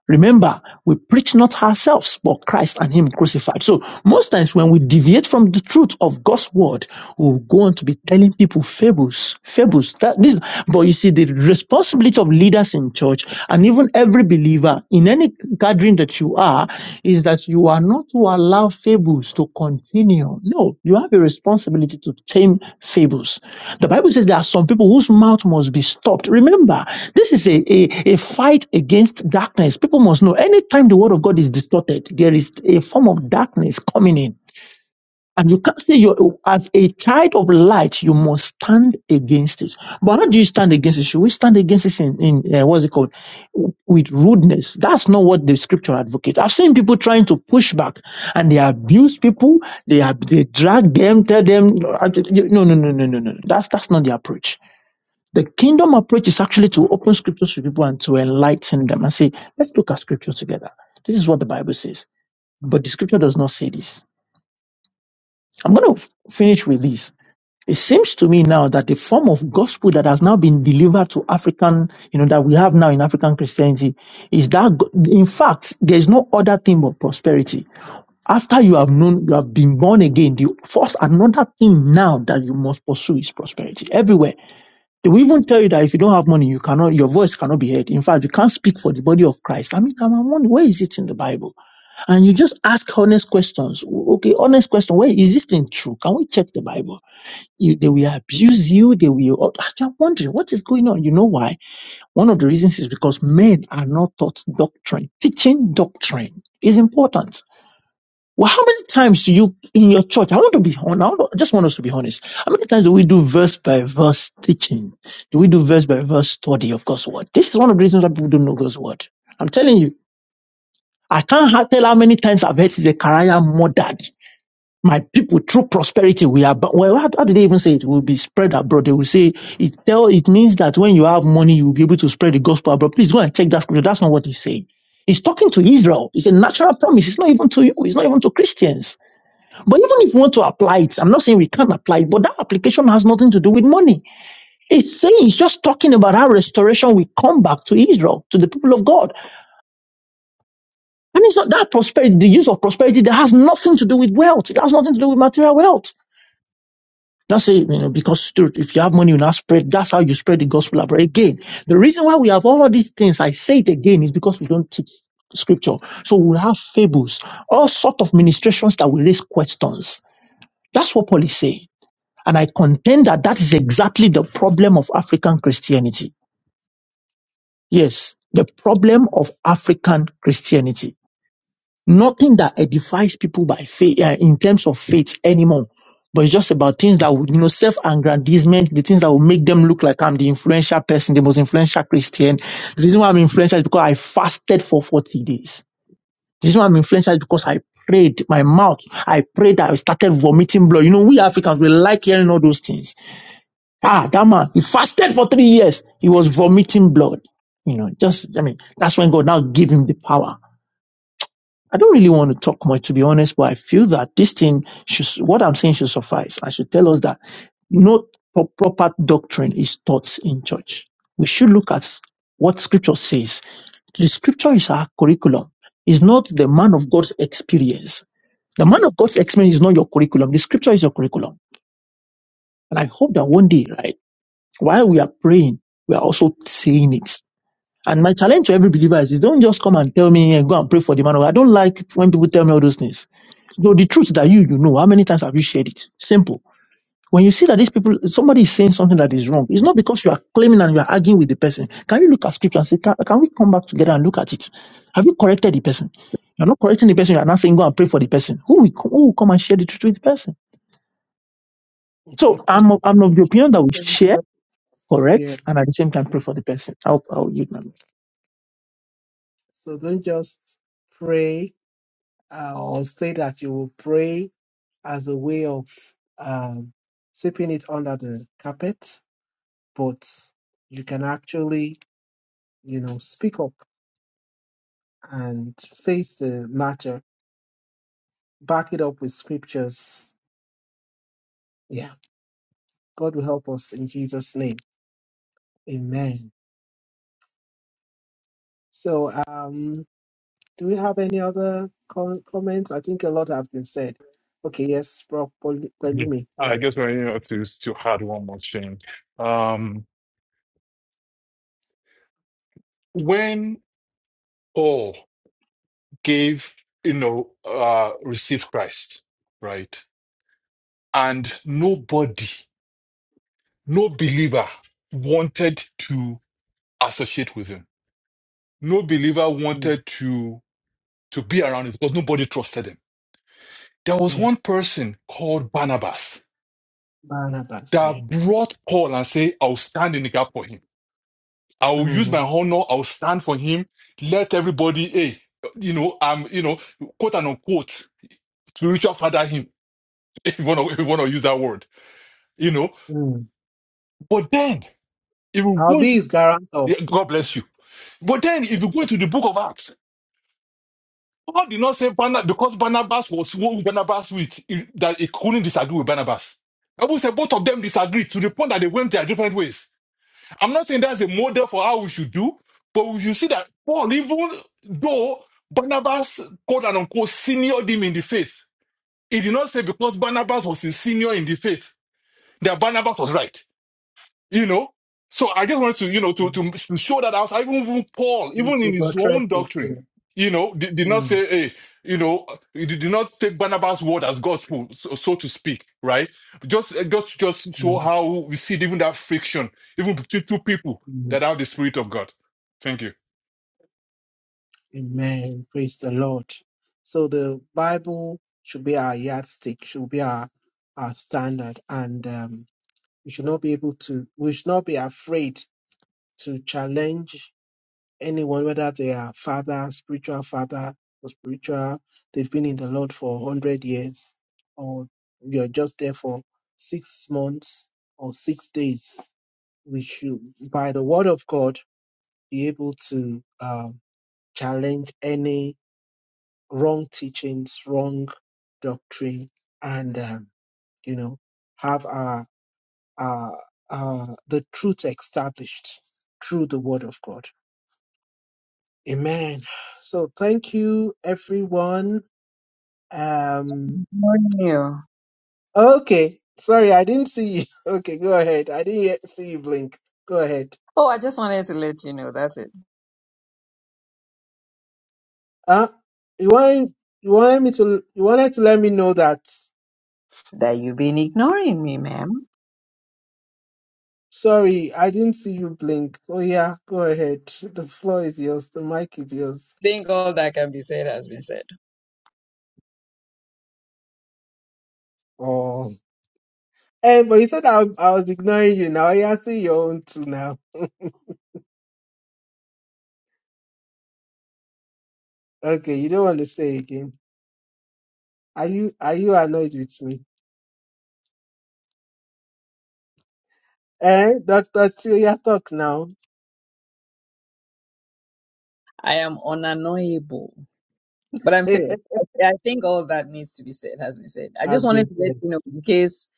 H: Remember, we preach not ourselves, but Christ and Him crucified. So most times when we deviate from the truth of God's word, we go on to be telling people fables, fables. That this, but you see, the responsibility of leaders in church and even every believer in any gathering that you are is is that you are not to allow fables to continue. No, you have a responsibility to tame fables. The Bible says there are some people whose mouth must be stopped. Remember, this is a, a, a fight against darkness. People must know anytime the word of God is distorted, there is a form of darkness coming in. And you can't say you're as a child of light, you must stand against it. But how do you stand against it? Should we stand against it in, in uh, what's it called? W- With rudeness. That's not what the scripture advocates. I've seen people trying to push back and they abuse people. They, ab- they drag them, tell them, no, I- you- no, no, no, no, no. no. That's, that's not the approach. The kingdom approach is actually to open scriptures to people and to enlighten them and say, let's look at scripture together. This is what the Bible says. But the scripture does not say this. I'm going to finish with this it seems to me now that the form of gospel that has now been delivered to African, you know, that we have now in African Christianity is that, go- in fact, there's no other thing but prosperity. After you have known, you have been born again, the first, another thing now that you must pursue is prosperity everywhere. They will even tell you that if you don't have money, you cannot, your voice cannot be heard. In fact, you can't speak for the body of Christ. I mean, I'm I'm wondering, where is it in the Bible? And you just ask honest questions. Okay, honest question. Where is this thing true? Can we check the Bible? you, they will abuse you. They will. You're wondering what is going on. You know why? One of the reasons is because men are not taught doctrine. Teaching doctrine is important. Well, how many times do you in your church? I want to be honest. I want to- I just want us to be honest. How many times do we do verse by verse teaching? Do we do verse by verse study of God's word? This is one of the reasons why people don't know God's word. I'm telling you, I can't ha- tell how many times I've heard Zechariah murdered my people through prosperity we are bo- well how, how do they even say it will be spread abroad they will say it tell it means that when you have money you'll be able to spread the gospel abroad please go and check that scripture that's not what he's saying he's talking to israel it's a natural promise it's not even to you it's not even to christians but even if you want to apply it i'm not saying we can't apply it but that application has nothing to do with money it's saying it's just talking about how restoration will come back to israel to the people of god and it's not that prosperity the use of prosperity that has nothing to do with wealth it has nothing to do with material wealth Not say, you know, because dude, if you have money, you now spread. That's how you spread the gospel abroad. Again, the reason why we have all of these things, I say it again, is because we don't teach scripture. So we have fables, all sort of ministrations that will raise questions. That's what Paul is saying. And I contend that that is exactly the problem of African Christianity. Yes, the problem of African Christianity. Nothing that edifies people by faith uh, in terms of faith anymore. But it's just about things that would, you know, self-aggrandizement, the things that will make them look like I'm the influential person, the most influential Christian. The reason why I'm influential is because I fasted for 40 days. The reason why I'm influential is because I prayed my mouth. I prayed that I started vomiting blood. You know, we Africans, we like hearing all those things. Ah, that man, he fasted for three years. He was vomiting blood. You know, just, I mean, that's when God now gave him the power. I don't really want to talk much, to be honest, but I feel that this thing should, what I'm saying should suffice. I should tell us that no pro- proper doctrine is taught in church. We should look at what scripture says. The scripture is our curriculum. It's not the man of God's experience. The man of God's experience is not your curriculum. The scripture is your curriculum. And I hope that one day, right, while we are praying, we are also saying it. And my challenge to every believer is, is don't just come and tell me and go and pray for the man of God. I don't like when people tell me all those things. Though the truth that you you know, how many times have you shared it? Simple. When you see that these people, somebody is saying something that is wrong, it's not because you are claiming and you are arguing with the person. Can you look at scripture and say, can, can we come back together and look at it? Have you corrected the person? You're not correcting the person. You are not saying go and pray for the person. Who will, co- who will come and share the truth with the person? So I'm of, I'm of the opinion that we share,
A: *laughs* Yeah.
H: correct, and at the same time pray for the person. I'll, I'll yield my
A: So don't just pray uh, or say that you will pray as a way of um, sweeping it under the carpet, but you can actually, you know, speak up and face the matter, back it up with scriptures. Yeah, God will help us in Jesus' name. Amen. So, um, do we have any other com- comments? I think a lot have been said. Okay, yes, Prof.
E: Yes.
A: Pelumi. Yeah.
E: I guess I need to to add one more thing. Um, when Paul gave, you know, uh, received Christ, right? And nobody, no believer wanted to associate with him. No believer
A: Mm,
E: wanted to, to be around him because nobody trusted him. There was
A: yeah,
E: one person called Barnabas
A: Barnabas, yeah.
E: that brought Paul and said, I'll stand in the gap for him. I will use my
A: Mm,
E: honor. I'll stand for him. Let everybody, hey, you know, um, you know, quote and unquote, spiritual father him, *laughs* if you want to, if you want to use that word you know
A: mm.
E: But then, if you
A: I'll
E: go
A: be
E: into,
A: his guarantor.
E: yeah, God bless you. But then, if you go into the book of Acts, Paul did not say Barna, because Barnabas was who Barnabas with, it- that he couldn't disagree with Barnabas. Bible said both of them disagreed to the point that they went their different ways. I'm not saying that's a model for how we should do, but we should see that Paul, even though Barnabas, quote and unquote, seniored him in the faith, he did not say because Barnabas was his senior in the faith that Barnabas was right. you know so i just wanted to you know to, to
A: Mhm.
E: to show that out even even paul even
A: It's
E: in his own
A: overattractive. Yeah.
E: doctrine you know did, did not
A: Mm,
E: say hey you know he did not take barnabas word as gospel so, so to speak right just just just show
A: mm,
E: how we see even that friction even between two people
A: mm.
E: that have the spirit of god thank you
A: Amen. Praise the Lord. So the Bible should be our yardstick, should be our our standard, and um, we should not be able to. We should not be afraid to challenge anyone, whether they are father, spiritual father, or spiritual, they've been in the Lord for 100 years, or you're just there for six months or six days, we should, by the word of God, be able to um, challenge any wrong teachings, wrong doctrine, and, um, you know, have our, our, our, the truth established through the word of God Amen. So thank you, everyone. Um,
G: Morning, you.
A: okay. Sorry, I didn't see you. *laughs* Okay, go ahead. I didn't yet see you blink. Go ahead.
G: Oh, I just wanted to let you know that's it.
A: Uh, you want you wanted me to you wanted to let me know that.
G: That you've been ignoring me, ma'am.
A: Sorry, I didn't see you blink. Oh yeah, go ahead. The floor is yours. The mic is yours.
G: I Think all that can be said has been said.
A: Oh. Hey, but you said I, I was ignoring you. Now Yeah, I see your own too. Now, okay, you don't want to say again. Are you are you annoyed with me? Eh? That, that's your talk now.
G: I am unannoyable. But I'm
A: *laughs*
G: serious.
A: As
G: I, I think all that needs to be said has been said. I just
A: they
G: wanted to let
A: say.
G: you know in case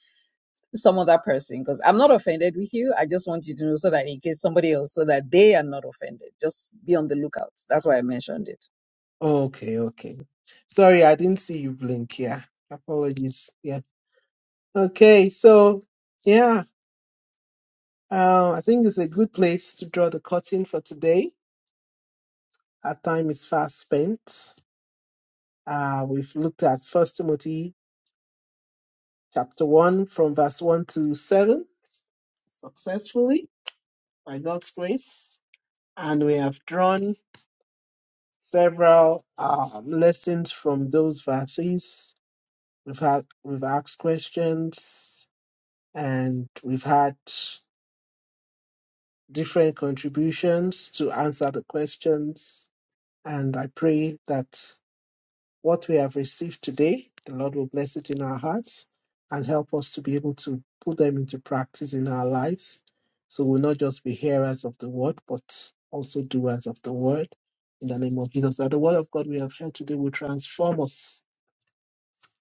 G: some other person, because I'm not offended with you. I just want you to know so that in case somebody else, so that they are not offended. Just be on the lookout. That's why I mentioned it.
A: Okay, okay. Sorry, I didn't see you blink. Yeah. Apologies. Yeah. Okay, so yeah, uh, I think it's a good place to draw the curtain for today. Our time is fast spent. Uh, we've looked at First Timothy chapter one from verse one to seven successfully by God's grace, and we have drawn several um, lessons from those verses We've had we've asked questions and we've had different contributions to answer the questions. And I pray that what we have received today, the Lord will bless it in our hearts and help us to be able to put them into practice in our lives. So we'll not just be hearers of the word, but also doers of the word. In the name of Jesus, that the word of God we have heard today will transform us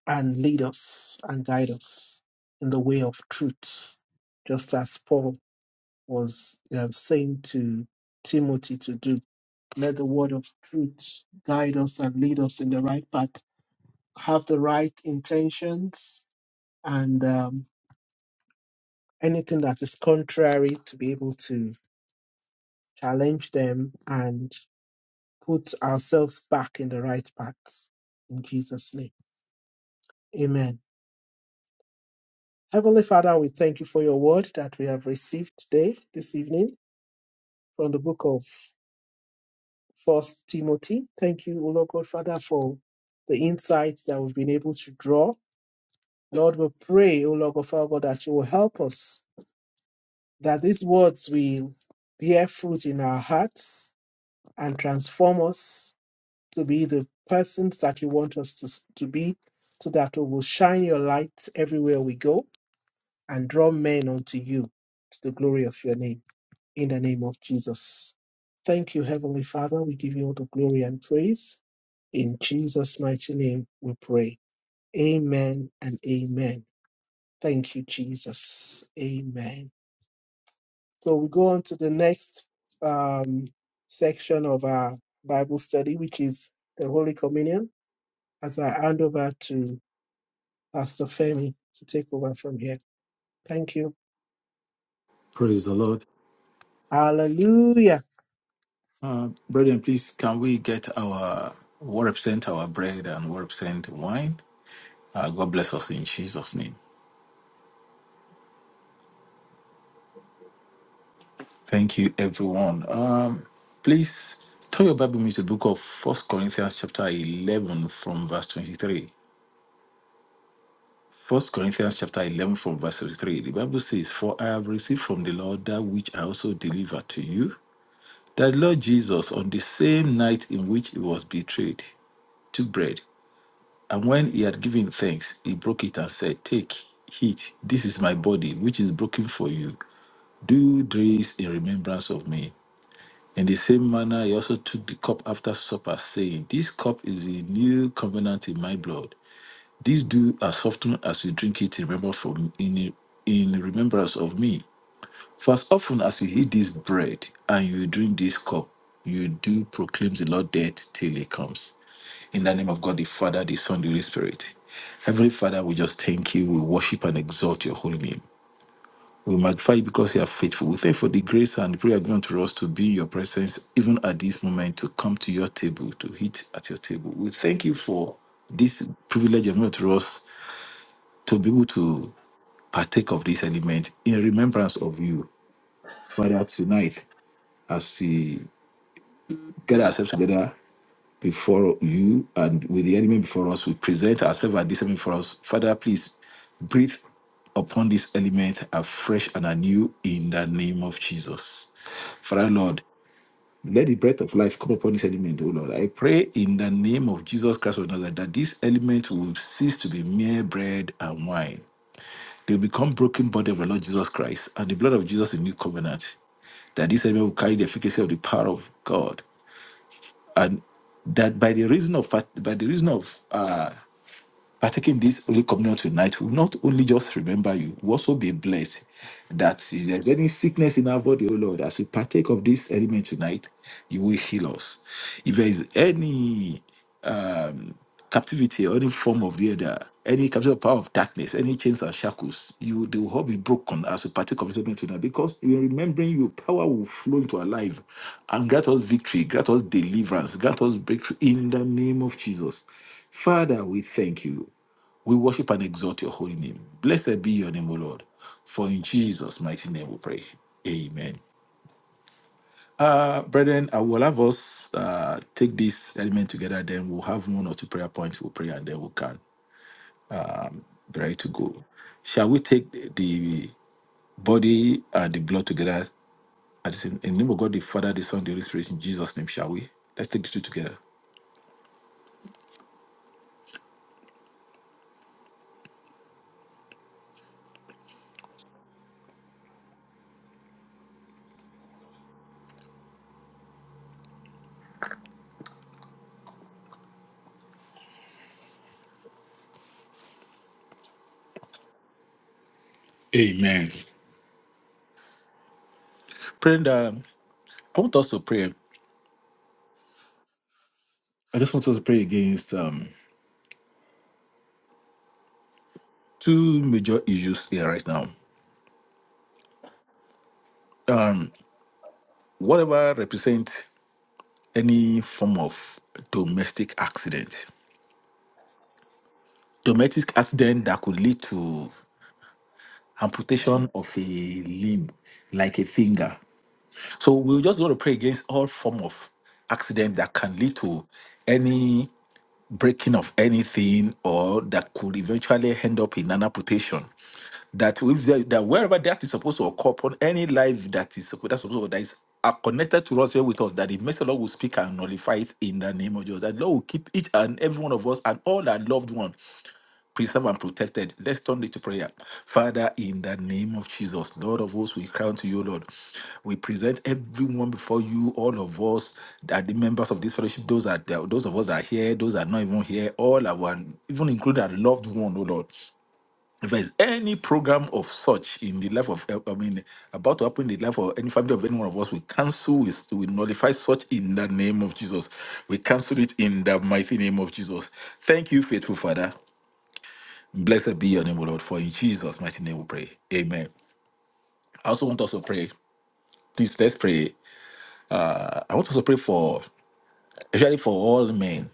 A: and lead us and guide us in the way of truth, just as Paul was um, saying to Timothy to do. Let the word of truth guide us and lead us in the right path, have the right intentions, and um, anything that is contrary to be able to challenge them and put ourselves back in the right path. In Jesus' name, amen. Heavenly Father, we thank you for your word that we have received today, this evening. from the book of First Timothy. Thank you, O Lord God Father, for the insights that we've been able to draw. Lord, we pray, O Lord God Father God, that you will help us, that these words will bear fruit in our hearts and transform us to be the persons that you want us to, to be, so that we will shine your light everywhere we go and draw men unto you to the glory of your name. in the name of Jesus. Thank you, Heavenly Father. We give you all the glory and praise. In Jesus' mighty name, we pray. Amen and amen. Thank you, Jesus. Amen. So we go on to the next um, section of our Bible study, which is the Holy Communion. As I hand over to Pastor Femi to take over from here. Thank you.
F: Praise the Lord.
A: Hallelujah.
F: Uh, brethren, please, can we get our what represent our bread and what represent wine? Uh, God bless us in Jesus' name. Thank you, everyone. Um, please turn your Bible me to the book of First Corinthians, chapter 11, from verse 23. First Corinthians chapter 11 from verse 33. The Bible says, For I have received from the Lord that which I also deliver to you. That the Lord Jesus, on the same night in which he was betrayed, took bread. And when he had given thanks, he broke it and said, 'Take, eat. This is my body, which is broken for you. Do this in remembrance of me. In the same manner, he also took the cup after supper, saying, 'This cup is the new covenant in my blood. These do as often as you drink it remember from in, in remembrance of me. For as often as you eat this bread and you drink this cup, you do proclaim the Lord death till he comes. In the name of God the Father, the Son, the Holy Spirit. Heavenly Father, we just thank you. We worship and exalt your holy name. We magnify you because you are faithful. We thank you for the grace and prayer given to us to be in your presence, even at this moment, to come to your table, to eat at your table. We thank you for this privilege given to us to be able to partake of this element in remembrance of you. Father, tonight, as we gather ourselves together before you and with the element before us, we present ourselves at this element for us. Father, please breathe upon this element afresh and anew in the name of Jesus. Father, Lord, let the breath of life come upon this element, O Lord. I pray in the name of Jesus Christ of Nazareth that this element will cease to be mere bread and wine They become broken body of the Lord Jesus Christ and the blood of Jesus in new covenant. That this element will carry the efficacy of the power of God, and that by the reason of by the reason of uh, partaking this Holy Communion tonight, we will not only just remember you, we will also be blessed that if there's any sickness in our body, oh Lord, as we partake of this element tonight, you will heal us. If there is any um, captivity or any form of the other, any captive power of darkness, any chains or shackles, you they will all be broken as we partake of this element tonight. Because in remembering you, power will flow into our life and grant us victory, grant us deliverance, grant us breakthrough in the name of Jesus. Father, we thank you. We worship and exalt your holy name. Blessed be your name, O Lord. For in Jesus' mighty name we pray. Amen. Uh, brethren, I will have us uh, take this element together, then we'll have one or two prayer points we'll pray, and then we can be ready to go. Shall we take the body and the blood together at the same in the name of God, the Father, the Son, the Holy Spirit, in Jesus' name, shall we? Let's take the two together. Amen. Brenda, I want us to pray. I just want us to pray against um, two major issues here right now. Um, whatever represents any form of domestic accident, domestic accident that could lead to amputation of a limb, like a finger. So we're just going to pray against all form of accident that can lead to any breaking of anything or that could eventually end up in an amputation. that if there, that wherever that is supposed to occur upon any life that is supposed that's supposed to that is are connected to us here with us, that the mercy of the Lord will speak and nullify it in the name of Jesus. That the Lord will keep each and every one of us and all our loved one preserved and protected. Let's turn it to prayer. Father, in the name of Jesus, Lord of hosts, we crown to you, Lord. We present everyone before you, all of us, that the members of this fellowship, those are those of us that are here, those that are not even here, all our even including our loved one, oh Lord if there's any program of such in the life of, I mean, about to happen in the life of any family of any one of us, we cancel, we, we nullify such in the name of Jesus. We cancel it in the mighty name of Jesus. Thank you, faithful Father. Blessed be your name, O Lord, for in Jesus' mighty name we pray. Amen. I also want us to pray. Please, let's pray. I I want us to pray for, especially for all men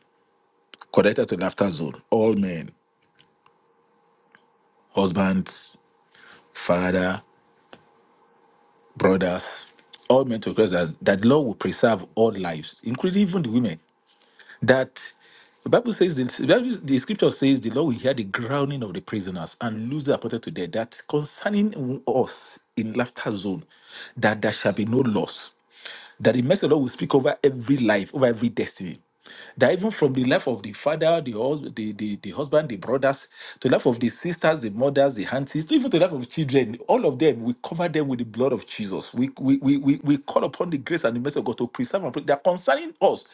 F: connected to Laughter Zone, all men, husbands, father brothers, all men to Christ that, that the Lord will preserve all lives, including even the women. That the Bible says, the, the Bible- the scripture says, the Lord will hear the groaning of the prisoners and lose the appointed to death. That concerning us in laughter zone, that there shall be no loss. That the mercy of the Lord will speak over every life, over every destiny. That even from the life of the father, the, hus- the, the, the husband, the brothers, to the life of the sisters, the mothers, the aunties, even to the life of children, all of them, we cover them with the blood of Jesus. We, we, we, we, we call upon the grace and the mercy of God to preserve and protect. They are concerning us.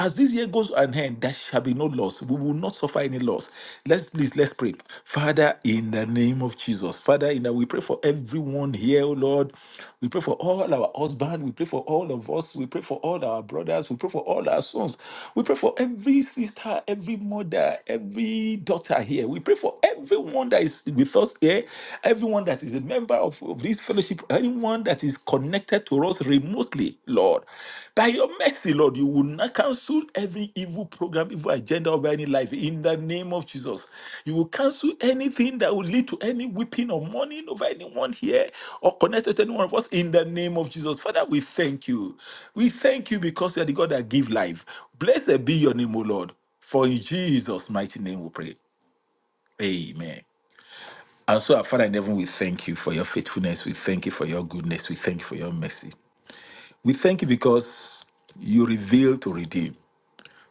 F: As this year goes on end, there shall be no loss. We will not suffer any loss. Let's please, let's pray. Father, in the name of of Jesus. Father, in that we pray for everyone here, oh Lord. We pray for all our husbands. We pray for all of us. We pray for all our brothers. We pray for all our sons. We pray for every sister, every mother, every daughter here. We pray for everyone that is with us here, everyone that is a member of, of this fellowship, anyone that is connected to us remotely, Lord. By your mercy, Lord, you will not cancel every evil program, evil agenda over any life in the name of Jesus. You will cancel anything that will lead to any weeping or mourning over anyone here or connected to any one of us in the name of Jesus. Father, we thank you. We thank you because you are the God that gives life. Blessed be your name, O Lord. For in Jesus' mighty name we pray. Amen. And so, our Father in heaven, we thank you for your faithfulness. We thank you for your goodness. We thank you for your mercy. We thank you because you reveal to redeem.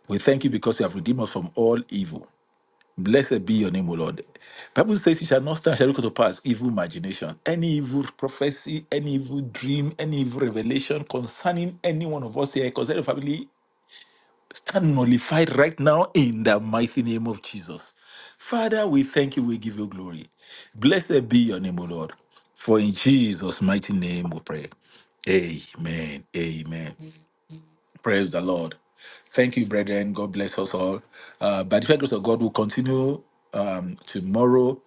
F: We thank you because you have redeemed us from all evil. Blessed be your name, O Lord. Bible says you shall not stand, shall not come to pass evil imagination, any evil prophecy, any evil dream, any evil revelation concerning any one of us here, concerning the family, stand nullified right now in the mighty name of Jesus. Father, we thank you, we give you glory. Blessed be your name, O Lord. For in Jesus' mighty name we pray. Amen. Amen. Praise the Lord. Thank you, brethren. God bless us all. Uh, by the fair grace of God, we'll continue um, tomorrow,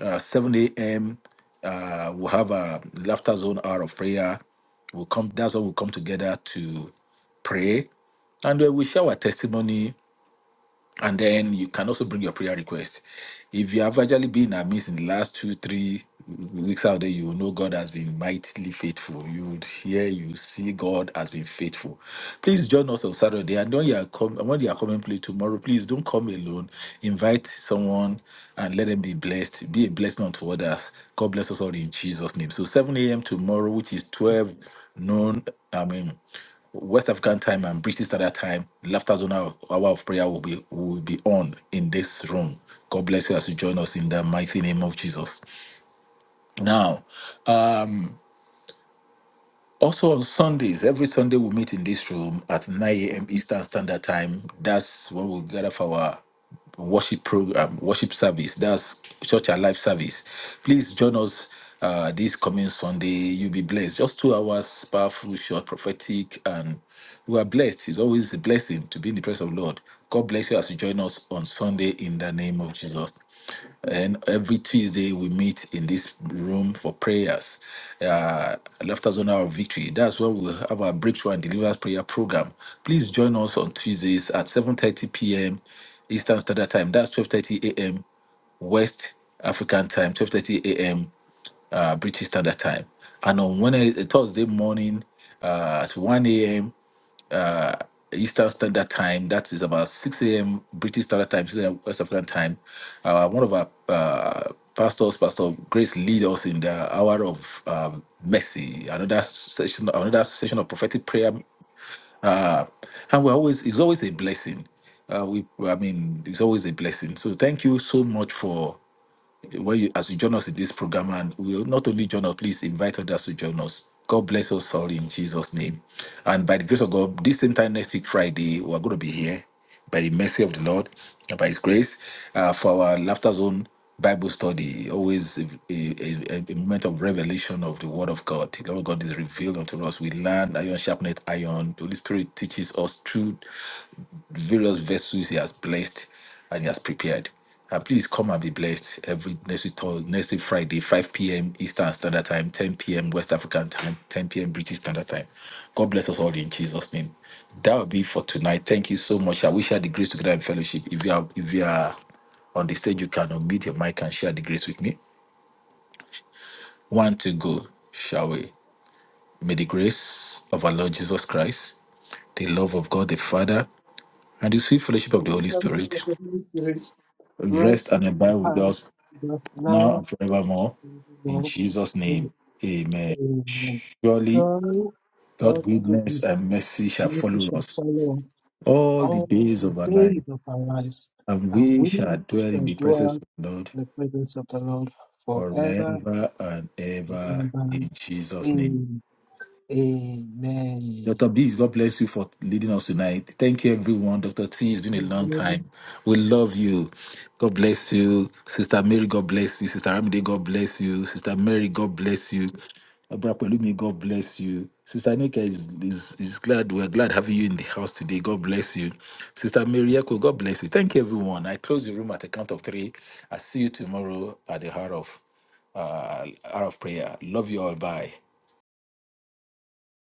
F: uh, 7 a.m. Uh, we'll have a laughter zone hour of prayer. We'll come. That's when we'll come together to pray, and uh, we share our testimony and then you can also bring your prayer request. If you have actually been in our midst in the last two, three weeks out there, you will know God has been mightily faithful. You would hear, you would see God has been faithful. Please join us on Saturday. And when you are com- and when you are coming play tomorrow, please don't come alone. Invite someone and let them be blessed. Be a blessing unto others. God bless us all in Jesus' name. So 7 a.m. tomorrow, which is 12 noon. I mean. West African time and British Standard Time, Laughter Zone hour, hour of prayer will be will be on in this room. God bless you as you join us in the mighty name of Jesus. Now, um, also on Sundays, every Sunday we meet in this room at 9 a.m. Eastern Standard Time. That's when we gather for our worship program, worship service. That's church alive service. Please join us uh, this coming Sunday. You'll be blessed. Just two hours, powerful, short, prophetic, and we are blessed. It's always a blessing to be in the presence of the Lord. God bless you as you join us on Sunday in the name of Jesus. And every Tuesday we meet in this room for prayers. Uh, Laughter Zone Hour of Victory. That's where we'll have our breakthrough and deliverance prayer program. Please join us on Tuesdays at 7:30 p.m. Eastern Standard Time. That's 12:30 a.m. West African Time. 12:30 a.m. Uh, British Standard Time. And on Wednesday, Thursday morning uh, at 1 a.m. Eastern Standard Time. That is about 6 a.m. British Standard Time, 6 a.m. West African Time. Uh, one of our uh, pastors, Pastor Grace, lead us in the hour of um, mercy. Another session, another session of prophetic prayer, uh, and we're always it's always a blessing. Uh, we, I mean, it's always a blessing. So thank you so much for. When you, as you join us in this program, and we will not only join us, please invite others to join us. God bless us all in Jesus' name. And by the grace of God, this same time next week, Friday, we're going to be here by the mercy of the Lord and by His grace uh, for our Laughter Zone Bible study. Always a, a, a- a moment of revelation of the Word of God. The Lord God is revealed unto us. We learn iron sharpness iron. The Holy Spirit teaches us truth various vessels he has blessed and he has prepared. And please come and be blessed every next week, Thurs- next week Friday, 5 p.m. Eastern Standard Time, 10 p.m. West African Time, 10 p.m. British Standard Time. God bless us all in Jesus' name. That will be for tonight. Thank you so much. I wish share the grace together in fellowship. If you are if you are on the stage, you can unmute your mic and share the grace with me. One to go, shall we? May the grace of our Lord Jesus Christ, the love of God the Father, and the sweet
A: Thank
F: fellowship of the
A: you,
F: Holy
A: fellowship
F: Spirit
A: of the Holy Spirit.
F: rest
A: Grace
F: and abide
A: and
F: with
A: God
F: us
A: does
F: now
A: now
F: and forevermore. In
A: available
F: Jesus'
A: in
F: name, amen.
A: a
F: Surely
A: story.
F: God'
A: God's
F: goodness
A: goodness
F: and mercy shall
A: and mercy
F: follow
A: shall
F: us
A: follow us
F: all the
A: all
F: days
A: the
F: of our life,
A: days of our lives,
F: and
A: and
F: we
A: we
F: shall dwell in
A: shall
F: the presence
A: dwell
F: of the Lord
A: in the presence of the Lord forever
F: forever and
A: and
F: ever.
A: ever.
F: In Jesus' name.
A: Amen.
F: Dr. Bees, God bless you for leading us tonight. Thank you, everyone. Dr. T, it's been a long
A: Amen.
F: time. We love you. God bless you. Sister Mary, God bless you. Sister Ramide, God bless you. Sister Mary, God bless you. Abrapelumi, God bless you. Sister Nika is, is, is glad. We're glad having you in the house today. God bless you. Sister Mary Echo, God bless you. Thank you, everyone. I close the room at the count of three. I see you tomorrow at the hour of, uh, hour of prayer. Love you all. Bye.